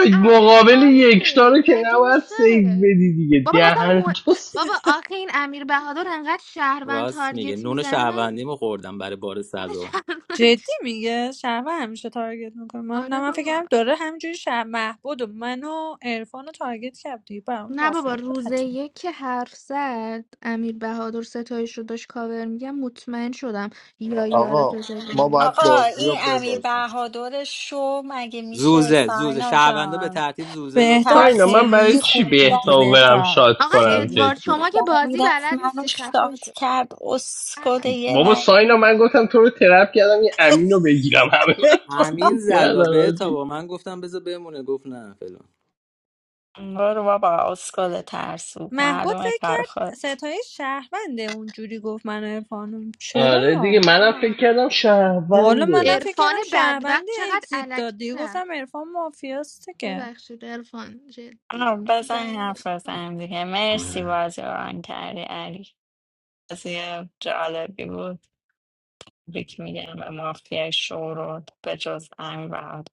D: کردم
C: مقابل یکتا
D: عطاره
C: رو که
D: مگه
C: نباید سیف
D: میشه
C: بدی دیگه
D: بابا حتی
C: دهن
D: مو...
C: تو س-
D: بابا آخه این امیر بهادر انقدر شهروند
S: راست میگه
D: تارگت
S: نون
D: میزنه من
S: شهروندیمو خوردم برای بار
D: اون
S: صدو
F: جدی
D: شهروندش
F: میگه شهرمه همیشه تارگت میکنه من نه
D: آره
F: من
D: بابا
F: فکرم داره همینجوری شهر محبود و من و عرفان رو تارگت کرد دیگه برام
D: نه بابا
F: مافیا بود
D: روز
F: حتمی
D: یک که حرف زد امیر بهادر ستایش رو داشت کاور میگم مطمئن شدم یا یار
A: آقا
D: ستایش
A: ما
D: نمون
A: باید
N: آقا
A: بازی رو
N: این امیر
A: ببازیم
N: بهادر شو مگه میشه
S: زوزه زوزه
N: ساینا
S: شهروندا به
N: جان
S: ترتیب زوزه
F: بهتاب
S: لطفا
C: ساینا
N: ترسو
C: من برای
F: خیلی
C: چی
F: خوب
N: سری
F: بودی
C: بهتاو
N: رفتیم
C: برم
F: بهتاب
C: شاد
D: آقای
C: کنم
F: خیلی
D: ادوارد
F: خوب
C: جدی
D: شما که
F: بودی
N: سری
D: بازی
N: رفت
D: بلد
N: منو
D: نیستی خفه
N: شاد
D: شد
N: کرد اسکد یه
C: بابا ساینا
N: وری
C: من گفتم تو رو ترپ کردم یه امین بگیرم همه من تاکت
F: بهتاب
S: همین
C: کردن
S: زدا به تا
C: آجی
S: با من گفتم بذار بمونه گفت نه فلان
N: برو بابا اسکل ترسو
F: محبود
N: مردم
F: فکر کرد
N: کارخود
F: ستای شهرونده اونجوری گفت من و عرفانم
C: آره
F: چرا
C: دیگه منم فکر کردم
F: والا منم
C: شهرونده
F: فکر
D: عرفان
F: کردم
D: بدبخت
F: شهرونده
D: چقدر
F: اگزیت
D: علکی
F: داد دیگه
D: رفت.
F: گفتم عرفان مافیاسته که
D: ببخشید عرفان جدی
N: آه، بزن
D: رنگ
N: حرف
D: من
N: بزنیم دیگه مرسی
S: آره.
N: بازی رو ران کردی علی بازی جالبی بود بیک میگم به مافیا شورود به جز امیر بهادر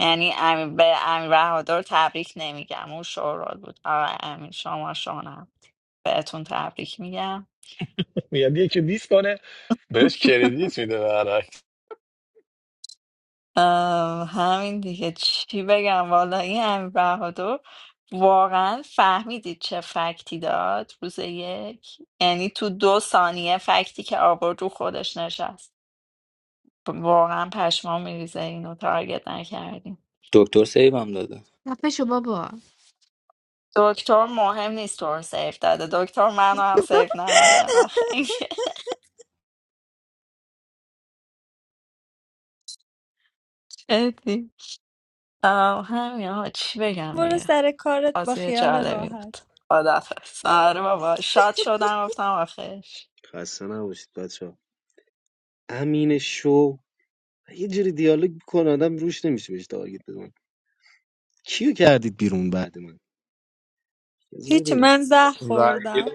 N: یعنی امیر به امیر بهادر تبریک نمیگم اون شورود بود آقا امیر شما شونم بهتون تبریک میگم
J: میاد یکی دیس کنه بهش کردیت میده
N: آه، همین دیگه چی بگم والا این امیر بهادر واقعا فهمیدید چه فکتی داد روز یک یعنی تو دو ثانیه فکتی که آورد رو خودش نشست واقعا پشمام میریزه اینو تارگت نکردیم
S: دکتر سیوم داده
D: خفشو بابا
N: دکتر مهم نیست تو رو سیف داده دکتر منو هم سیف نداده من خیلی جدی آه، همین ها چی بگم
F: برو
N: دیگه
F: سر کارت با
N: بازی
F: خیال
N: جالبی بود
F: راحت
N: خدافظ آره بابا شاد شدم گفتم آخش
V: خسته نباشید بچه ها. امین شو یه جوری دیالوگ میکنه آدم روش نمیشه بهش تارگت بزن کیو کردید بیرون بعد من از
F: هیچ
V: ببینم
F: من زهر
A: رأی گیری
F: خوردم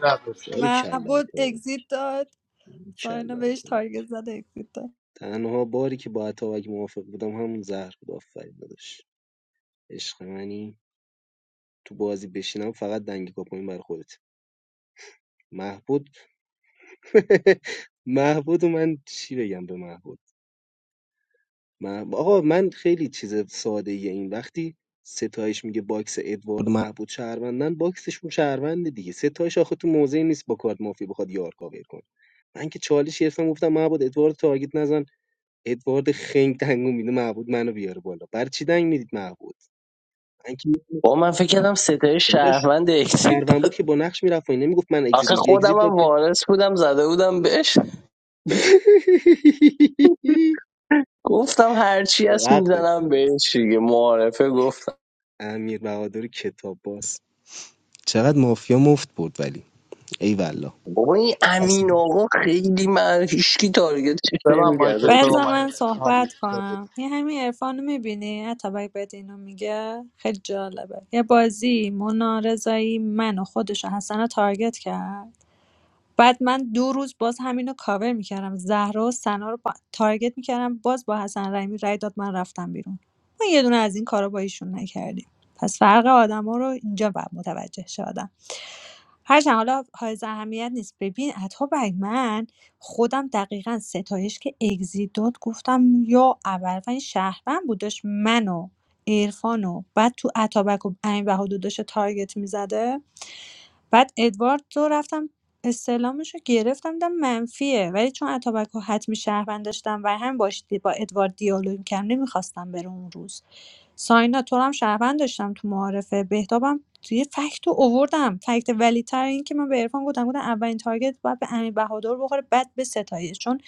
V: باری
A: نداشتم
V: کلا
F: معبود
V: عطا،
F: اگزیت داد ساینا
V: کلا
F: بهش
V: عطا.
F: تارگت زد اگزیت داد
V: تنها باری که با اتاوک موافق بودم همون زهر بود آفرین داداش عشق منی تو بازی بشینم فقط دنگ کاپوین برای خودت محبود محبود و من چی بگم به محبود مح- آقا من خیلی چیز ساده ایه این وقتی ستایش میگه باکس ادوارد محبود شهروندن باکسشون شهرونده دیگه ستایش آخه تو موضعی نیست با کارت مافی بخواد یار کاور کنه من که چالش گرفتم گفتم محبود ادوارد تارگت نزن ادوارد خنگ دنگو میده محبود منو بیاره بالا بر چی دنگ میدید محبود من که
C: با من فکر کردم ستای
V: داداش
C: شهروند اکسید
V: شهروند بود
C: داد
V: که با نقش میرفت و نمیگفت من اگزیت
C: آخه
V: میگه اگزیت
C: خودم
V: داد
C: هم
V: که
C: وارث بودم زده بودم بهش گفتم هرچی هست
V: حق داشت
C: میزنم بهش دیگه معارفه گفتم
V: امیر بهادر کتاب باز چقدر مافیا مفت برد ولی ای والله
C: بابا این
V: اصلا
C: امین آقا خیلی من هیچکی تارگتش
A: ببن مایک
C: نمیگرده
A: تو
C: چی
F: باید
A: رو من
F: من
A: هم
F: صحبت
A: ریخته
F: کنم این همین عرفان رو میبینی اتابک بهت اینو میگه خیلی جالبه یه بازی منارزایی من و خودش و حسن رو تارگت کرد بعد من دو روز باز همینو کاور میکردم زهرا و سنا رو با... تارگت میکردم باز با حسن رحیمی رای داد من رفتم بیرون ما یه دونه از این کارا با ایشون نکردیم پس فرق آدما رو اینجا باید متوجه شه آدم هرچند حالا حائز اهمیت نیست ببین عطا بگ من خودم دقیقا ستایش که اگزیت داد گفتم یا اول این شهروند بودش منو عرفان و بعد تو اتابک و امین بهادر داشته تارگت میزده بعد ادوارد رو رفتم استعلامش رو گرفتم دیدم منفیه ولی چون اتابک رو حتمی شهروند داشتم و هم باش دی- با ادوارد دیالوگ کردم نمیخواستم بره اون روز ساینا تو رو هم شهروند داشتم تو معارفه بهتابم توی فکت رو اووردم فکت ولی تر این که من به عرفان گفتم گفتم اولین تارگت باید به امیر بهادر بخوره بعد به ستایش چون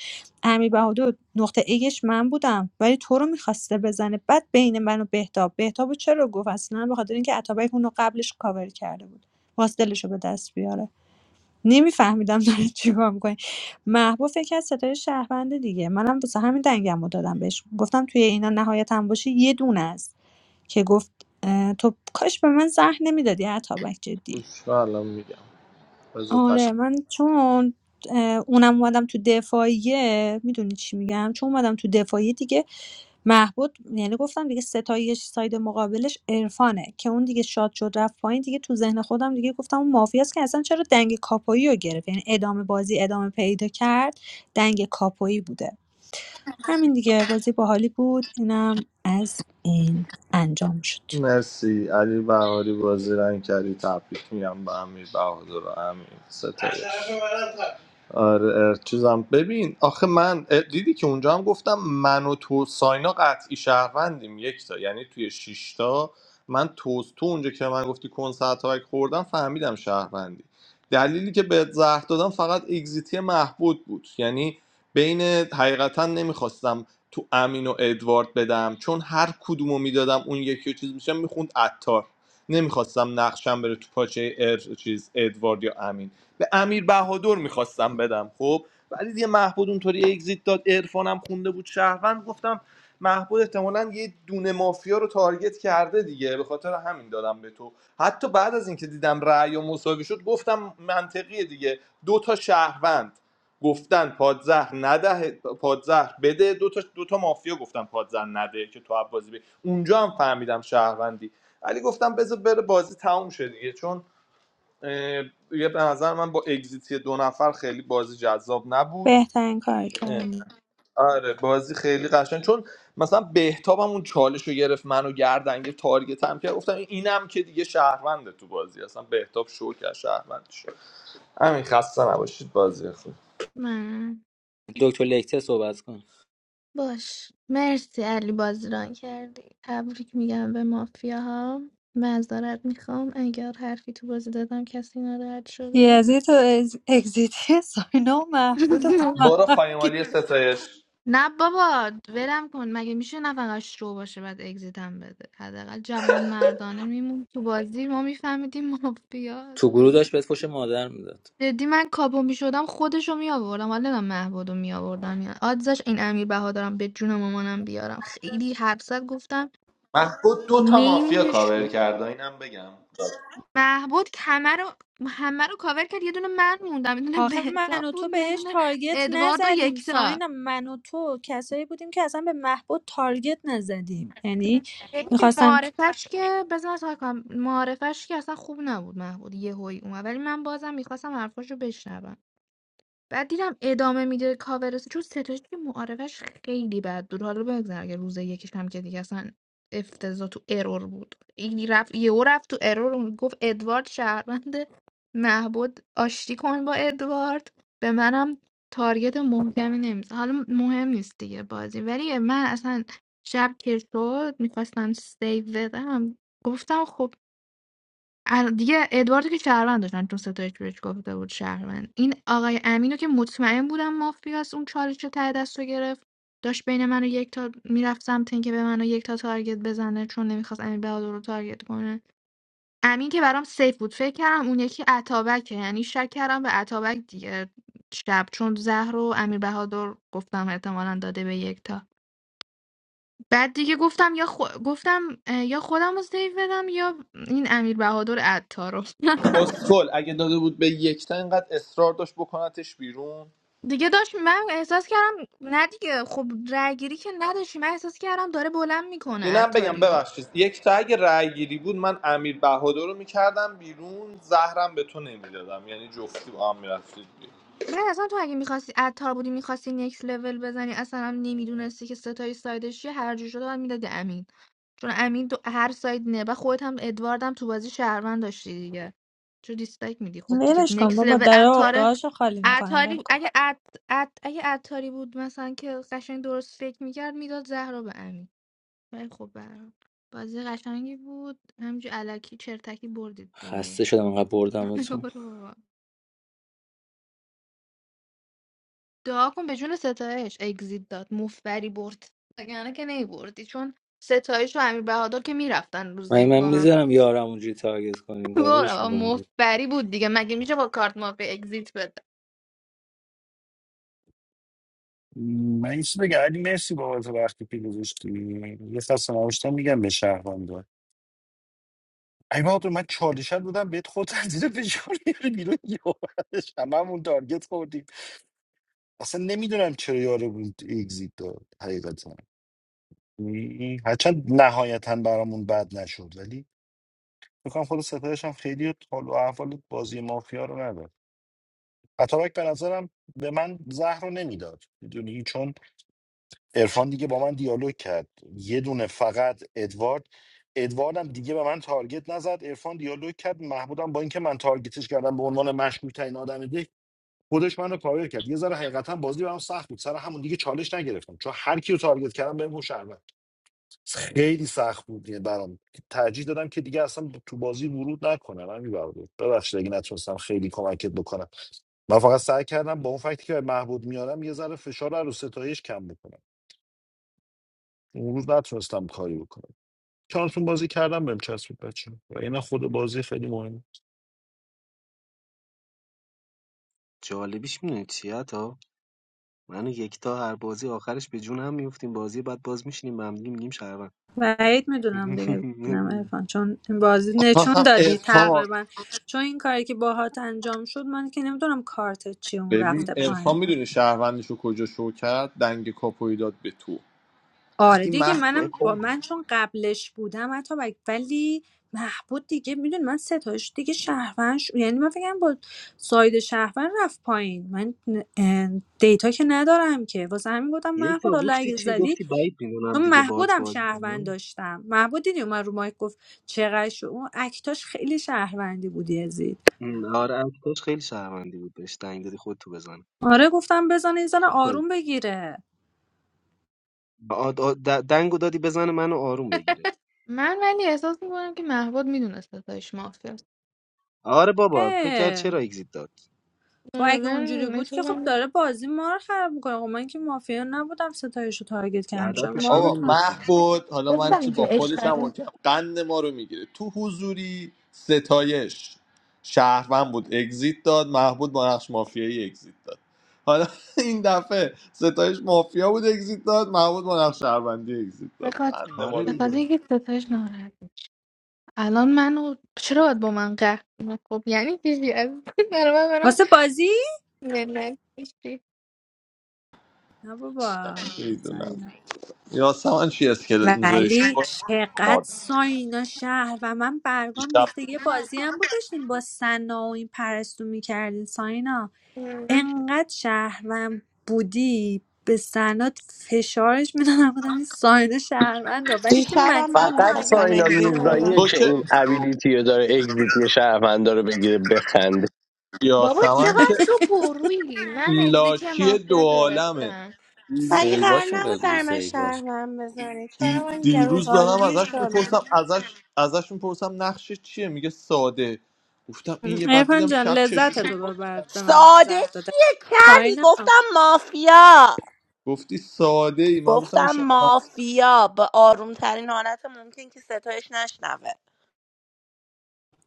F: امیر بهادر نقطه ایش من بودم ولی تو رو میخواسته بزنه بعد بین من و بهتاب بهتاب رو چرا گفت اصلا به خاطر اینکه اتابک اون رو قبلش کاور کرده بود خواست دلشو به دست بیاره نمیفهمیدم داره چیکار میکنه محبوب فکر کرد صدای شهروند دیگه منم واسه همین دنگم رو دادم بهش گفتم توی اینا نهایت هم باشه یه دونه است که گفت اه، تو کاش به من زهر نمیدادی عطابک جدی
A: بگم الان میگم بذار تشریف
F: آره من چون اه، اونم اومدم تو دفاعیه میدونی چی میگم چون اومدم تو دفاعیه دیگه محبود یعنی گفتم دیگه ستایش ساید مقابلش عرفانه که اون دیگه شاد شد رفت پایین دیگه تو ذهن خودم دیگه گفتم اون مافیاست که اصلا چرا دنگ کاپویی رو گرفت یعنی ادامه بازی ادامه پیدا کرد دنگ کاپویی بوده همین دیگه بازی باحالی بود اینم از این انجام شد
A: مرسی علی بهاری بازی رنگ کردی تبریک میگم به امیر بهادر و امیر ستایش آره چیزم ببین آخه من اه، دیدی که اونجا هم گفتم من و تو ساینا قطعی شهروندیم یک تا یعنی توی شیشتا من تو تو اونجا که من گفتی کن ساعتک خوردم فهمیدم شهروندی دلیلی که بهت زهر دادم فقط اگزیتی محبود بود یعنی بین حقیقتا نمیخواستم تو امین و ادوارد بدم چون هر کدومو میدادم اون یکی رو چیز میشم میخوند عطار نمیخواستم نقشم بره تو پاچه ار چیز ادوارد یا امین به امیر بهادر میخواستم بدم خب ولی دیگه محبود اونطوری اگزیت داد عرفانم خونده بود شهروند گفتم محبود احتمالا یه دونه مافیا رو تارگت کرده دیگه به خاطر همین دادم به تو حتی بعد از اینکه دیدم رأی و مساوی شد گفتم منطقیه دیگه دو تا شهروند گفتن پادزهر نده پادزهر بده دو تا, دو تا مافیا گفتن پادزهر نده که تو بازی بری اونجا هم فهمیدم شهروندی ولی گفتم بذار بره بازی تموم شه دیگه چون یه به نظر من با اگزیتی دو نفر خیلی بازی جذاب نبود
F: بهترین کار
A: اه،
F: کردی
A: آره بازی خیلی قشنگ چون مثلا بهتاب اون چالش رو گرفت منو گردن گرفت تارگت هم کرد گفتم اینم که دیگه شهرونده تو بازی اصلا بهتاب شو کرد شهروند شد همین خسته نباشید بازی خوب
D: من.
S: دکتر لکته صحبت کن
D: باش مرسی علی بازی بازران کردی تبریک میگم به مافیاها معذرت میخوام اگر حرفی تو بازی دادم کسی ناراحت شده
F: یزید تو اگزیتی ساینا و محبود و با
A: برو
F: هم
A: خایمالی ستایش
D: نه بابا ولم کن مگه میشه نفقش شو باشه بعد اگزیتم بده حداقل جوان مردانه میمون تو بازی ما میفهمیدیم
S: تو
D: مافیاست
S: گروه داشت بهت فوش مادر میداد
D: جدی من کاپو میشدم خودشو میآوردم حالا نمیدونم مهبدو می آوردم یا آدزش این امیر بهادرم به جون مامانم بیارم خیلی حرف زد گفتم
A: محبود دو تا مافیا
D: میمونش
A: کاور
D: رو
A: کرد اینم بگم
D: مهبد همه رو همه رو کاور کرد یه دونه من موندم یه دونه
F: آخه من
D: بهتاب
F: و
D: بود
F: تو
D: یه
F: بهش
D: دونه
F: تارگت
D: ادوارد و
F: نزدیم
D: یکتا
F: ساینا من و تو کسایی بودیم که اصلا به محبود تارگت نزدیم یعنی
D: ببین
F: میخواستم
D: معارفش که بذار تا کنم معارفش که اصلا خوب نبود محبود یه هوی اومد ولی من بازم میخواستم حرفاشو بشنوم بعد دیدم ادامه میده کاور چون ستایش که معارفش خیلی بد بود حالا بگذار اگه روز یکیش هم که دیگه اصلا افتضاح تو ارور بود این رفت یهو رفت تو ارور و گفت ادوارد شهروند محبود آشتی کن با ادوارد به منم تارگت محکمی نمیزن حالا مهم نیست دیگه بازی ولی من اصلا شب که شد میخواستم سیو بدم گفتم خب ال- دیگه ادواردو که شهروند داشتن چون ستایش بهش گفته بود شهروند این آقای امینو که مطمئن بودم مافیاست اون چالش رو ته دست رو گرفت داشت بین من و یک تا میرفت سمت اینکه به من و یک تا تارگت بزنه چون نمیخواست امین بهادر رو تارگت کنه امین که برام سیف بود فکر کردم اون یکی عطابکه یعنی شک کردم به عطابک دیگه شب چون زهر و امیر بهادر گفتم احتمالا داده به یک تا بعد دیگه گفتم یا خو... گفتم اه، یا خودم رو سیف بدم یا این امیر بهادر عطا رو
A: اسکل اگه داده بود به یک تا اینقدر اصرار داشت بکنتش بیرون
D: دیگه داشت من احساس کردم نه دیگه خب رای گیری که نداشتی من احساس کردم داره بلند میکنه
A: اینم بگم
D: عطاریو
A: ببخشید یک تا اگه رأی گیری بود من امیر بهادر رو میکردم بیرون زهرم به تو نمیدادم یعنی جفتی با هم میرفتید بیرون
D: بعد اصلا تو اگه میخواستی عطار بودی میخواستی نکس لول بزنی اصلا هم نمیدونستی که ستای سایدش چیه هر جور شده باید میدادی امین چون امین دو هر ساید نه و خودت هم ادوارد هم تو بازی شهروند داشتی دیگه چون دیسلایک میدی خب دیگه
F: ولش کن
D: نکس
F: بابا
D: لول
F: در
D: عطاره
F: عقده‌هاشو خالی میکنم ول
D: عطاری
F: کن
D: اگه عط... عط... اگه عطاری بود مثلا که قشنگ درست فکر میکرد میداد زهر رو به امین خیلی خوب برام بازی قشنگی بود همینجور علکی چرتکی بردید دیگه
S: خسته شدم انقدر بردم تو
D: برو بابا. دعا کن به جون ستایش اگزیت داد مفبری برد وگرنه که نمیبردی چون ستایش و امیر بهادر که میرفتن روز
S: من
D: یک
S: من
D: با هم
S: میذارم یارم اونجوری تارگت کنیم
D: برو
S: کاورش
D: بابا،
S: میکنم
D: مفبری بود دیگه مگه میشه با کارت مافیا اگزیت بده
L: من این چیز بگم علی مرسی بابت وقتی که گذاشتی یه فصل نوشتم میگم به شهروندا ای بابا من چالشت بودم بهت خود از زیر فشار بیاری بیرون یه هممون تارگت خوردیم اصلا نمیدونم چرا یارو بود اگزیت داد حقیقتا این هرچند نهایتا برامون بد نشد ولی میکنم خود ستایش هم خیلی حال و احوال بازی مافیا رو نداد اتابک به نظرم به من زهر رو نمیداد میدونی چون ارفان دیگه با من دیالوگ کرد یه دونه فقط ادوارد ادواردم دیگه به من تارگت نزد ارفان دیالوگ کرد محمودم با اینکه من تارگتش کردم به عنوان مشکوک ترین آدم خودش منو کاور کرد یه ذره حقیقتا بازی برام سخت بود سر همون دیگه چالش نگرفتم چون هر کی رو تارگت کردم بهم گفت شهروند خیلی سخت بود یعنی برام ترجیح دادم که دیگه اصلا تو بازی ورود نکنم همین برام بود ببخشید اگه نتونستم خیلی کمکت بکنم من فقط سعی کردم با اون فکتی که به محبود میارم یه ذره فشار رو ستایش کم بکنم اون روز نتونستم کاری بکنم چانسون بازی کردم بهم چسبید بچه و اینا خود بازی خیلی مهمه
V: جالبیش میدونی چیه تا منو یکتا هر بازی آخرش به جون هم میفتیم بازی بعد باز میشینیم به هم دیگه میگیم شهروند
F: بعید میدونم دیگه ببینم عرفان چون این بازی نشون
A: خواستم
F: دادی
A: ارفان
F: تقریبا چون این کاری که باهات انجام شد من که نمیدونم کارت چی اون
A: ببین
F: رفته
A: ارفان
F: پایین
A: میدونی شهروندش رو کجا شو کرد دنگ کاپوی داد به تو
F: آره
A: وقتی
F: دیگه
A: محبود
F: منم
V: عیب
F: با
V: نداره.
F: من چون قبلش بودم حتی و- ولی محبود دیگه میدون من ستایش دیگه شهروند شد. یعنی من فکرم با ساید شهروند رفت پایین من اه، دیتا که ندارم که واسه همین گفتم محبود
V: یکتا
F: حالا
V: گفتی
F: اگه
V: چی
F: زدی
V: گفتی بعید میدونم
F: چون
V: دیگه باهات
F: محبودم
V: بازی
F: شهروند
V: کنم
F: داشتم محبود دیدی اومد رو مایک گفت چقدر شد اون اکتاش خیلی شهروندی بودی ازید
V: ام، آره اکتاش خیلی شهروندی بود بهش دنگ دادی خود تو بزنه
F: آره گفتم بزن این زن
V: خوب کاری
F: آروم بگیره
V: آ- آ- د- دنگو دادی بزنه منو آروم بگیره
D: من ولی احساس میکنم که محبود میدونه ستایش مافیاست
V: آره بابا فکر کرد
F: اه
V: چرا اگزیت داد
F: خب
D: آره،
F: اگه اونجوری
D: من
F: بود
D: احساس
F: که خب
D: میکنم
F: داره بازی ما رو خراب میکنه خب من که مافیا نبودم ستایش رو تارگت کردم چون
V: هدفش
F: ما رو
A: آقا
V: همین
F: تار-
V: بود دیگه
A: محبود حالا من چه
D: گفتم
A: با
D: که عشق
A: خودش هم اوکی قند ما رو میگیره تو حضوری ستایش شهروند بود اگزیت داد محبود با نقش مافیایی اگزیت داد حالا این دفعه ستایش مافیا بود اگزیت داد محبود با نقش شهروندی اگزیت
D: به
A: داد
D: خاطر
A: قند ما
V: آره
A: رو
D: به خاطر
A: گرفت.
V: دیگه
D: اینکه ستایش ناراحت الان منو چرا باید با من قهر کنه؟ خب یعنی چیزی از برای من برام
F: واسه بازی
D: منت کشی.
F: نه بابا
A: میدونم
F: ساینا.
A: یاسمن چی اسکلت میذاری
F: ولی چقدر
A: مار
F: ساینا شهر و من برگام
A: دیشب
F: ریخته یه بازی هم بود داشتیم با سنا و این پرستو میکردین ساینا انقدر شهرم بودی به سنا فشارش میدادم بودم این ساینا شهروندا ولی تو
X: دیشبم
F: متین رو
X: من
C: فقط
F: تارگت
X: میخواستم
C: ساینا
X: اگزیت
D: آره.
F: نمیکردی
C: میرزاییه
X: بدم
A: تو
C: که
A: که
C: این ابیلیتی رو داره اگزیتی شهروندا رو بگیره بخنده
D: بابا
A: یاسمن که
D: چقدر تو پرویی من اگزیتی
A: لاشی دو
D: مافیا
A: عالمه
D: گرفتم
X: و این قرار
S: سیواشو
X: نبود
S: بگو
X: در من شهر
S: سیواش
X: من بزنه چرا
A: دی-
X: من
A: دیروز دارم
X: گروگانگیر
A: ازش
X: شدم
A: میپرسم ازش ازش میپرسم نقشش چیه میگه ساده گفتم این یه بعد
F: ارفان
A: دیدم
F: جان
A: شب
F: لذت
A: چشوش رو
F: تو
A: باز
F: ببر
A: کرد.
F: به ما
X: ساده
F: زهر داده
X: چیه کردی
F: ساینا
X: گفتم مافیا
A: گفتی ساده ای من گفتم این
X: گفتم
A: شب
X: مافیا به آروم ترین حالت ممکن که ستایش نشنوه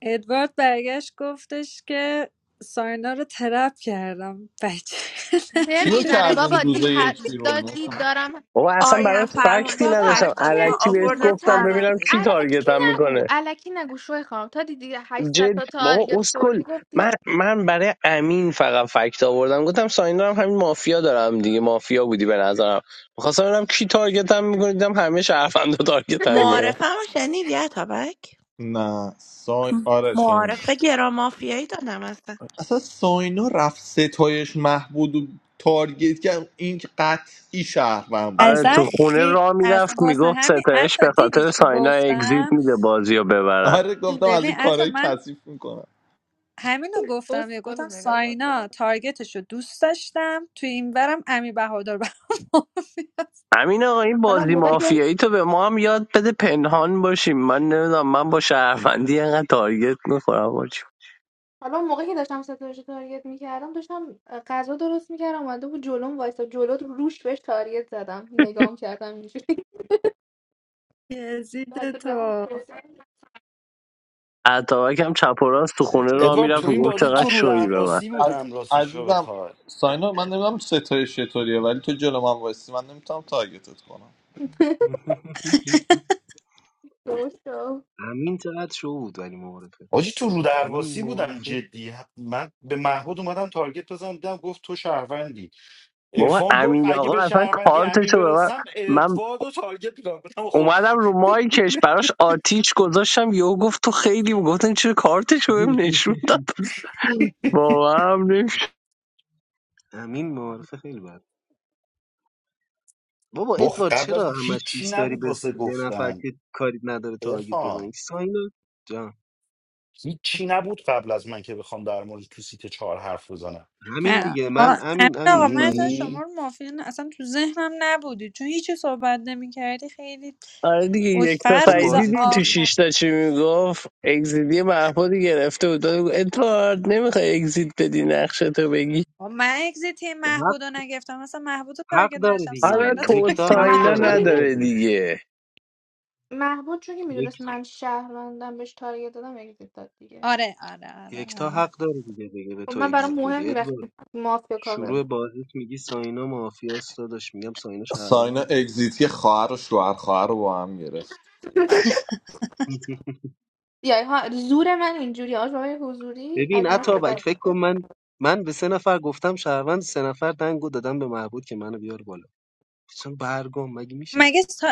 F: ادوارد برگشت گفتش که ساینا رو ترپ کردم بچه
D: زر
A: کیو
D: میزنه
A: کردین
D: بابا
A: روز
D: دید, ه...
A: یک بیرون
D: دا- دید
A: گفتم
D: دارم
C: بابا اصلا
X: آریان
C: برات فکتی
X: فرهادی و
D: بابا
C: نداشتم
X: تک دفاع
C: الکی
D: چرت
C: بهش
D: میگه
X: آوردم
C: گفتم
D: تا
X: کردم
D: دید
C: ببینم کی
X: بیرون
D: الکی
C: تارگتم
D: نگو
C: میکنه
D: الکی نگو شوی خواهم تا دیدی 800
C: جد
D: تا
C: بابا
D: تارگت
C: اسکل
D: خوردی گفتی
C: من من برای امین فقط فکت آوردم گفتم ساینا هم همین مافیا دارم دیگه مافیا بودی به نظرم میخواستم ببینم کی تارگتم میکنه دیدم همه شهروندا تارگتم میکنه
X: معارفه رو شنیدی اتابک
A: نه سای آره شنید
X: معارفه گرا مافیایی دادم اصلا
A: اصلا ساینا رفت ستایش محبود و تارگت کرد این که قطعی شهروند بود
C: آره
F: اصلا
C: تو
A: یعنی
C: خونه
F: خی...
C: را
F: از
C: میرفت
F: واسه
C: میگفت
F: همین
C: ستایش
F: عطا
C: به
F: دیدی
C: خاطر
F: چی
C: ساینا اگزییت
F: گفتم
C: میده بازی رو ببرن
A: آره گفتم از
F: ببین
A: این
F: عطا
A: کارهای
F: من
A: کثیف میکنم
F: همینو گفتم یه
D: اسکلو
F: گفتم
D: نگاه کن تو
F: ساینا
D: رو.
F: تارگتش رو دوست داشتم تو این برم امی بهادر برام مافیا.
C: امین آقا این
D: حالا اون
C: بازی
D: موقع که
C: مافیایی تو به ما هم یاد بده پنهان باشیم من نمیدونم من با شهروندی اینقدر تارگت میخورم باشیم
D: حالا اون موقع که داشتم ستارش رو تارگت میکردم داشتم اه، غذا درست میکردم اومده بود جلوم وایسا جلو رو- روش بهش تارگت زدم نگام کردم اینجوری
F: یزید
D: بعد
F: تو
D: رفت
C: عطاک هم چپ و راست تو خونه
V: ستایش
C: را
L: ادوارد
C: میرفت
L: تو این
C: میگفت
L: بازی
C: چقدر
V: نمی‌دونم.
L: تو رو
C: شوی به من
L: درواسی
A: از-
L: بودم راستشو
A: عزیزم
L: بخوای
A: ساینا من نمیدونم ستایش چطوریه ولی تو جلو من وایسی من نمیتونم تارگتت کنم
D: درست شد.
V: همین چقدر شو بود ولی معارفه
L: آجی تو
V: همین
L: رودرواسی بودم
V: معارفه
L: جدی من به محمود اومدم تارگت بزنم دیدم گفت تو شهروندی
C: بابا
L: عرفان گفت
C: امین
L: اگه
C: آقا
L: به
C: اصلا
L: شهروندی امین
C: کارتشو به من
L: برسم
C: من
L: ادوارد و تارگت میکنم گفتم خب
C: اومدم رو مایکش براش آتیش گذاشتم یهو گفت تو خیلی گفتم چرا کارتشو بهم نشون داد واقعا هم نمی‌شه.
V: همین معارفه خیلی بد بابا
L: بخ
V: ادوارد
L: قبل از
V: چرا همش
L: هیچی
V: دوست داری
L: نبود
V: به
L: واسه
V: یه نفر
L: گفتن
V: که کاری نداره تارگت
L: عرفان
V: بزنی ساینا جان
L: هیچی نبود قبل از من که بخوام در مورد تو سیت چهار حرف بزنم
V: همین
F: اه،
V: دیگه
F: آ-
V: من
F: امین
V: همین
F: آقا
V: همین
F: من اصلا
V: برام
L: میدونی
F: شما رو مافیا نه- اصلا تو ذهنم نبودی چون هیچی صحبت نمیکردی خیلی
C: آره دیگه یک
F: اوکی
C: تا
F: فقط
V: تو
F: روز
C: سعیدی
V: بازیت
C: دی تو
V: خوبه
F: آخر
C: شیش تا چی میگفت اگزیدی محمودی گرفته بود داد بود، ادوارد نمیخوای اگزیت بدی نقشه تو بگی
F: آه، من اگزیت
V: حق
F: محبود رو نگرفتم مثلا محبود رو
V: حق
F: تارگت
V: داره
F: نشم
V: دیگه
C: حالا
F: ساینا
C: تو
V: یکتا
F: تارگت
V: حق
C: ساینا
V: داره
D: محبود دیگه
C: نداره
V: ادوارد
C: دیگه
D: محبود چون که
V: یک
D: میدونست من شهروندم بهش تارگت دادم اگزیت داد دیگه
F: آره آره آره
V: یکتا
F: آره
V: حق داره دیگه بگه به
D: خب
V: تو
D: من برام
V: اگزیت
D: مهم
V: بدی
D: نی
V: ادوارد
D: وقتی مافیا کاور
V: شروع
D: می‌کنم.
V: بازیت میگی ساینا مافیاست داداش میگم ساینا
A: ساینا
V: شهرونده دیگه
A: اگزیتی خواهر و شوهر خواهر رو با هم گرفت
D: یا ها زور من اینجوری آج بابای حضوری از
V: ببین
D: من بهتر
V: اتابک فکر کن
D: بود.
V: من من به سه نفر گفتم شهروند سه نفر دنگو دادم به محبود که منو بیار بالا اصلا برگام مگه میشه
F: مگه سا...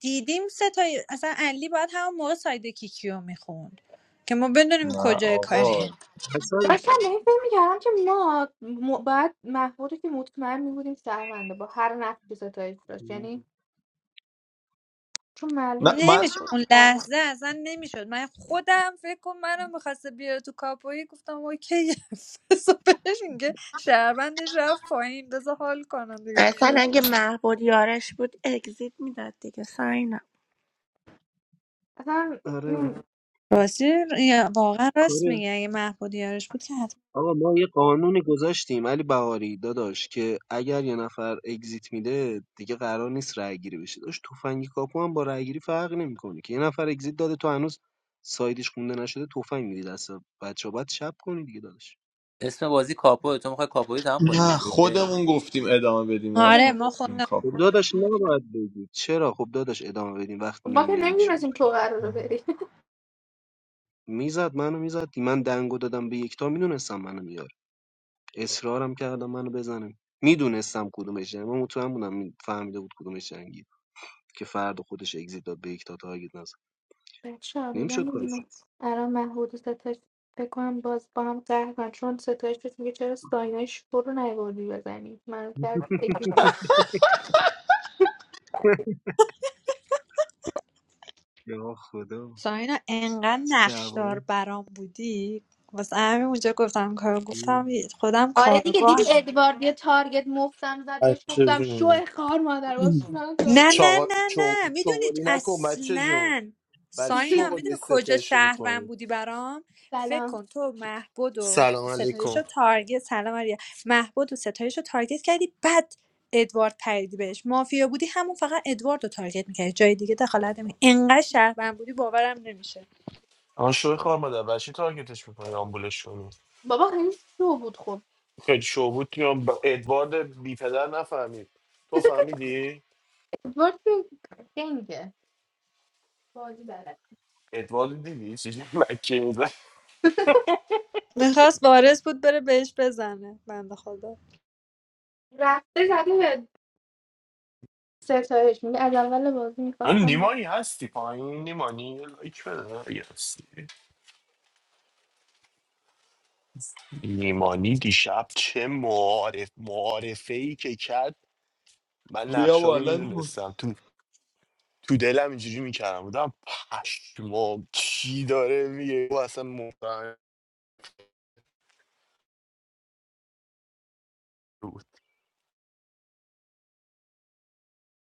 F: دیدیم سه تا اصلا علی باید همون موقع ساید کیکیو میخوند که ما بدونیم
A: نه
F: کجای
A: آقا
F: کاری
V: اصلا
D: داشتم به این فکر میکردم که ما م- باید محبود رو که مطمئن میبودیم شهرونده با هر نقشی ستایش داشت یعنی چون
A: نه
D: معلوم بود
A: من
F: نمیشه
D: محبود
F: اون
D: شهرم
F: لحظه اصلا نمیشد من خودم فکر کن منو میخواسته بیاره تو کاپویی گفتم اوکی بذار بهش میگه شهروندش رفت پایین بذار حال کنم دیگه
X: اصلا
F: چیکارش
X: اگه
F: کنم
X: محبود یارش بود اگزیت میداد دیگه ساینا
D: اصلا
V: آره
D: نمی-
F: راستی یا- واقعا راست
V: کار
F: میگه اگه محبود یارش بود که حتما
V: آقا ما یه قانونی گذاشتیم علی بهاری داداش که اگر یه نفر اگزیت میده دیگه قرار نیست رای گیری بشه داشت تفنگ کاپو هم با رای گیری فرق نمیکنه که یه نفر اگزیت داده تو هنوز سایدش خونده نشده تفنگ میدی دست بچه باید شب کنی دیگه داداش
S: اسم بازی کاپو تو میخوای کاپوی تمام کنی
A: نه
S: روزه
A: خودمون گفتیم ادامه بدیم
F: آره
A: ارفان
D: خودمون
F: ما
D: گفتیم
A: گفتیم
F: خودم
D: اصلا.
V: خب
A: کاپو
V: داداش نباید بگی چرا خب داداش ادامه بدیم وقتی
D: ما که
V: نمیدونیم چی بود.
D: نمیدونستیم تو قراره بری
V: میزد منو میزد من دنگو دادم به یکتا میدونستم منو میاره اصرارم کردم منو بزنه میدونستم کدومش جنگه. من مطمئن بودم می- فهمیده بود کدومش جنگیه. که فرد خودش اگزیت داد به یک تا تارگت نزد
D: بچه ها میگم
V: نمیشد کارش
D: میدونم الان محبود و ستایش فکر کنم باز با هم قهر کنن. چون ستایش بهش میگه چرا ساینای شکر رو نیوردی بزنی من کرد بگیری
V: یا خدا
F: ساینا انقدر
V: چه
F: نقشدار
V: دعوایی
F: برام بودی واسه همین اونجا گفتم کار گفتم خودم
D: آره دیگه
F: کارگاه
D: دیدی ادوارد یه تارگت مفتم زد بهش
Y: بچه
D: گفتم شو
Y: جون
D: خار مادر باز من
F: نه
D: تارگت
F: نه
Y: چاقا-
F: نه
Y: چو-
F: نه میدونی
Y: چغالی نکن بچه جون
F: اصلا
Y: بر چی
F: ساینا میدونی
Y: چغالی
F: کجا
Y: ستایش
F: شهروند
Y: میکنی
F: بودی برام فکر
D: سلام
F: کن تو محبود و
Y: سلام
F: ستایش
Y: علیکم
F: رو تارگت سلام آریا محبود و ستایش رو تارگت کردی بعد ادوارد پریدی بهش مافیا بودی همون فقط ادوارد رو تارگت میکردی جای دیگه دخالت نمی انقدر شهروند بودی باورم نمیشه
Y: آن شوی خوار مادر بر تارگتش میکنی آمبولش کنی
D: بابا خیلی شو بود خب
Y: خیلی شو بود که آن ب- ادوارد بی پدر نفهمید تو فهمیدی؟
D: ادوارد که دنگه بازی بلد
Y: ادوارد دیدی؟ چیزی مکه میزن
F: میخواست وارث بود بره بهش بزنه بنده خدا
D: رفته زده ستایش میگه از اول بازی میخواستم
Y: نیمانی هستی پایین نیمانی یه لایک بده اگه هستی نیمانی دیشب چه معارف معارفه ای که کرد من
A: بیا
Y: نقشه رو
A: بالا
Y: میدونستم تو دلم اینجوری میکردم بودم پشمام چی داره میگه او اصلا مفهم